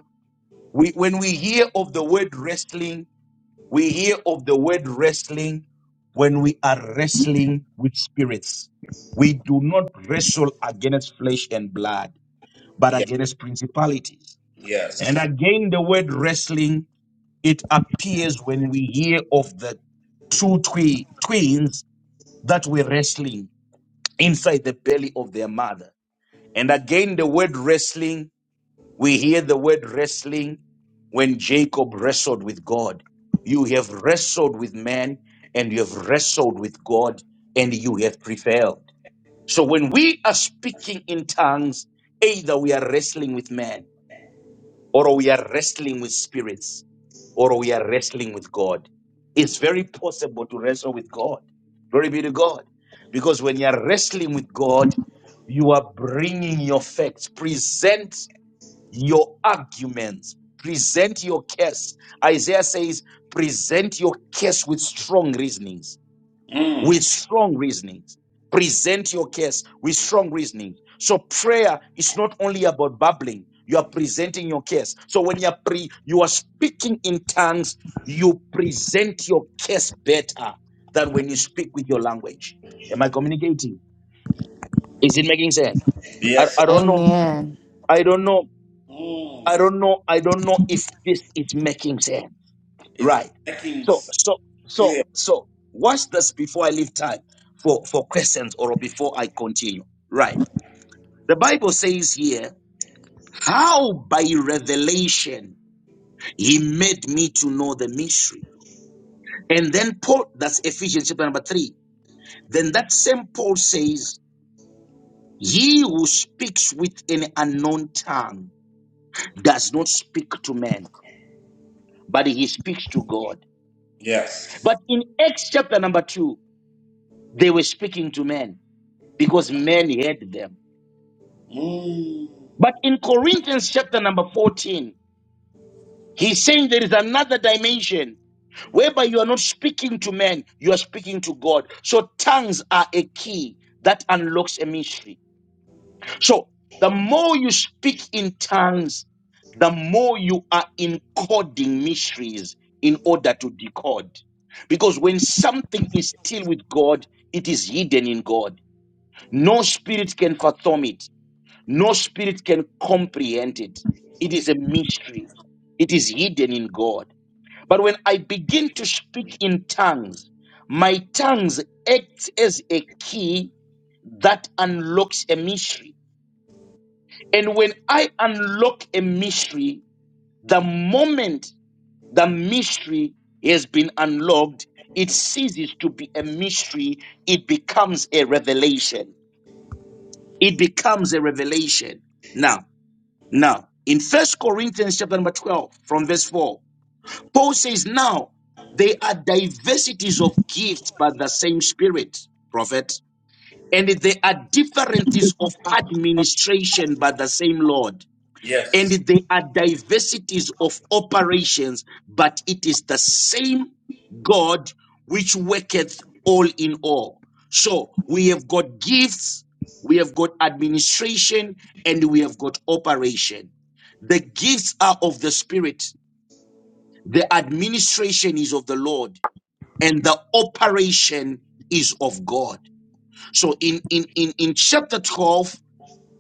Speaker 6: we, when we hear of the word wrestling, we hear of the word wrestling when we are wrestling with spirits. We do not wrestle against flesh and blood, but
Speaker 1: Yeah,
Speaker 6: against principalities And
Speaker 1: yes.
Speaker 6: again, the word wrestling, it appears when we hear of the two twi- twins that were wrestling inside the belly of their mother. And again, the word wrestling, we hear the word wrestling when Jacob wrestled with God. You have wrestled with man and you have wrestled with God and you have prevailed. So when we are speaking in tongues, either we are wrestling with man or we are wrestling with spirits, or we are wrestling with God. It's very possible to wrestle with God. Glory be to God. Because when you are wrestling with God, you are bringing your facts, present your arguments, present your case. Isaiah says, present your case with strong reasonings with
Speaker 1: Mm.
Speaker 6: strong reasonings. Present your case with strong reasonings. So prayer is not only about babbling. You are presenting your case. So when you are pre, you are speaking in tongues, you present your case better than when you speak with your language. Am I communicating? Is it making sense? I,
Speaker 1: Yes, sir.
Speaker 6: I don't know.
Speaker 4: Amen.
Speaker 6: I don't know.
Speaker 1: Mm.
Speaker 6: I
Speaker 1: This-
Speaker 6: don't know. I don't know if this is making sense.
Speaker 1: It's
Speaker 6: Right.
Speaker 1: making
Speaker 6: So
Speaker 1: s-
Speaker 6: so so
Speaker 1: clear.
Speaker 6: so watch this before I leave time for for questions or before I continue. Right. The Bible says here, how by revelation he made me to know the mystery. And then Paul, that's Ephesians chapter number three. Then that same Paul says, he who speaks with an unknown tongue does not speak to men, but he speaks to God.
Speaker 1: Yes.
Speaker 6: But in Acts chapter number two, they were speaking to men because men heard them.
Speaker 1: Mm.
Speaker 6: But in Corinthians chapter number 14, he's saying there is another dimension whereby you are not speaking to men, you are speaking to God. So tongues are a key that unlocks a mystery. So the more you speak in tongues, the more you are encoding mysteries in order to decode. Because when something is still with God, it is hidden in God. No spirit can fathom it No spirit can comprehend it. It is a mystery. It is hidden in God. But when I begin to speak in tongues, my tongues act as a key that unlocks a mystery. And when I unlock a mystery, the moment the mystery has been unlocked, it ceases to be a mystery. It becomes a revelation. It becomes a revelation. Now. Now, in First Corinthians chapter number 12, from verse 4, Paul says, Now there are diversities of gifts, but the same spirit, prophet. And there are differences of administration, but the same Lord. And
Speaker 1: Yes.
Speaker 6: there are diversities of operations, but it is the same God which worketh all in all. So we have got gifts, we have got administration, and we have got operation. The gifts are of the Spirit, the administration is of the Lord, and the operation is of God. So in, in, in, in chapter 12,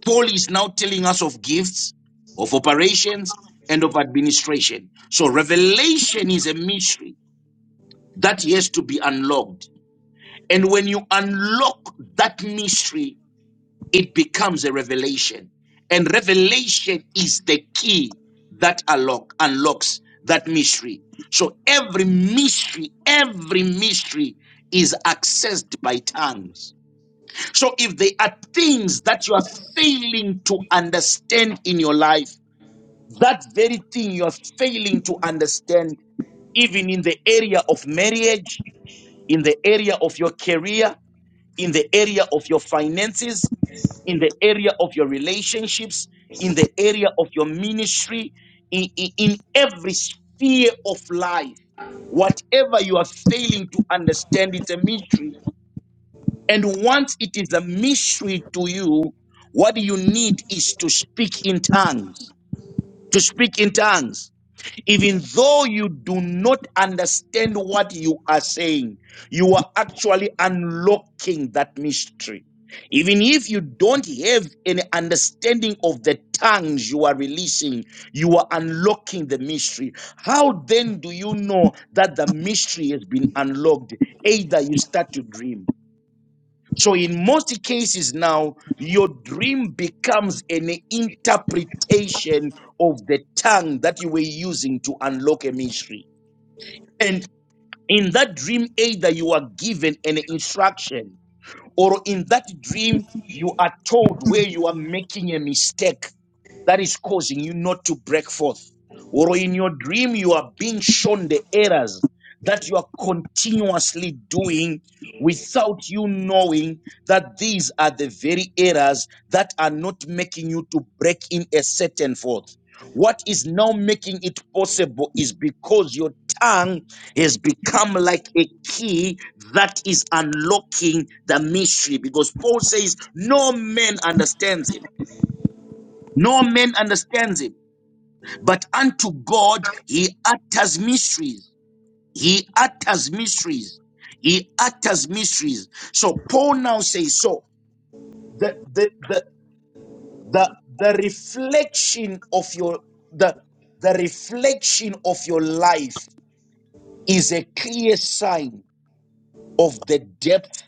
Speaker 6: Paul is now telling us of gifts, of operations, and of administration. So revelation is a mystery that has to be unlocked. And when you unlock that mystery, it becomes a revelation. And revelation is the key that unlock, unlocks that mystery. So every mystery, every mystery is accessed by tongues so if there are things that you are failing to understand in your life, that very thing you are failing to understand, even in the area of marriage, in the area of your career, in the area of your finances, in the area of your relationships, in the area of your ministry, in, in, in every sphere of life. Whatever you are failing to understand, it's a mystery and once it is a mystery to you, what you need is to speak in tongues, to speak in tongues. Even though you do not understand what you are saying, you are actually unlocking that mystery. Even if you don't have any understanding of the tongues you are releasing, you are unlocking the mystery. How then do you know that the mystery has been unlocked? Either you start to dream so in most cases now, your dream becomes an interpretation of the tongue that you were using to unlock a mystery. And in that dream, either you are given an instruction or in that dream, you are told where you are making a mistake that is causing you not to break forth. Or in your dream, you are being shown the errors that you are continuously doing without you knowing that these are the very errors that are not making you to break in a certain forth. What is now making it possible is because your tongue has become like a key that is unlocking the mystery. Because Paul says, No man understands him. No man understands him." But unto God he utters mysteries. He utters mysteries. He utters mysteries. So Paul now says, so the the the the, the reflection of your the the reflection of your life is a clear sign of the depth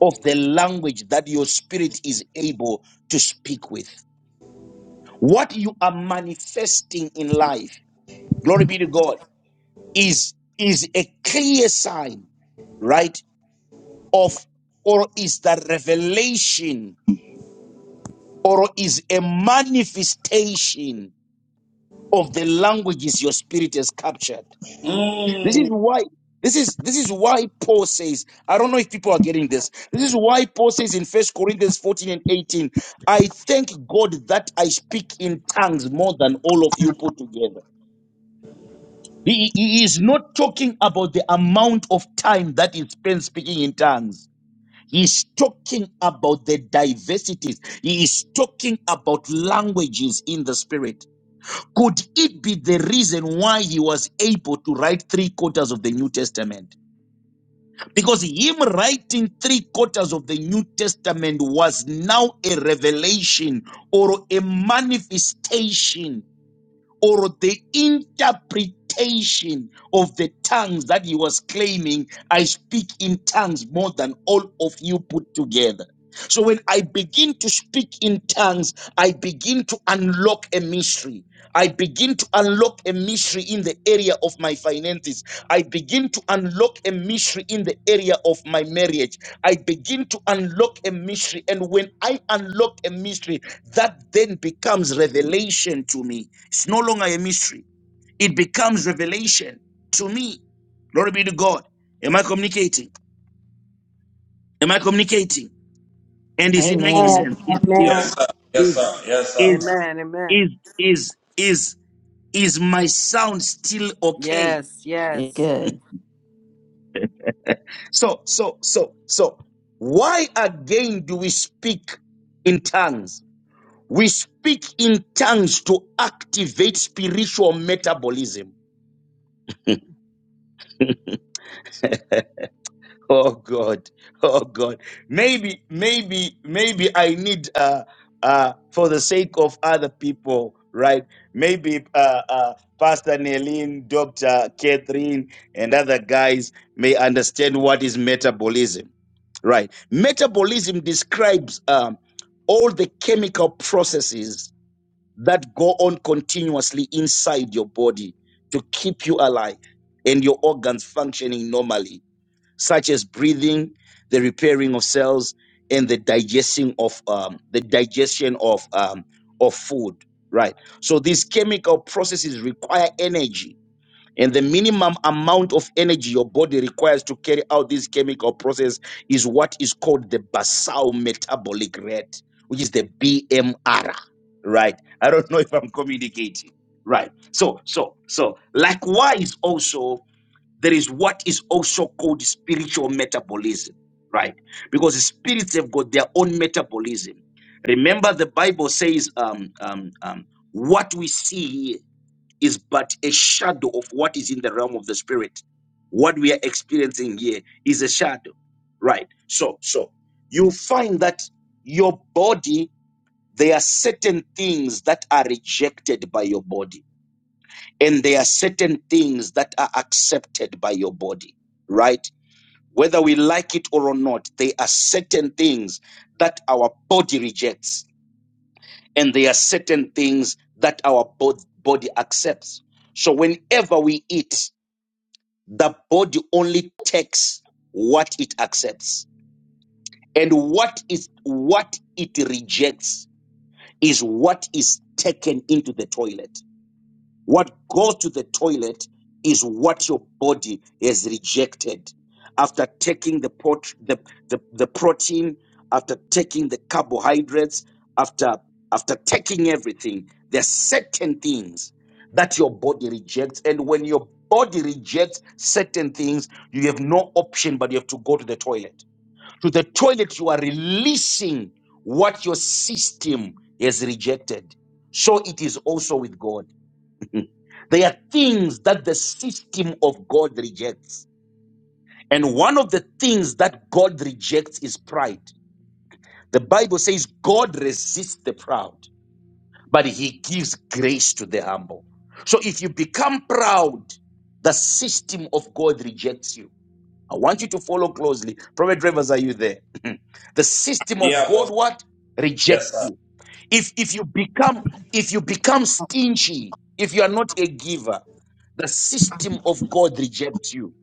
Speaker 6: of the language that your spirit is able to speak with. What you are manifesting in life, glory be to God, is is a clear sign right? Of or is the revelation or is a manifestation of the languages your spirit has captured. This is
Speaker 1: Mm.
Speaker 6: why this is this is why Paul says, I don't know if people are getting this. This is why Paul says in First Corinthians 14 and 18, I thank God that I speak in tongues more than all of you put together. He, he is not talking about the amount of time that he spends speaking in tongues. He is talking about the diversities. He is talking about languages in the spirit. Could it be the reason why he was able to write three quarters of the New Testament? Because him writing three quarters of the New Testament was now a revelation or a manifestation or the interpretation of the tongues that he was claiming, I speak in tongues more than all of you put together. So when I begin to speak in tongues, I begin to unlock a mystery. I begin to unlock a mystery in the area of my finances. I begin to unlock a mystery in the area of my marriage. I begin to unlock a mystery. And when I unlock a mystery, that then becomes revelation to me. It's no longer a mystery, it becomes revelation to me. Glory be to God. Am I communicating? Am I communicating? And is it making sense? Is is
Speaker 3: Amen.
Speaker 1: Yes, sir. Yes,
Speaker 6: is
Speaker 1: sir. Yes, sir.
Speaker 6: is
Speaker 5: Amen.
Speaker 6: is
Speaker 5: Amen.
Speaker 6: is is is my sound still okay?
Speaker 5: Yes,
Speaker 4: It's
Speaker 5: yes,
Speaker 4: good.
Speaker 6: So so so so why again do we speak in tongues? We speak in tongues to activate spiritual metabolism. Oh God, oh God. Maybe, maybe, maybe I need, uh, uh, for the sake of other people, right? Maybe uh, uh, Pastor Nelin, Doctor Catherine, and other guys may understand what is metabolism, right? Metabolism describes um, all the chemical processes that go on continuously inside your body to keep you alive and your organs functioning normally, such as breathing, the repairing of cells, and the digesting of um, the digestion of um, of food. Right. So these chemical processes require energy and the minimum amount of energy your body requires to carry out this chemical process is what is called the basal metabolic rate, which is the BMR. Right. I don't know if I'm communicating. Right. So, so, so, likewise, also, there is what is also called spiritual metabolism. Right. Because the spirits have got their own metabolism. Remember, the Bible says, um, um, um, what we see is but a shadow of what is in the realm of the spirit. What we are experiencing here is a shadow, right? So, so you find that your body, there are certain things that are rejected by your body, and there are certain things that are accepted by your body, right? Whether we like it or not, there are certain things that our body rejects, and there are certain things that our bod- body accepts. So whenever we eat, the body only takes what it accepts and what is what it rejects is what is taken into the toilet what goes to the toilet is what your body has rejected after taking the, pot, the, the, the protein, after taking the carbohydrates, after, after taking everything. There are certain things that your body rejects. And when your body rejects certain things, you have no option but you have to go to the toilet. To the toilet, you are releasing what your system has rejected. So it is also with God. There are things that the system of God rejects. And one of the things that God rejects is pride. The Bible says God resists the proud, but he gives grace to the humble. So if you become proud, the system of God rejects you. I want you to follow closely. Prophet drivers, are you there? [laughs] [clears throat] the system of
Speaker 1: Yeah, boss.
Speaker 6: God what? Rejects
Speaker 1: Yes, sir.
Speaker 6: you if if you become if you become stingy if you are not a giver the system of god rejects you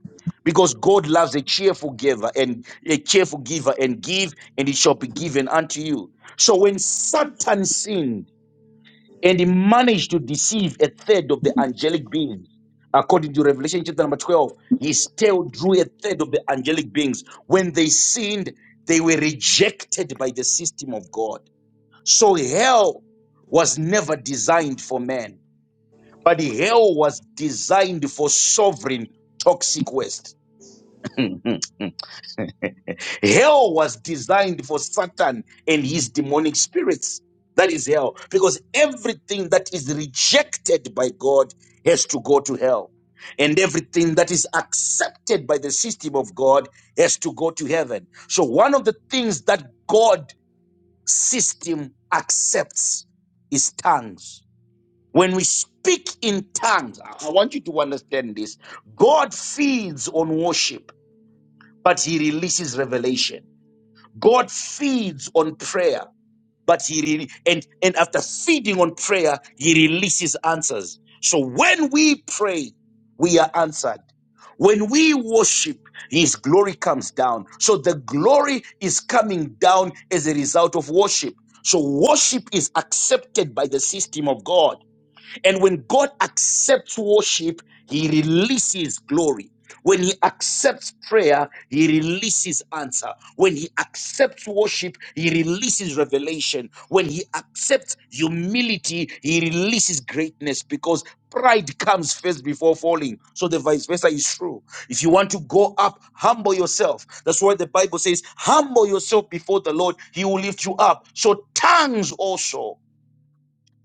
Speaker 6: because god loves a cheerful giver and a cheerful giver and give and it shall be given unto you so when satan sinned and he managed to deceive a third of the angelic beings according to revelation chapter number 12 he still drew a third of the angelic beings when they sinned they were rejected by the system of god so hell was never designed for man, but hell was designed for sovereign toxic waste. Hell was designed for Satan and his demonic spirits. That is hell, because everything that is rejected by God has to go to hell. And everything that is accepted by the system of God has to go to heaven. So, one of the things that God system accepts is tongues When we speak in tongues, I I want you to understand this. God feeds on worship, but he releases revelation. God feeds on prayer, but he re- and and after feeding on prayer, he releases answers. So when we pray, we are answered. When we worship, his glory comes down. So the glory is coming down as a result of worship. So worship is accepted by the system of God. And when God accepts worship, he releases glory. When he accepts prayer, he releases answer. When he accepts worship, he releases revelation. When he accepts humility, he releases greatness because pride comes first before falling. So the vice versa is true. If you want to go up, humble yourself. That's why the Bible says, humble yourself before the Lord, he will lift you up. So tongues also,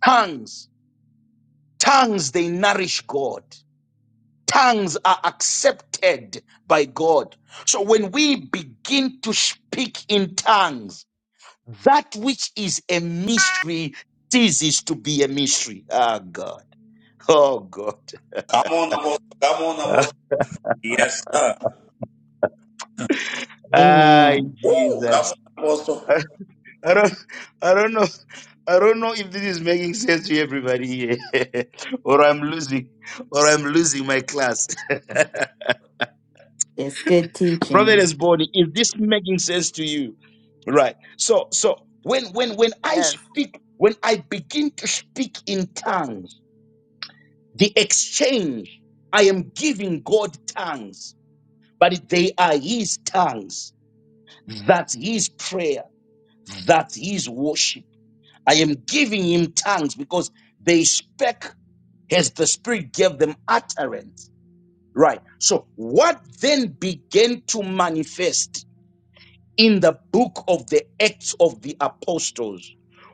Speaker 6: tongues Tongues, they nourish God. Tongues are accepted by God. So when we begin to speak in tongues, that which is a mystery ceases to be a mystery. Ah, God. Oh, God.
Speaker 1: Come on, apostle. Come on, apostle. Yes, sir.
Speaker 6: [laughs] Ay,
Speaker 4: Amen.
Speaker 1: Woo!
Speaker 6: Jesus.
Speaker 1: Come on,
Speaker 6: [laughs]
Speaker 1: apostle.
Speaker 6: I don't, I don't know. I don't know if this is making sense to everybody here, [laughs] or I'm losing, or I'm losing my class. [laughs]
Speaker 4: It's good.
Speaker 6: Prophetess Bonnie, is this making sense to you? Right. So, so when when when I
Speaker 5: yes,
Speaker 6: speak, when I begin to speak in tongues, the exchange, I am giving God tongues, but they are his tongues. That's his prayer. That's his worship. I am giving him tongues because they spake as the Spirit gave them utterance. Right. So what then began to manifest? in the book of the Acts of the Apostles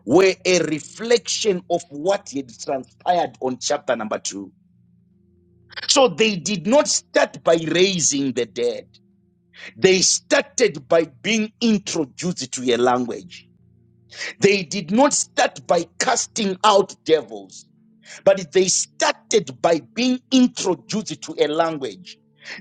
Speaker 6: were a reflection of what had transpired on chapter number two. So they did not start by raising the dead. They started by being introduced to a language. They did not start by casting out devils. But they started by being introduced to a language.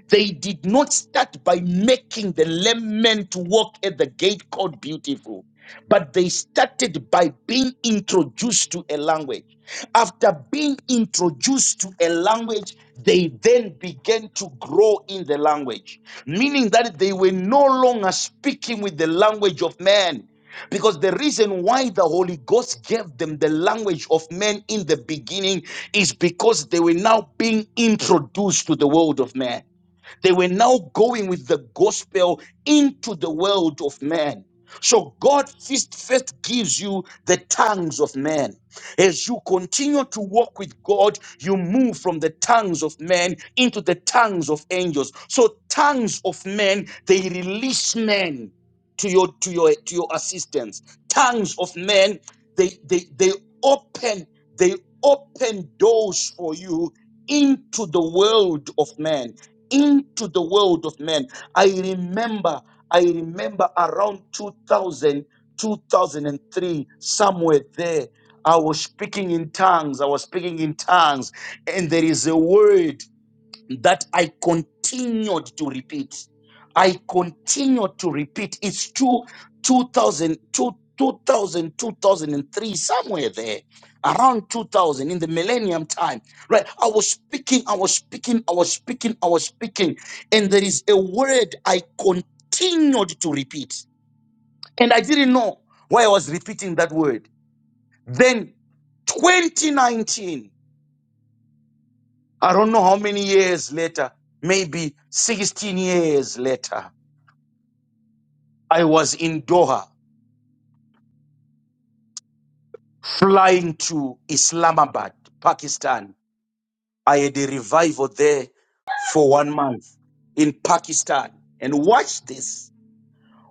Speaker 6: They did not start by making the lemon to walk at the gate called beautiful, but they started by being introduced to a language. After being introduced to a language, they then began to grow in the language, meaning that they were no longer speaking with the language of man. Because the reason why the Holy Ghost gave them the language of men in the beginning is because they were now being introduced to the world of man. They were now going with the gospel into the world of man. So God first, first gives you the tongues of men. As you continue to walk with God, you move from the tongues of men into the tongues of angels. So tongues of men, they release men to your to your to your assistance. Tongues of men, they they they open they open doors for you into the world of men into the world of men. I remember, I remember around 2000, 2003, somewhere there, I was speaking in tongues. I was speaking in tongues, and there is a word that I continued to repeat. I continued to repeat. It's two, two thousand, two two thousand, two thousand and three, somewhere there, around 2000 in the millennium time, right? I was speaking, I was speaking, I was speaking, I was speaking, and there is a word I continued to repeat, and I didn't know why I was repeating that word. Then 2019. I don't know how many years later, maybe 16 years later, I was in Doha flying to Islamabad, Pakistan. I had a revival there for one month in Pakistan. And watch this.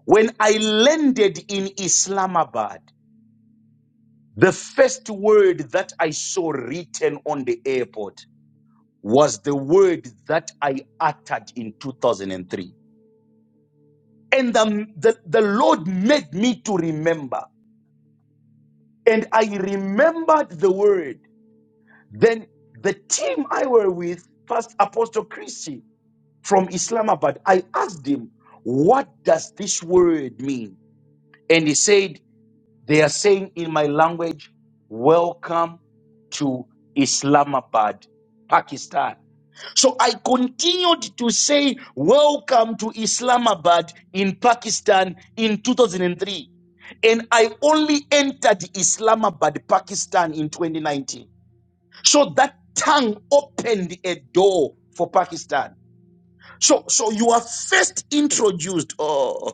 Speaker 6: When I landed in Islamabad, the first word that I saw written on the airport was the word that I uttered in 2003. And the, the, the Lord made me to remember. And I remembered the word. Then the team I were with, first Apostle Christie from Islamabad, I asked him, What does this word mean? And he said, They are saying in my language, Welcome to Islamabad, Pakistan. So I continued to say, Welcome to Islamabad in Pakistan in 2003. And I only entered Islamabad, Pakistan in 2019. So that tongue opened a door for Pakistan. So, so you are first introduced, oh,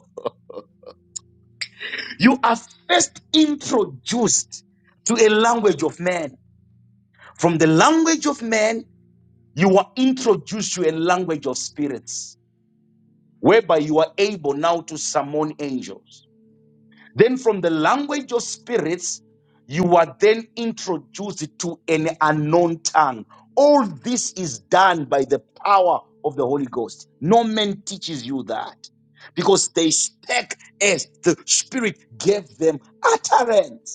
Speaker 6: you are first introduced to a language of man. From the language of man, you are introduced to a language of spirits. whereby you are able now to summon angels. Then, from the language of spirits, you are then introduced to an unknown tongue. All this is done by the power of the Holy Ghost. No man teaches you that because they spake as the Spirit gave them utterance.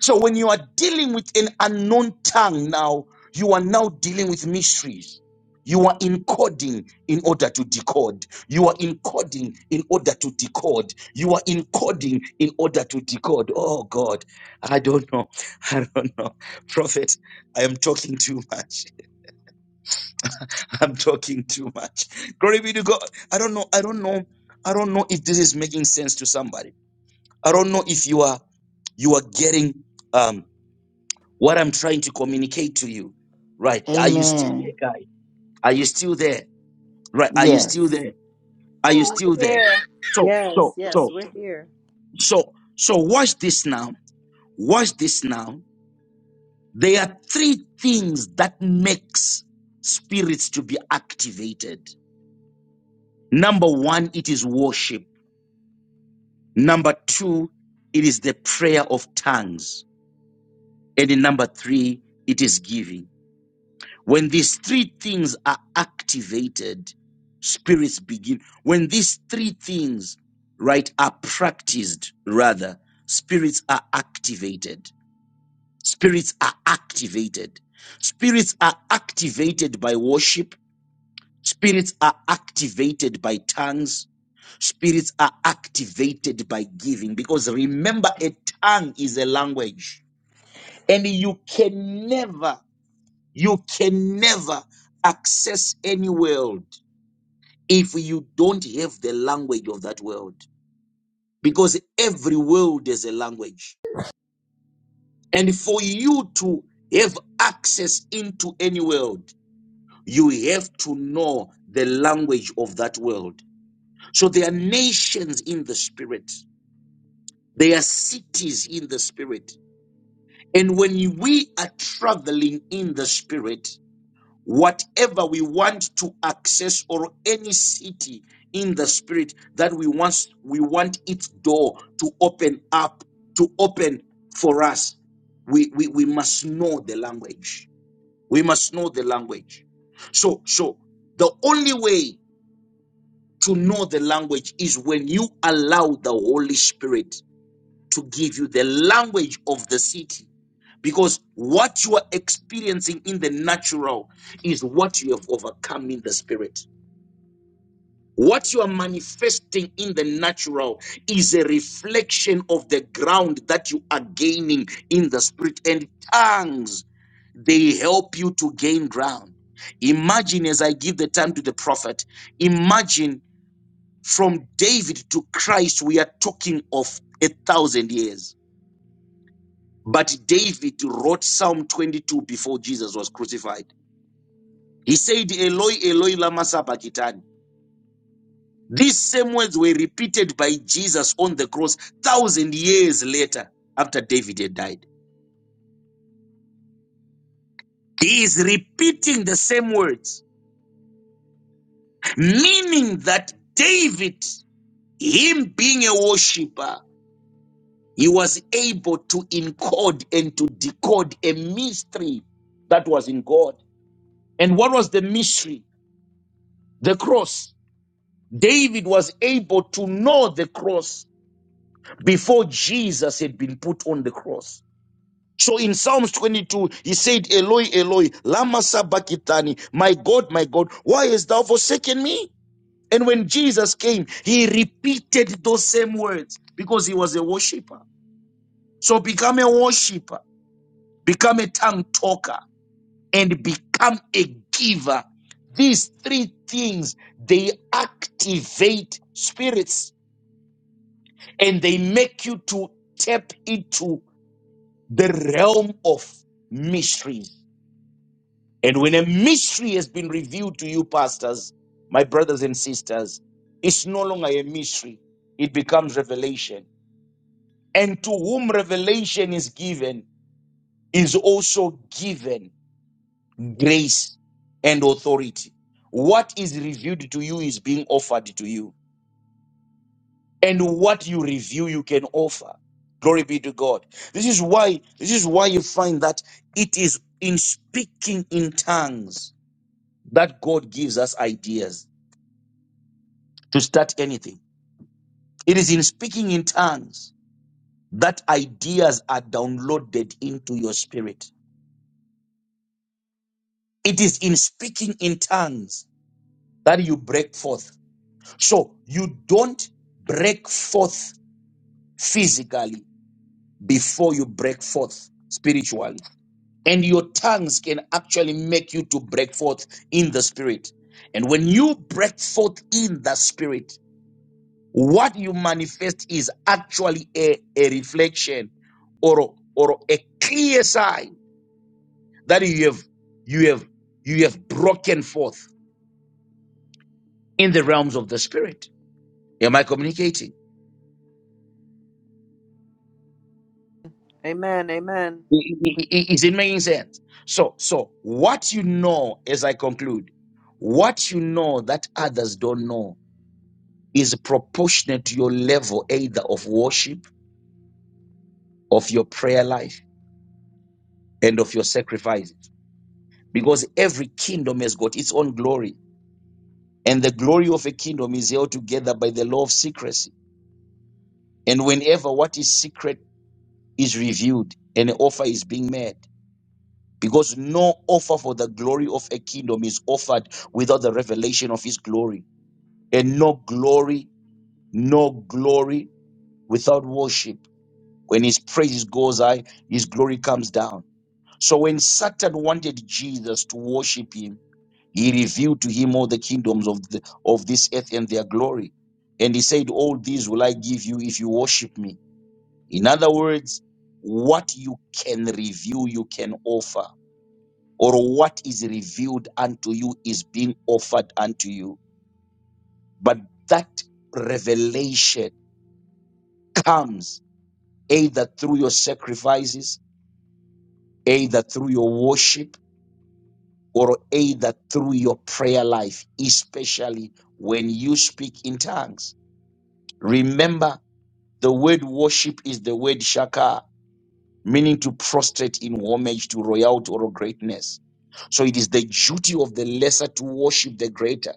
Speaker 6: So when you are dealing with an unknown tongue now, you are now dealing with mysteries. You are encoding in order to decode. You are encoding in order to decode. You are encoding in order to decode. Oh God, I don't know. [laughs] I don't know. Prophet, I am talking too much. I'm talking too much. Glory be to God. I don't know. I don't know. I don't know if this is making sense to somebody. I don't know if you are you are getting um what I'm trying to communicate to you. Right. Are you still
Speaker 4: Amen.
Speaker 6: there, guy? Are you still there? Right. Are you still
Speaker 4: Yes.
Speaker 6: there? Are you still there?
Speaker 3: Amen.
Speaker 6: So,
Speaker 5: yes,
Speaker 6: so,
Speaker 5: yes.
Speaker 6: so,
Speaker 5: We're here.
Speaker 6: so, so watch this now. Watch this now. There are three things that makes spirits to be activated. Number one, it is worship. Number two, it is the prayer of tongues. And in number three, it is giving. When these three things are activated, spirits begin. When these three things, right, are practiced, rather, spirits are activated. Spirits are activated. Spirits are activated by worship. Spirits are activated by tongues. Spirits are activated by giving. Because remember, a tongue is a language. And you can never you can never access any world if you don't have the language of that world, because every world is a language. And for you to have access into any world, you have to know the language of that world. So there are nations in the spirit, there are cities in the spirit. And when we are traveling in the spirit, whatever we want to access or any city in the spirit that we want we want its door to open up to open for us we we, we must know the language we must know the language so so the only way to know the language is when you allow the holy spirit to give you the language of the city because what you are experiencing in the natural is what you have overcome in the spirit. What you are manifesting in the natural is a reflection of the ground that you are gaining in the spirit. And tongues, they help you to gain ground. Imagine, as I give the time to the prophet, imagine from David to Christ, we are talking of a thousand years. But David wrote Psalm 22 before Jesus was crucified. He said, Eloi, Eloi, lama sabachthani. These same words were repeated by Jesus on the cross thousand years later after David had died. He is repeating the same words, meaning that David, him being a worshiper, he was able to encode and to decode a mystery that was in God. And what was the mystery? The cross. David was able to know the cross before Jesus had been put on the cross. So in Psalms 22, he said, Eloi, Eloi, lama sabachthani, my God, my God, why hast thou forsaken me? And when Jesus came, he repeated those same words because he was a worshiper. So become a worshiper, become a tongue talker, and become a giver. These three things, they activate spirits and they make you to tap into the realm of mysteries. And when a mystery has been revealed to you, pastors, my brothers and sisters, it's no longer a mystery, it becomes revelation. And to whom revelation is given is also given grace and authority. What is revealed to you is being offered to you. and what you review you can offer glory be to god this is why this is why you find that it is in speaking in tongues that god gives us ideas to start anything it is in speaking in tongues that ideas are downloaded into your spirit it is in speaking in tongues that you break forth so you don't break forth physically before you break forth spiritually and your tongues can actually make you to break forth in the spirit. And when you break forth in the spirit, what you manifest is actually a, a reflection or or a clear sign that you have you have you have broken forth in the realms of the spirit. Am I communicating?
Speaker 5: Amen, amen.
Speaker 6: I- I- I- Is it making sense? So so what you know as I conclude, what you know that others don't know is proportionate to your level either of worship, of your prayer life, and of your sacrifices. Because every kingdom has got its own glory, and the glory of a kingdom is held together by the law of secrecy. And whenever what is secret is revealed, an offer is being made. Because no offer for the glory of a kingdom is offered without the revelation of his glory. And no glory, no glory without worship. When his praises goes high, his glory comes down So when Satan wanted Jesus to worship him, he revealed to him all the kingdoms of the, of this earth and their glory. And he said, All these will I give you if you worship me. In other words, what you can reveal, you can offer, or what is revealed unto you is being offered unto you. But that revelation comes either through your sacrifices, either through your worship or either through your prayer life, especially when you speak in tongues. Remember, the word worship is the word shaka, meaning to prostrate in homage to royalty or greatness. So it is the duty of the lesser to worship the greater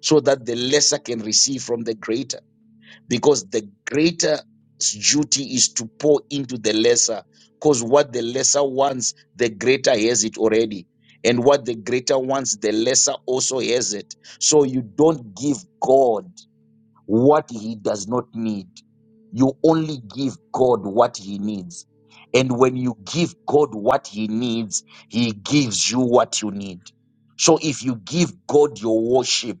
Speaker 6: so that the lesser can receive from the greater because the greater duty is to pour into the lesser because what the lesser wants the greater has it already and what the greater wants the lesser also has it so you don't give god what he does not need. You only give God what he needs. And when you give God what he needs, he gives you what you need. So if you give God your worship,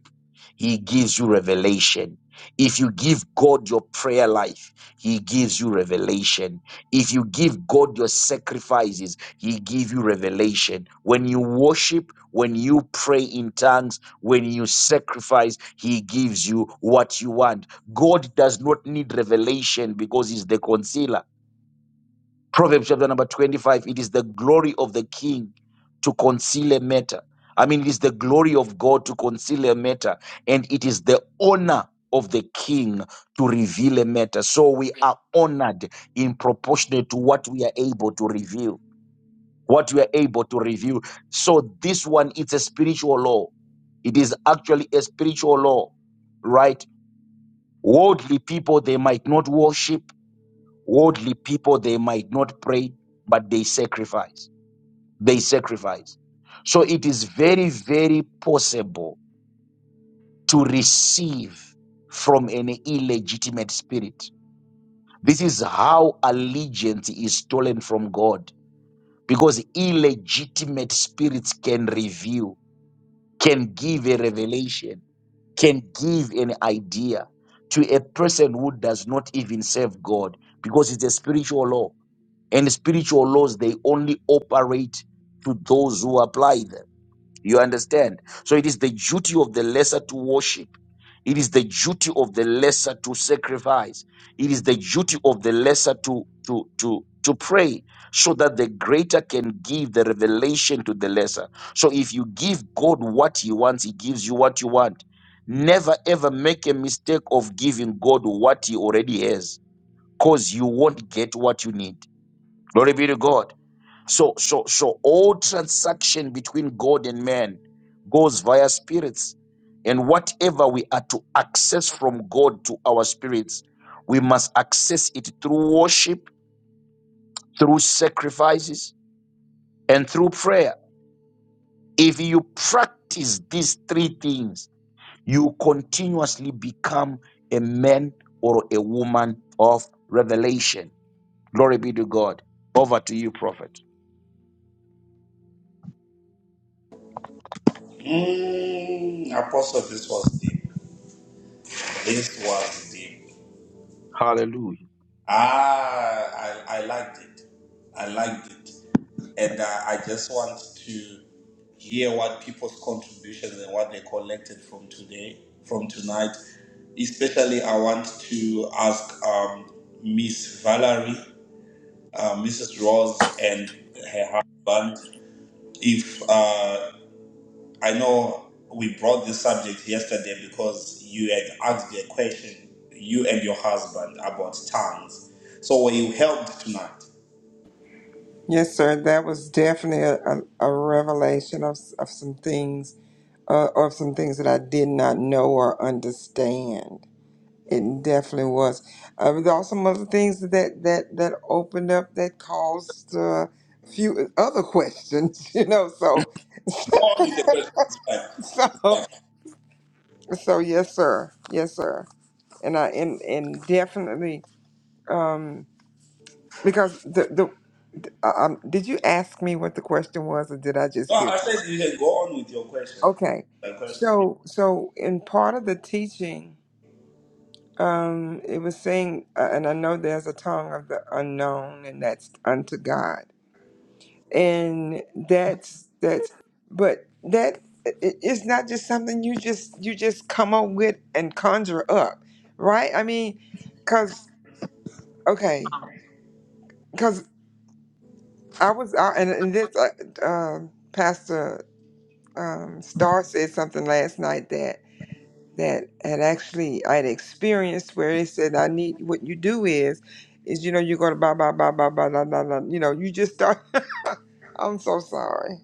Speaker 6: he gives you revelation. If you give God your prayer life, he gives you revelation. If you give God your sacrifices, he gives you revelation. When you worship, when you pray in tongues, when you sacrifice, He gives you what you want. God does not need revelation because He's the concealer. Proverbs chapter number 25 it is the glory of the king to conceal a matter. I mean, it is the glory of God to conceal a matter, and it is the honor of the king to reveal a matter. So we are honored in proportionate to what we are able to reveal what you are able to review. So this one, it's a spiritual law. It is actually a spiritual law, right? Worldly people, they might not worship. Worldly people, they might not pray, but they sacrifice. They sacrifice. So it is very, very possible to receive from an illegitimate spirit. This is how allegiance is stolen from God because illegitimate spirits can reveal can give a revelation, can give an idea to a person who does not even serve God because it's a spiritual law. And spiritual laws, they only operate to those who apply them. You understand? So it is the duty of the lesser to worship. It is the duty of the lesser to sacrifice. It is the duty of the lesser to to to to pray so that the greater can give the revelation to the lesser. So if you give God what he wants, he gives you what you want. Never ever make a mistake of giving God what he already has cause you won't get what you need. Glory be to God. So, so, so all transaction between God and man goes via spirits. And whatever we are to access from God to our spirits, we must access it through worship, through sacrifices, and through prayer. If you practice these three things, you continuously become a man or a woman of revelation. Glory be to God. Over to you, prophet.
Speaker 1: Mm, Apostle, this was deep. This was deep.
Speaker 6: Hallelujah.
Speaker 1: Ah, I, I liked it. I liked it. And uh, I just want to hear what people's contributions and what they collected from today, from tonight. Especially, I want to ask um, Miss Valerie, uh, Mrs. Rose, and her husband if. uh, I know we brought this subject yesterday because you had asked a question, you and your husband, about tongues. So were you helped tonight?
Speaker 2: Yes, sir. That was definitely a, a, a revelation of, s- of some things, uh, of some things that I did not know or understand. It definitely was. Uh, but there are some other things that that that opened up that caused uh, few other questions. [laughs] You know, so
Speaker 1: Go
Speaker 2: [laughs]
Speaker 1: on with the question. It's fine.
Speaker 2: so so yes, sir. Yes, sir. And I and and definitely um because the the uh, um did you ask me what the question was or did I just
Speaker 1: No,
Speaker 2: hear
Speaker 1: I said you can go on with your question.
Speaker 2: Okay.
Speaker 1: The question
Speaker 2: So, so in part of the teaching, um, it was saying, uh, and I know there's a tongue of the unknown, and that's unto God, and that's that's, but that it, it's not just something you just you just come up with and conjure up, right? I mean, cause okay, cause I was out, and, and this uh, um Pastor um, Star said something last night that had actually I had experienced where they said I need what you do is is you know you're gonna blah blah blah blah blah blah blah blah you know you just start [laughs] I'm so sorry.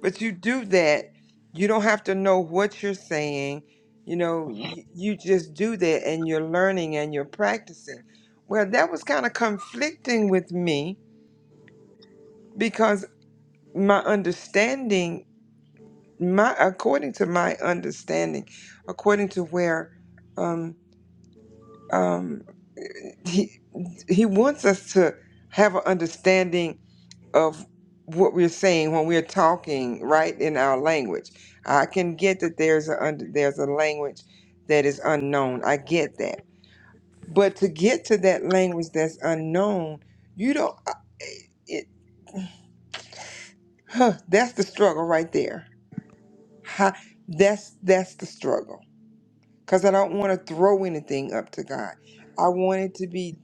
Speaker 2: But you do that, you don't have to know what you're saying, you know, you, you just do that and you're learning and you're practicing. Well that was kind of conflicting with me because my understanding my according to my understanding, according to where um um, he he wants us to have an understanding of what we're saying when we're talking right in our language i can get that there's a under, there's a language that is unknown i get that but to get to that language that's unknown you don't I- it huh, that's the struggle right there Ha that's that's the struggle because I don't want to throw anything up to God. I want it to be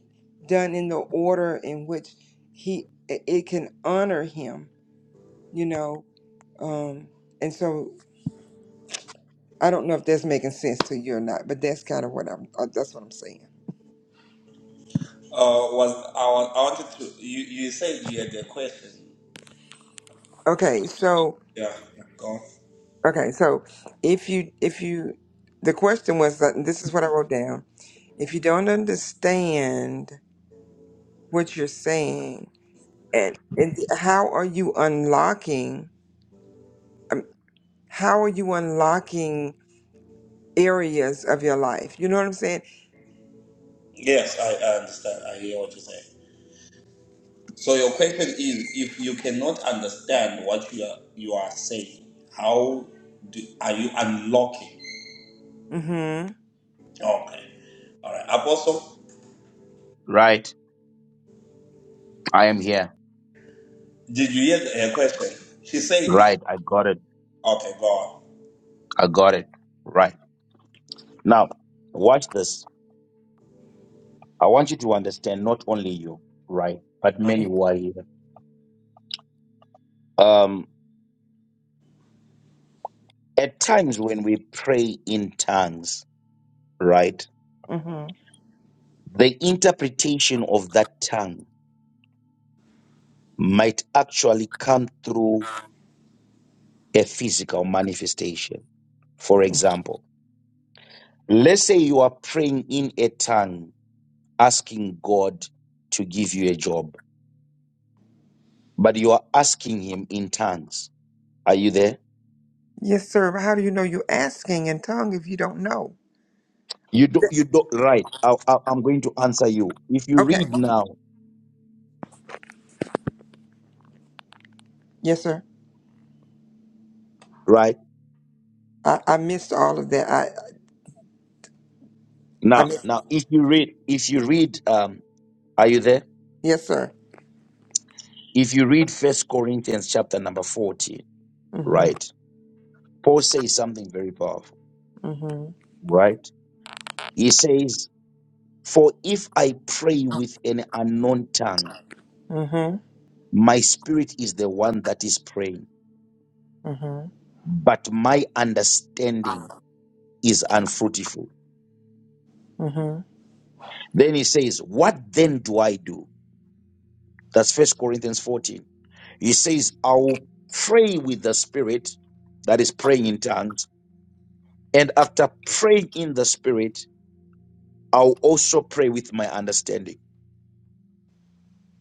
Speaker 2: done in the order in which He it it can honor Him, you know. Um, and so I don't know if that's making sense to you or not, but that's kind of what I'm. uh, That's what I'm saying.
Speaker 1: uh, was I, wa- I wanted to. You, you said you had a question.
Speaker 2: Okay, so
Speaker 1: Yeah, go on.
Speaker 2: okay, so if you if you the question was that this is what I wrote down. If you don't understand what you're saying and, and how are you unlocking? um, How are you unlocking areas of your life? You know what I'm saying?
Speaker 1: Yes, I, I understand. I hear what you say. So your question is, if you cannot understand what you are you are saying, how do, are you unlocking?
Speaker 2: Mm-hmm.
Speaker 1: Okay. All right. Apostle,
Speaker 6: Right? I am here.
Speaker 1: did you hear her question? She said,
Speaker 6: Right. I got it.
Speaker 1: okay, go
Speaker 6: I got it. Right. Now, watch this. I want you to understand not only you, right, but
Speaker 1: on.
Speaker 6: many who are here. Um, at times when we pray in tongues, right,
Speaker 2: Mm-hmm.
Speaker 6: the interpretation of that tongue might actually come through a physical manifestation. For example, let's say you are praying in a tongue, asking God to give you a job, but you are asking Him in tongues. Are you there?
Speaker 2: Yes, sir. But How do you know you're asking in tongue if you don't know?
Speaker 6: You do, you do, right. I, I, I'm going to answer you. If you
Speaker 2: Okay.
Speaker 6: read now,
Speaker 2: Yes, sir.
Speaker 6: right
Speaker 2: I, I missed all of that. I I
Speaker 6: now,
Speaker 2: missed.
Speaker 6: now, if you read, if you read, um, are you there?
Speaker 2: Yes, sir.
Speaker 6: If you read First Corinthians chapter number 14,
Speaker 2: Mm-hmm.
Speaker 6: right? Paul says something very powerful,
Speaker 2: Mm-hmm.
Speaker 6: right? He says, "For if I pray with an unknown tongue,
Speaker 2: Mm-hmm.
Speaker 6: my spirit is the one that is praying,
Speaker 2: Mm-hmm.
Speaker 6: but my understanding is unfruitful."
Speaker 2: Mm-hmm.
Speaker 6: Then he says, "What then do I do?" That's First Corinthians 14. He says, I will pray with the Spirit, that is praying in tongues, and after praying in the Spirit, I'll also pray with my understanding.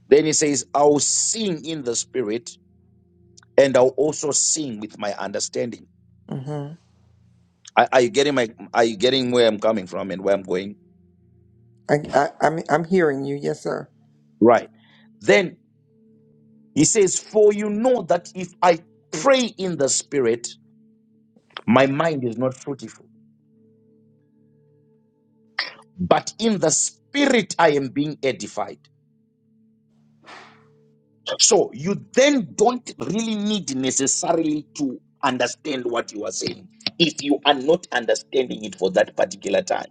Speaker 6: Then he says, I'll sing in the Spirit, and I'll also sing with my understanding.
Speaker 2: Mm-hmm.
Speaker 6: Are, are you getting my are you getting where I'm coming from and where I'm going?
Speaker 2: I, I I'm I'm hearing you. Yes, sir.
Speaker 6: Right. Then he says, For you know that if I pray in the Spirit, my mind is not fruitful. but in the spirit I am being edified. So you then don't really need necessarily to understand what you are saying if you are not understanding it for that particular time.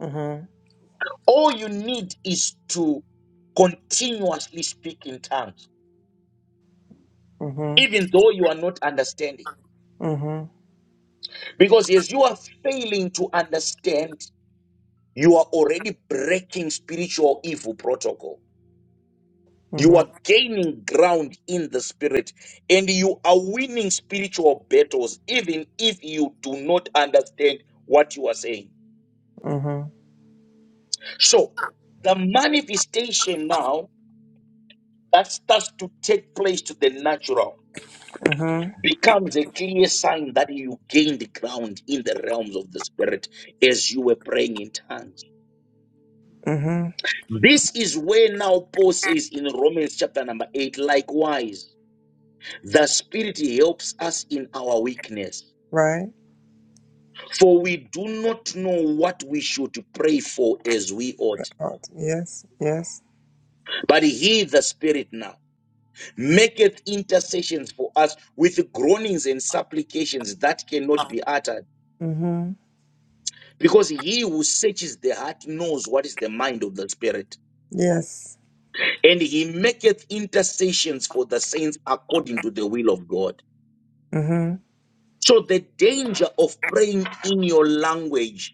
Speaker 2: Mm-hmm.
Speaker 6: All you need is to continuously speak in tongues,
Speaker 2: Mm-hmm.
Speaker 6: even though you are not understanding.
Speaker 2: Mm-hmm.
Speaker 6: Because as you are failing to understand, you are already breaking spiritual evil protocol. You
Speaker 2: Mm-hmm.
Speaker 6: are gaining ground in the spirit and you are winning spiritual battles, even if you do not understand what you are saying.
Speaker 2: Mm-hmm.
Speaker 6: So, the manifestation now that starts to take place to the natural
Speaker 2: Mm-hmm.
Speaker 6: becomes a clear sign that you gained ground in the realms of the spirit as you were praying in tongues.
Speaker 2: Mm-hmm.
Speaker 6: This is where now Paul says in Romans chapter number 8, likewise, the spirit helps us in our weakness
Speaker 2: Right.
Speaker 6: For we do not know what we should pray for as we ought.
Speaker 2: Right. Yes. Yes.
Speaker 6: But he, the Spirit now, maketh intercessions for us with groanings and supplications that cannot be uttered.
Speaker 2: Mm-hmm.
Speaker 6: Because he who searches the heart knows what is the mind of the Spirit.
Speaker 2: Yes.
Speaker 6: And he maketh intercessions for the saints according to the will of God.
Speaker 2: Mm-hmm.
Speaker 6: So the danger of praying in your language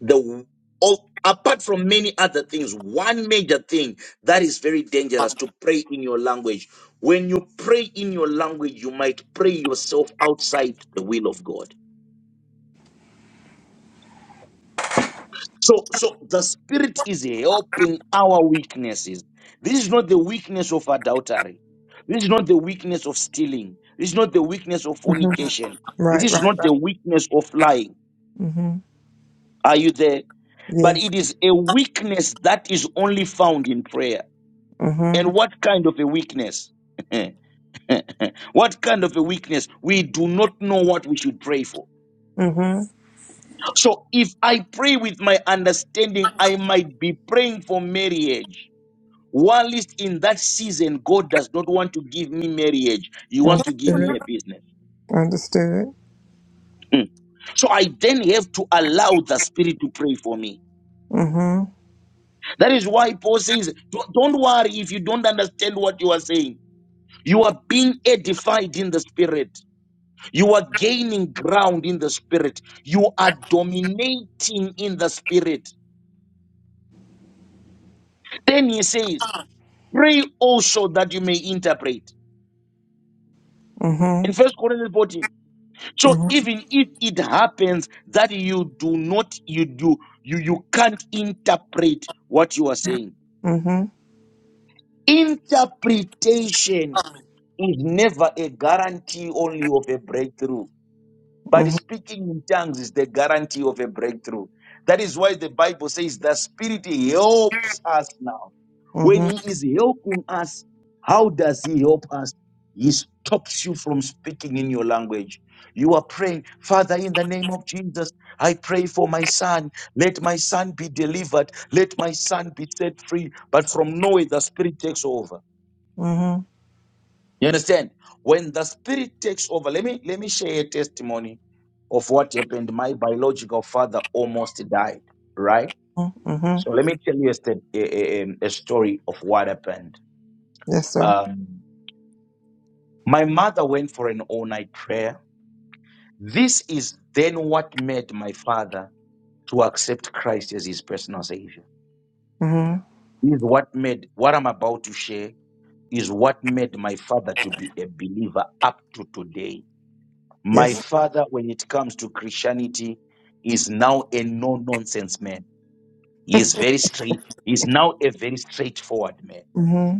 Speaker 6: the all apart from many other things one major thing that is very dangerous to pray in your language when you pray in your language you might pray yourself outside the will of god so so the spirit is helping our weaknesses this is not the weakness of adultery this is not the weakness of stealing this is not the weakness of
Speaker 2: [laughs]
Speaker 6: fornication this
Speaker 2: Right,
Speaker 6: is
Speaker 2: right.
Speaker 6: not the weakness of lying
Speaker 2: Mm-hmm.
Speaker 6: are you there but
Speaker 2: Yes.
Speaker 6: it is a weakness that is only found in prayer
Speaker 2: Mm-hmm.
Speaker 6: And what kind of a weakness? [laughs] what kind of a weakness? We do not know what we should pray for.
Speaker 2: Mm-hmm.
Speaker 6: So if I pray with my understanding, I might be praying for marriage. While it's in that season, God does not want to give me marriage. He wants to give me
Speaker 2: Understood.
Speaker 6: a business.
Speaker 2: Understood.
Speaker 6: Mm. so I then have to allow the Spirit to pray for me.
Speaker 2: Mm-hmm.
Speaker 6: That is why Paul says, don't don't worry if you don't understand what you are saying. You are being edified in the Spirit. You are gaining ground in the spirit. You are dominating in the spirit. Then he says, pray also that you may interpret. In
Speaker 2: Mm-hmm.
Speaker 6: First Corinthians 14. So
Speaker 2: Mm-hmm.
Speaker 6: even if it happens that you do not, you do, you, you can't interpret what you are saying.
Speaker 2: Mm-hmm.
Speaker 6: Interpretation is never a guarantee only of a breakthrough. But
Speaker 2: Mm-hmm.
Speaker 6: speaking in tongues is the guarantee of a breakthrough. That is why the Bible says the Spirit helps us now. When
Speaker 2: Mm-hmm.
Speaker 6: He is helping us, how does He help us? He stops you from speaking in your language. You are praying, Father, in the name of Jesus, I pray for my son. Let my son be delivered. Let my son be set free. But from nowhere, the Spirit takes over.
Speaker 2: Mm-hmm.
Speaker 6: You understand? When the spirit takes over, let me let me share a testimony of what happened. My biological father almost died, right?
Speaker 2: Mm-hmm.
Speaker 6: So let me tell you a, st- a, a, a story of what happened.
Speaker 2: Yes, sir.
Speaker 6: Um, my mother went for an all-night prayer. This is then what made my father to accept Christ as his personal savior.
Speaker 2: Mm-hmm.
Speaker 6: Is what made what I'm about to share is what made my father to be a believer up to today My
Speaker 2: Yes.
Speaker 6: father, when it comes to Christianity, is now a no nonsense man. He is very straight. He's now a very straightforward man.
Speaker 2: Mm-hmm.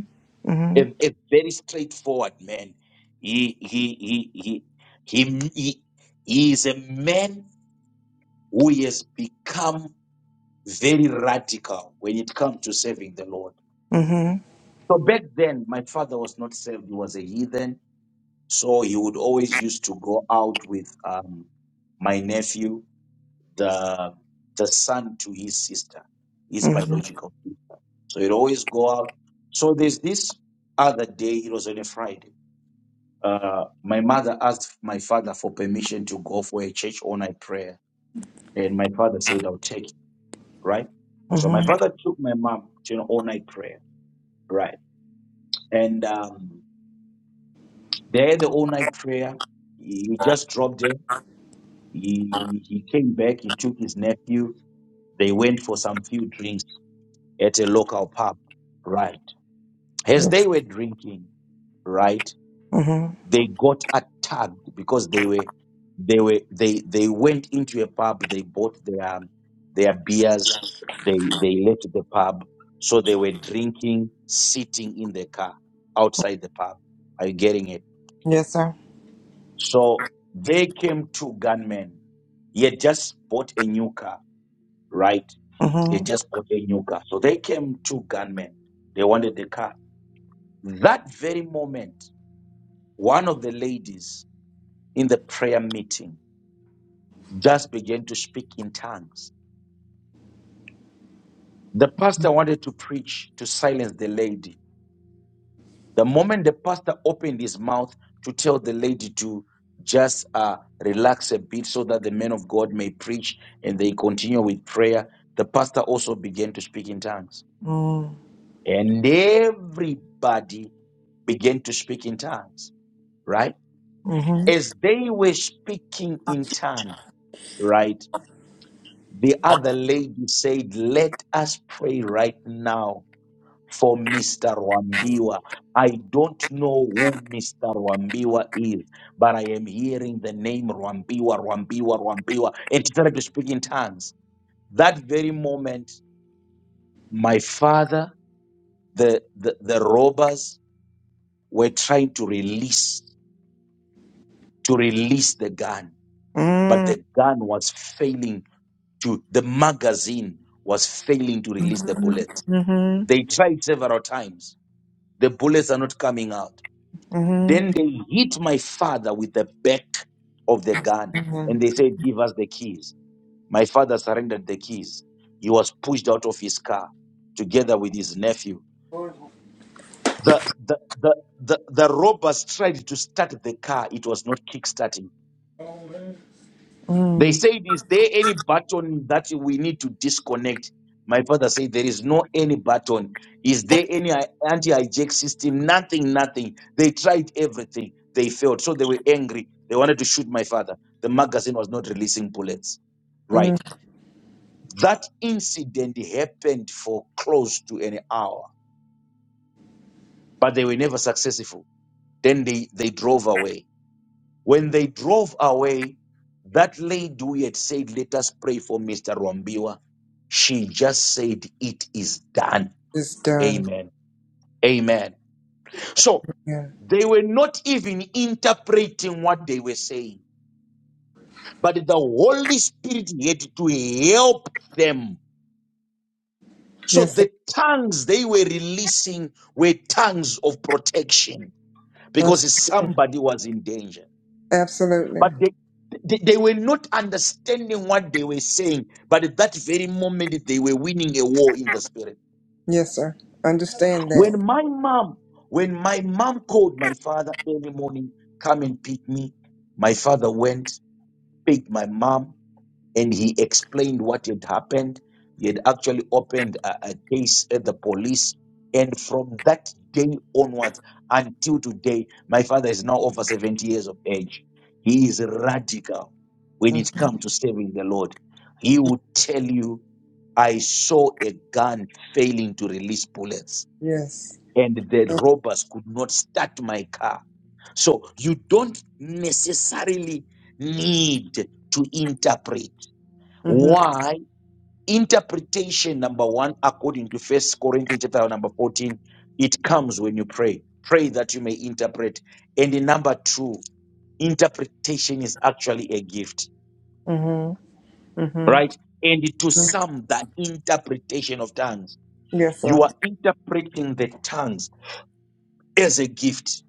Speaker 2: Mm-hmm.
Speaker 6: A, a very straightforward man. He, he, he, he, he, he, he is a man who has become very radical when it comes to serving the Lord.
Speaker 2: Mm-hmm.
Speaker 6: So back then, my father was not saved. He was a heathen. So he would always used to go out with um, my nephew the the son to his sister, his
Speaker 2: Mm-hmm.
Speaker 6: biological. So he'd always go out. So there's this other day, it was on a Friday. Uh, my mother asked my father for permission to go for a church all night prayer. And my father said, I'll take it, right? So my
Speaker 2: Mm-hmm.
Speaker 6: father took my mom to an all night prayer, right? And um, there, the all night prayer, he he just dropped there. He, he came back, he took his nephew. They went for some few drinks at a local pub, right? As
Speaker 2: Yes.
Speaker 6: they were drinking, right,
Speaker 2: Mm-hmm.
Speaker 6: they got attacked because they were they were they they went into a pub, they bought their their beers, they they left the pub, so they were drinking, sitting in the car outside the pub. Are you getting it?
Speaker 2: Yes, sir.
Speaker 6: So they came two gunmen. He had just bought a new car, right? He
Speaker 2: Mm-hmm.
Speaker 6: had just bought a new car. So they came two gunmen. They wanted the car That very moment, one of the ladies in the prayer meeting just began to speak in tongues. The pastor wanted to preach to silence the lady. The moment the pastor opened his mouth to tell the lady to just uh, relax a bit so that the men of God may preach and they continue with prayer, the pastor also began to speak in tongues.
Speaker 2: Mm-hmm.
Speaker 6: And everybody began to speak in tongues, right? As they were speaking in tongues, right? The other lady said, Let us pray right now for Mr. Wambiwa. I don't know who Mr. Wambiwa is, but I am hearing the name Wambiwa, Wambiwa, Wambiwa. And she started to speak in tongues. That very moment, my father, the, the, the robbers were trying to release, to release the gun, but
Speaker 2: Mm-hmm.
Speaker 6: the gun was failing to, the magazine was failing to
Speaker 2: Mm-hmm.
Speaker 6: release the bullet
Speaker 2: Mm-hmm.
Speaker 6: They tried several times. The bullets are not coming out.
Speaker 2: Mm-hmm.
Speaker 6: Then they hit my father with the back of the gun
Speaker 2: Mm-hmm.
Speaker 6: and they said, Give us the keys. My father surrendered the keys. He was pushed out of his car together with his nephew. The, the, the, the, the robbers tried to start the car. It was not kickstarting. They
Speaker 2: Mm.
Speaker 6: said, Is there any button that we need to disconnect? My father said, There is no any button. Is there any anti hijack system? Nothing, nothing. They tried everything. They failed. So they were angry. They wanted to shoot my father. The magazine was not releasing bullets.
Speaker 2: Mm.
Speaker 6: Right. That incident happened for close to an hour, but they were never successful. Then they, they drove away When they drove away, that lady we had said, Let us pray for Mr. Rombiwa, she just said, It is done.
Speaker 2: It's done.
Speaker 6: Amen. Amen. So
Speaker 2: Yeah.
Speaker 6: they were not even interpreting what they were saying, but the Holy Spirit had to help them. So
Speaker 2: Yes,
Speaker 6: the tongues they were releasing were tongues of protection because
Speaker 2: sir.
Speaker 6: somebody was in danger.
Speaker 2: Absolutely.
Speaker 6: But they, they, they were not understanding what they were saying. But at that very moment, they were winning a war in the spirit.
Speaker 2: Yes, sir. Understand that.
Speaker 6: When my mom, when my mom called my father early morning, come and pick me, my father went, picked my mom, and he explained what had happened. He had actually opened a, a case at the police. And from that day onwards until today, my father is now over 70 years of age. He is radical when
Speaker 2: Mm.
Speaker 6: it comes to serving the Lord. He would tell you, I saw a gun failing to release bullets,
Speaker 2: Yes.
Speaker 6: and the robbers could not start my car. So you don't necessarily need to interpret.
Speaker 2: Mm-hmm.
Speaker 6: Why? Interpretation number one, according to First Corinthians chapter number 14, it comes when you pray. Pray that you may interpret. And the number two, interpretation is actually a gift,
Speaker 2: Mm-hmm. Mm-hmm.
Speaker 6: right? And to some, the interpretation of tongues.
Speaker 2: Yes,
Speaker 6: You
Speaker 2: sir.
Speaker 6: are interpreting the tongues as a gift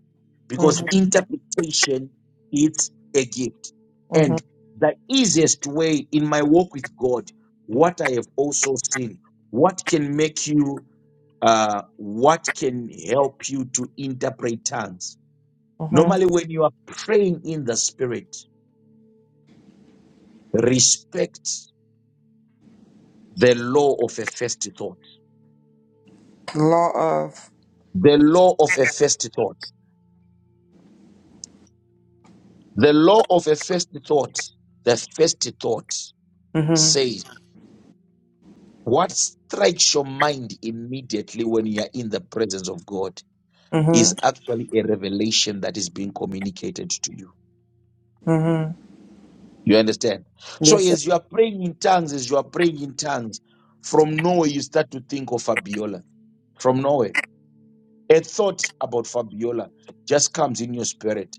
Speaker 6: because
Speaker 2: Mm-hmm.
Speaker 6: interpretation is a gift.
Speaker 2: Mm-hmm.
Speaker 6: And the easiest way in my walk with God, what I have also seen, what can make you uh, what can help you to interpret tongues. Normally,
Speaker 2: Mm-hmm.
Speaker 6: when you are praying in the spirit, respect the law of a first thought.
Speaker 2: Law of.
Speaker 6: The law of a first thought. The law of a first thought. The first thought
Speaker 2: Mm-hmm.
Speaker 6: says, what strikes your mind immediately when you are in the presence of God is
Speaker 2: Mm-hmm.
Speaker 6: actually a revelation that is being communicated to you.
Speaker 2: Mm-hmm.
Speaker 6: You understand? So
Speaker 2: Yes, sir.
Speaker 6: as you are praying in tongues, as you are praying in tongues, from nowhere you start to think of Fabiola. From nowhere, a thought about Fabiola just comes in your spirit.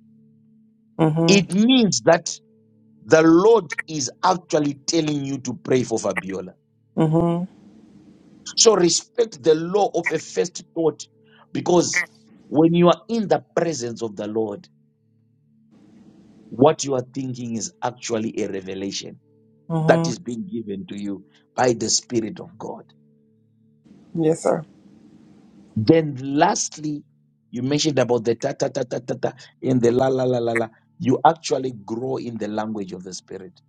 Speaker 2: Mm-hmm.
Speaker 6: It means that the Lord is actually telling you to pray for Fabiola.
Speaker 2: Mm-hmm.
Speaker 6: So respect the law of a first thought, because when you are in the presence of the Lord, what you are thinking is actually a revelation that
Speaker 2: Mm-hmm.
Speaker 6: is being given to you by the Spirit of God.
Speaker 2: Yes, sir.
Speaker 6: Then lastly, you mentioned about the ta ta ta ta ta ta and the la la la la la. You actually grow in the language of the spirit.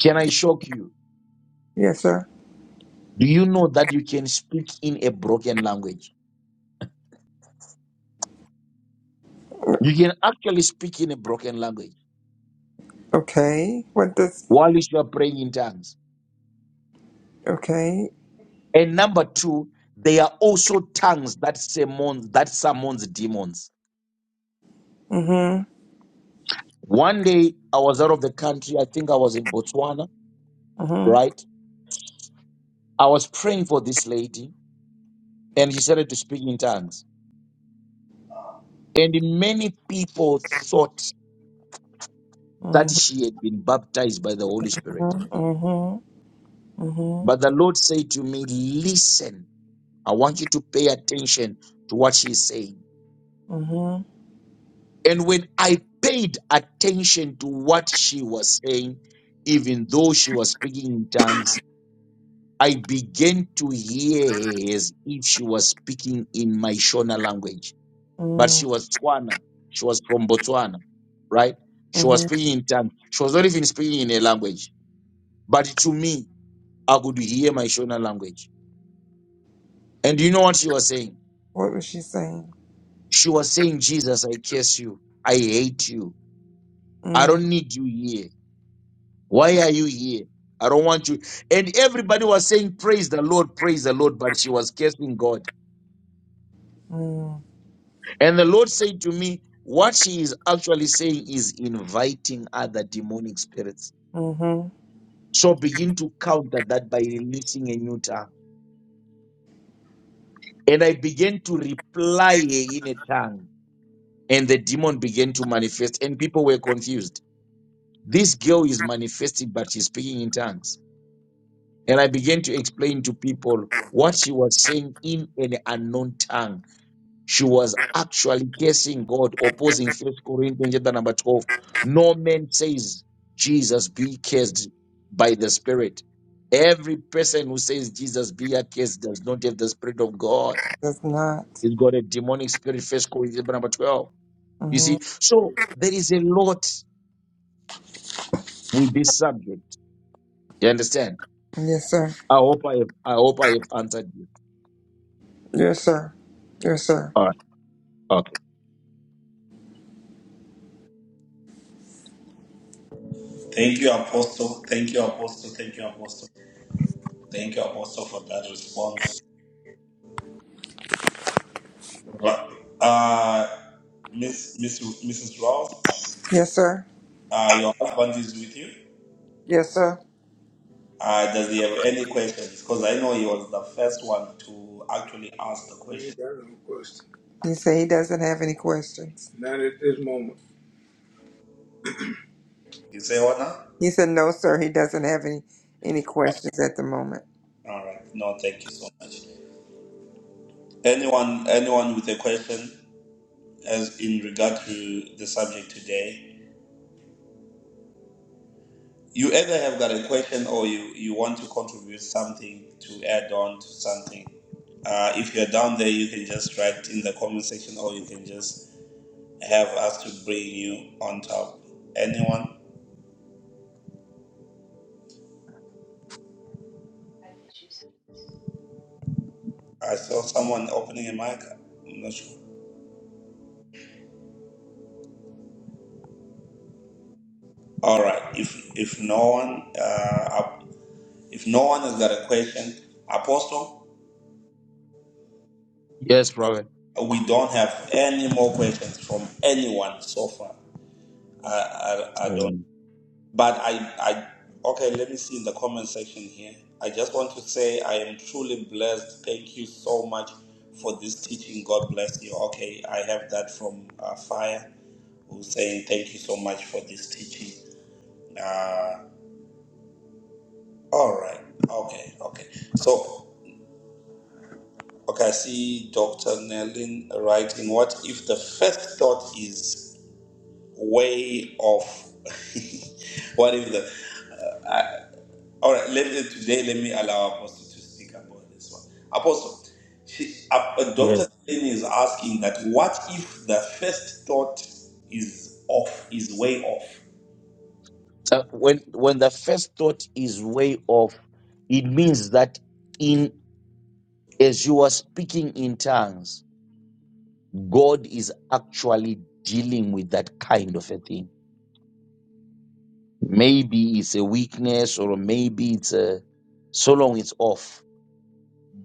Speaker 6: Can I shock you?
Speaker 2: Yes, sir.
Speaker 6: Do you know that you can speak in a broken language? You can actually speak in a broken language
Speaker 2: Okay. What does?
Speaker 6: while you are praying in tongues.
Speaker 2: Okay.
Speaker 6: And number two, they are also tongues that summons that summons demons.
Speaker 2: Mm-hmm.
Speaker 6: One day I was out of the country. I think I was in Botswana,
Speaker 2: Mm-hmm.
Speaker 6: right? I was praying for this lady, and she started to speak in tongues. And many people thought that
Speaker 2: Mm-hmm.
Speaker 6: she had been baptized by the Holy Spirit.
Speaker 2: Mm-hmm. Mm-hmm. Mm-hmm.
Speaker 6: But the Lord said to me, Listen, I want you to pay attention to what she's saying.
Speaker 2: Mm-hmm.
Speaker 6: And when I paid attention to what she was saying, even though she was speaking in tongues, I began to hear her as if she was speaking in my Shona language. But
Speaker 2: Mm-hmm.
Speaker 6: she was Tswana. She was from Botswana, right? She was speaking in tongues. She was not even speaking in her language But to me, I could hear my Shona language. And you know what she was saying?
Speaker 2: What was she saying?
Speaker 6: She was saying, Jesus, I curse you. I hate you. I
Speaker 2: Mm-hmm.
Speaker 6: don't need you here. Why are you here? I don't want you. And everybody was saying, Praise the Lord, praise the Lord. But she was cursing God. And the Lord said to me, What she is actually saying is inviting other demonic spirits.
Speaker 2: Mm-hmm.
Speaker 6: So begin to counter that by releasing a new tongue. And I began to reply in a tongue. and the demon began to manifest and people were confused this girl is manifesting but she's speaking in tongues and i began to explain to people what she was saying in an unknown tongue she was actually cursing god opposing first corinthians chapter number 12 no man says jesus be cursed by the spirit every person who says jesus be accursed does not have the spirit of god
Speaker 2: Does not.
Speaker 6: he's got a demonic spirit first corinthians chapter number 12 you
Speaker 2: hmm
Speaker 6: see so there is a lot with this subject. You understand?
Speaker 2: Yes, sir.
Speaker 6: I hope I have, I hope I have answered you.
Speaker 2: Yes, sir. Yes, sir.
Speaker 6: All right. Okay.
Speaker 1: Thank you, Apostle. Thank you, Apostle. Thank you, Apostle. Thank you, Apostle, for that response. Right. Uh, Miss, Miss, Mrs. Ross,
Speaker 2: Yes, sir.
Speaker 1: uh, your husband is with you.
Speaker 2: Yes, sir.
Speaker 1: Uh, does he have any questions? Because I know he was the first one to actually ask the
Speaker 2: I
Speaker 1: question.
Speaker 2: ain't got no question. He said he doesn't have any questions. Not at this moment.
Speaker 1: You say, Honor?
Speaker 2: He said, no, sir, he doesn't have any, any questions at the moment.
Speaker 1: All right. No, thank you so much. Anyone, anyone with a question? as in regard to the subject today. You either have got a question or you, you want to contribute something to add on to something. Uh, if you're down there, you can just write in the comment section or you can just have us to bring you on top. Anyone? I saw someone opening a mic. I'm not sure. All right. If if no one uh, if no one has got a question, Apostle,
Speaker 6: Yes, prophet.
Speaker 1: we don't have any more questions from anyone so far. I I, I don't.
Speaker 6: Amen.
Speaker 1: But I, I, okay, let me see in the comment section here. I just want to say I am truly blessed. Thank you so much for this teaching. God bless you. Okay, I have that from uh, Fire, who's saying thank you so much for this teaching. Uh, all right. Okay. Okay. So, okay, I see Dr. Nellin writing. What if the first thought is way off? [laughs] what if the All right, let, let- today let me allow Apostle to speak about this one. Apostle, she, uh, uh,
Speaker 6: Yes.
Speaker 1: Dr. Delaney is asking that what if the first thought is off, is way off?
Speaker 6: So when when the first thought is way off, it means that in as you are speaking in tongues, God is actually dealing with that kind of a thing. Maybe it's a weakness, or maybe it's a so long it's off.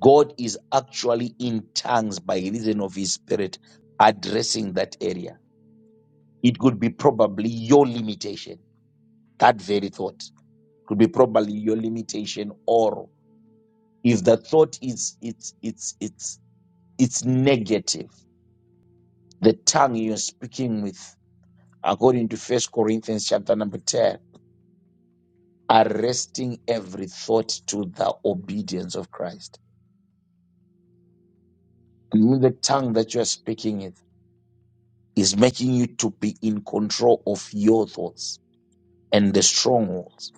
Speaker 6: God is actually in tongues by reason of His Spirit addressing that area It could be probably your limitation. That very thought could be probably your limitation, or if the thought is it's it's it's it's negative, the tongue you're speaking with, according to First Corinthians chapter number ten, arresting every thought to the obedience of Christ. And when the tongue that you are speaking with is making you to be in control of your thoughts and the strongholds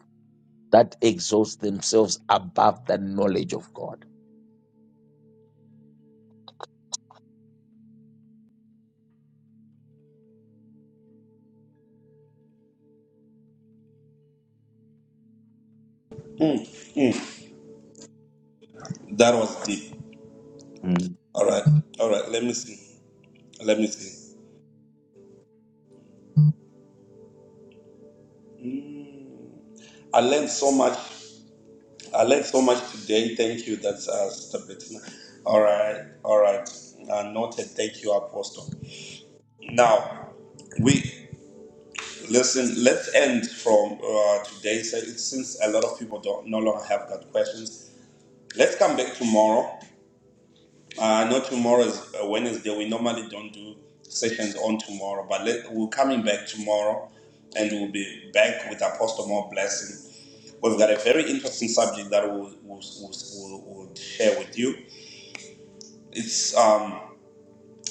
Speaker 6: that exalt themselves above the knowledge of God.
Speaker 1: Mm, mm, that was deep.
Speaker 6: Mm.
Speaker 1: All right, all right, let me see. Let me see. I learned so much. I learned so much today. Thank you. That's uh, Sister Bettina. All right, all right. Uh, noted. Thank you, Apostle. Now, we Listen, let's end from uh, today so since a lot of people don't no longer have that questions. Let's come back tomorrow. Uh, I know tomorrow is uh, Wednesday. We normally don't do sessions on tomorrow, but let, we're coming back tomorrow and we'll be back with Apostle More Blessing. We've got a very interesting subject that we'll, we'll, we'll, we'll, we'll share with you. It's um,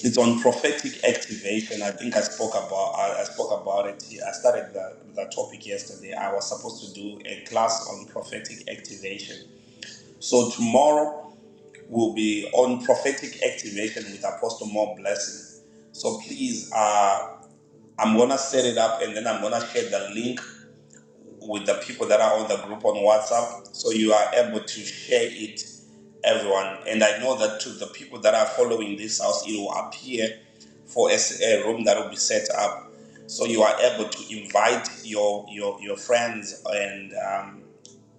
Speaker 1: It's on prophetic activation. I think I spoke about I, I spoke about it. I started the, the topic yesterday. I was supposed to do a class on prophetic activation. So tomorrow will be on prophetic activation with Apostle More Blessing. So please, uh, I'm gonna set it up and then I'm gonna share the link with the people that are on the group on WhatsApp, so you are able to share it everyone. And I know that to the people that are following this house, it will appear for a, s- a room that will be set up, so you are able to invite your your your friends and um,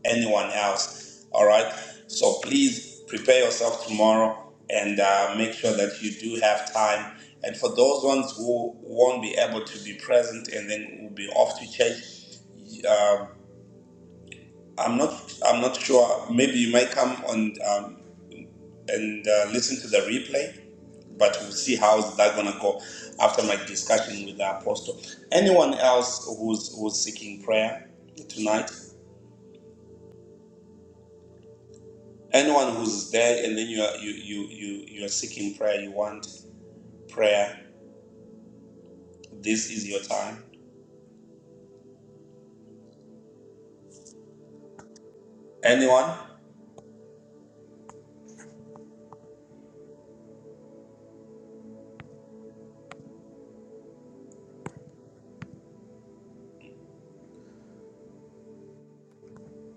Speaker 1: anyone else. All right. So please prepare yourself tomorrow and uh, make sure that you do have time. And for those ones who won't be able to be present and then will be off to church I'm not. I'm not sure. Maybe you might come on um, and uh, listen to the replay, but we'll see how's that gonna go after my discussion with the apostle. Anyone else who's who's seeking prayer tonight? Anyone who's there and then you are, you you you you are seeking prayer. You want prayer. This is your time. Anyone?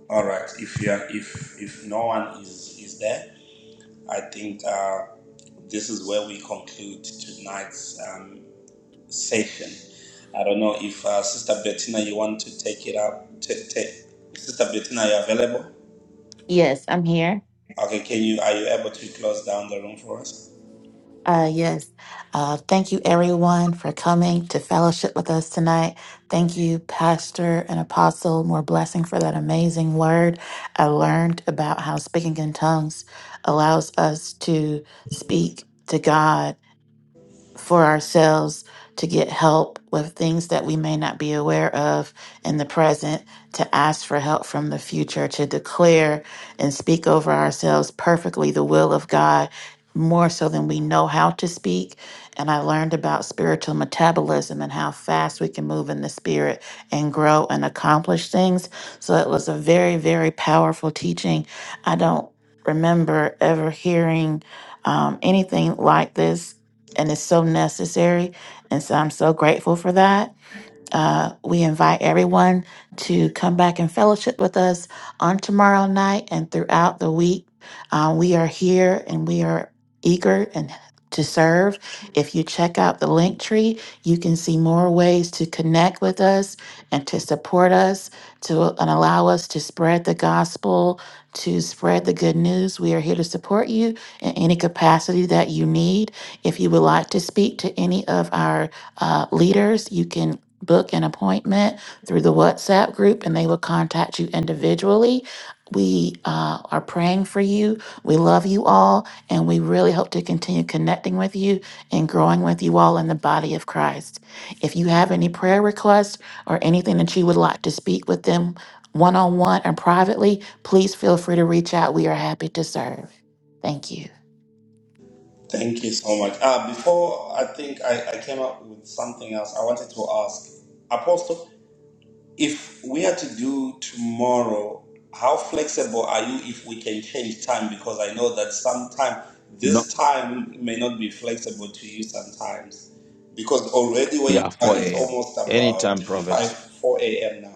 Speaker 1: All right. If you are, if if no one is is there, I think uh, this is where we conclude tonight's. um, session. I don't know if uh, Sister Bettina, you want to take it up. T- take Sister Bettina, are you available?
Speaker 4: Yes, I'm here.
Speaker 1: Okay, can you are you able to close down the room for us?
Speaker 4: Uh, yes. Uh, thank you, everyone, for coming to fellowship with us tonight. Thank you, Pastor and Apostle. More blessing for that amazing word. I learned about how speaking in tongues allows us to speak to God for ourselves to get help with things that we may not be aware of in the present, to ask for help from the future, to declare and speak over ourselves perfectly the will of God more so than we know how to speak. And I learned about spiritual metabolism and how fast we can move in the spirit and grow and accomplish things. So it was a very, very powerful teaching. I don't remember ever hearing um, anything like this and it's so necessary. And so I'm so grateful for that. Uh, we invite everyone to come back and fellowship with us on tomorrow night and throughout the week. Uh, we are here and we are eager and to serve. If you check out the link tree, you can see more ways to connect with us and to support us, to and allow us to spread the gospel, to spread the good news. We are here to support you in any capacity that you need. If you would like to speak to any of our uh, leaders, you can book an appointment through the WhatsApp group and they will contact you individually. We uh, are praying for you. We love you all, and we really hope to continue connecting with you and growing with you all in the body of Christ. If you have any prayer requests or anything that you would like to speak with them one on one or privately, please feel free to reach out. We are happy to serve. Thank you.
Speaker 1: Thank you so much. Ah, before I think I, I came up with something else. I wanted to ask Apostle. If we are to do tomorrow, how flexible are you if we can change time? Because I know that sometime
Speaker 6: No,
Speaker 1: this time may not be flexible to you sometimes. Because already where you
Speaker 6: yeah,
Speaker 1: are,
Speaker 6: 4
Speaker 1: it's
Speaker 6: a.m.
Speaker 1: almost about
Speaker 6: Anytime,
Speaker 1: 5,
Speaker 6: prophet.
Speaker 1: 4 a.m. now.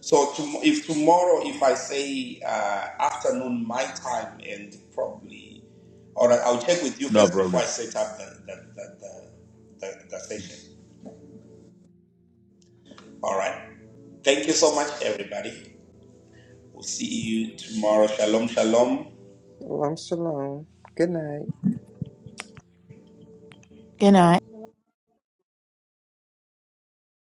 Speaker 1: So tom- if tomorrow, if I say uh, afternoon my time and probably, all right, I'll check with you
Speaker 6: No
Speaker 1: first
Speaker 6: problem.
Speaker 1: before I set up the, the, the, the, the, the session. All right. Thank you so much, everybody. We'll see you tomorrow. Shalom, shalom.
Speaker 2: Shalom, shalom. Good night.
Speaker 4: Good night.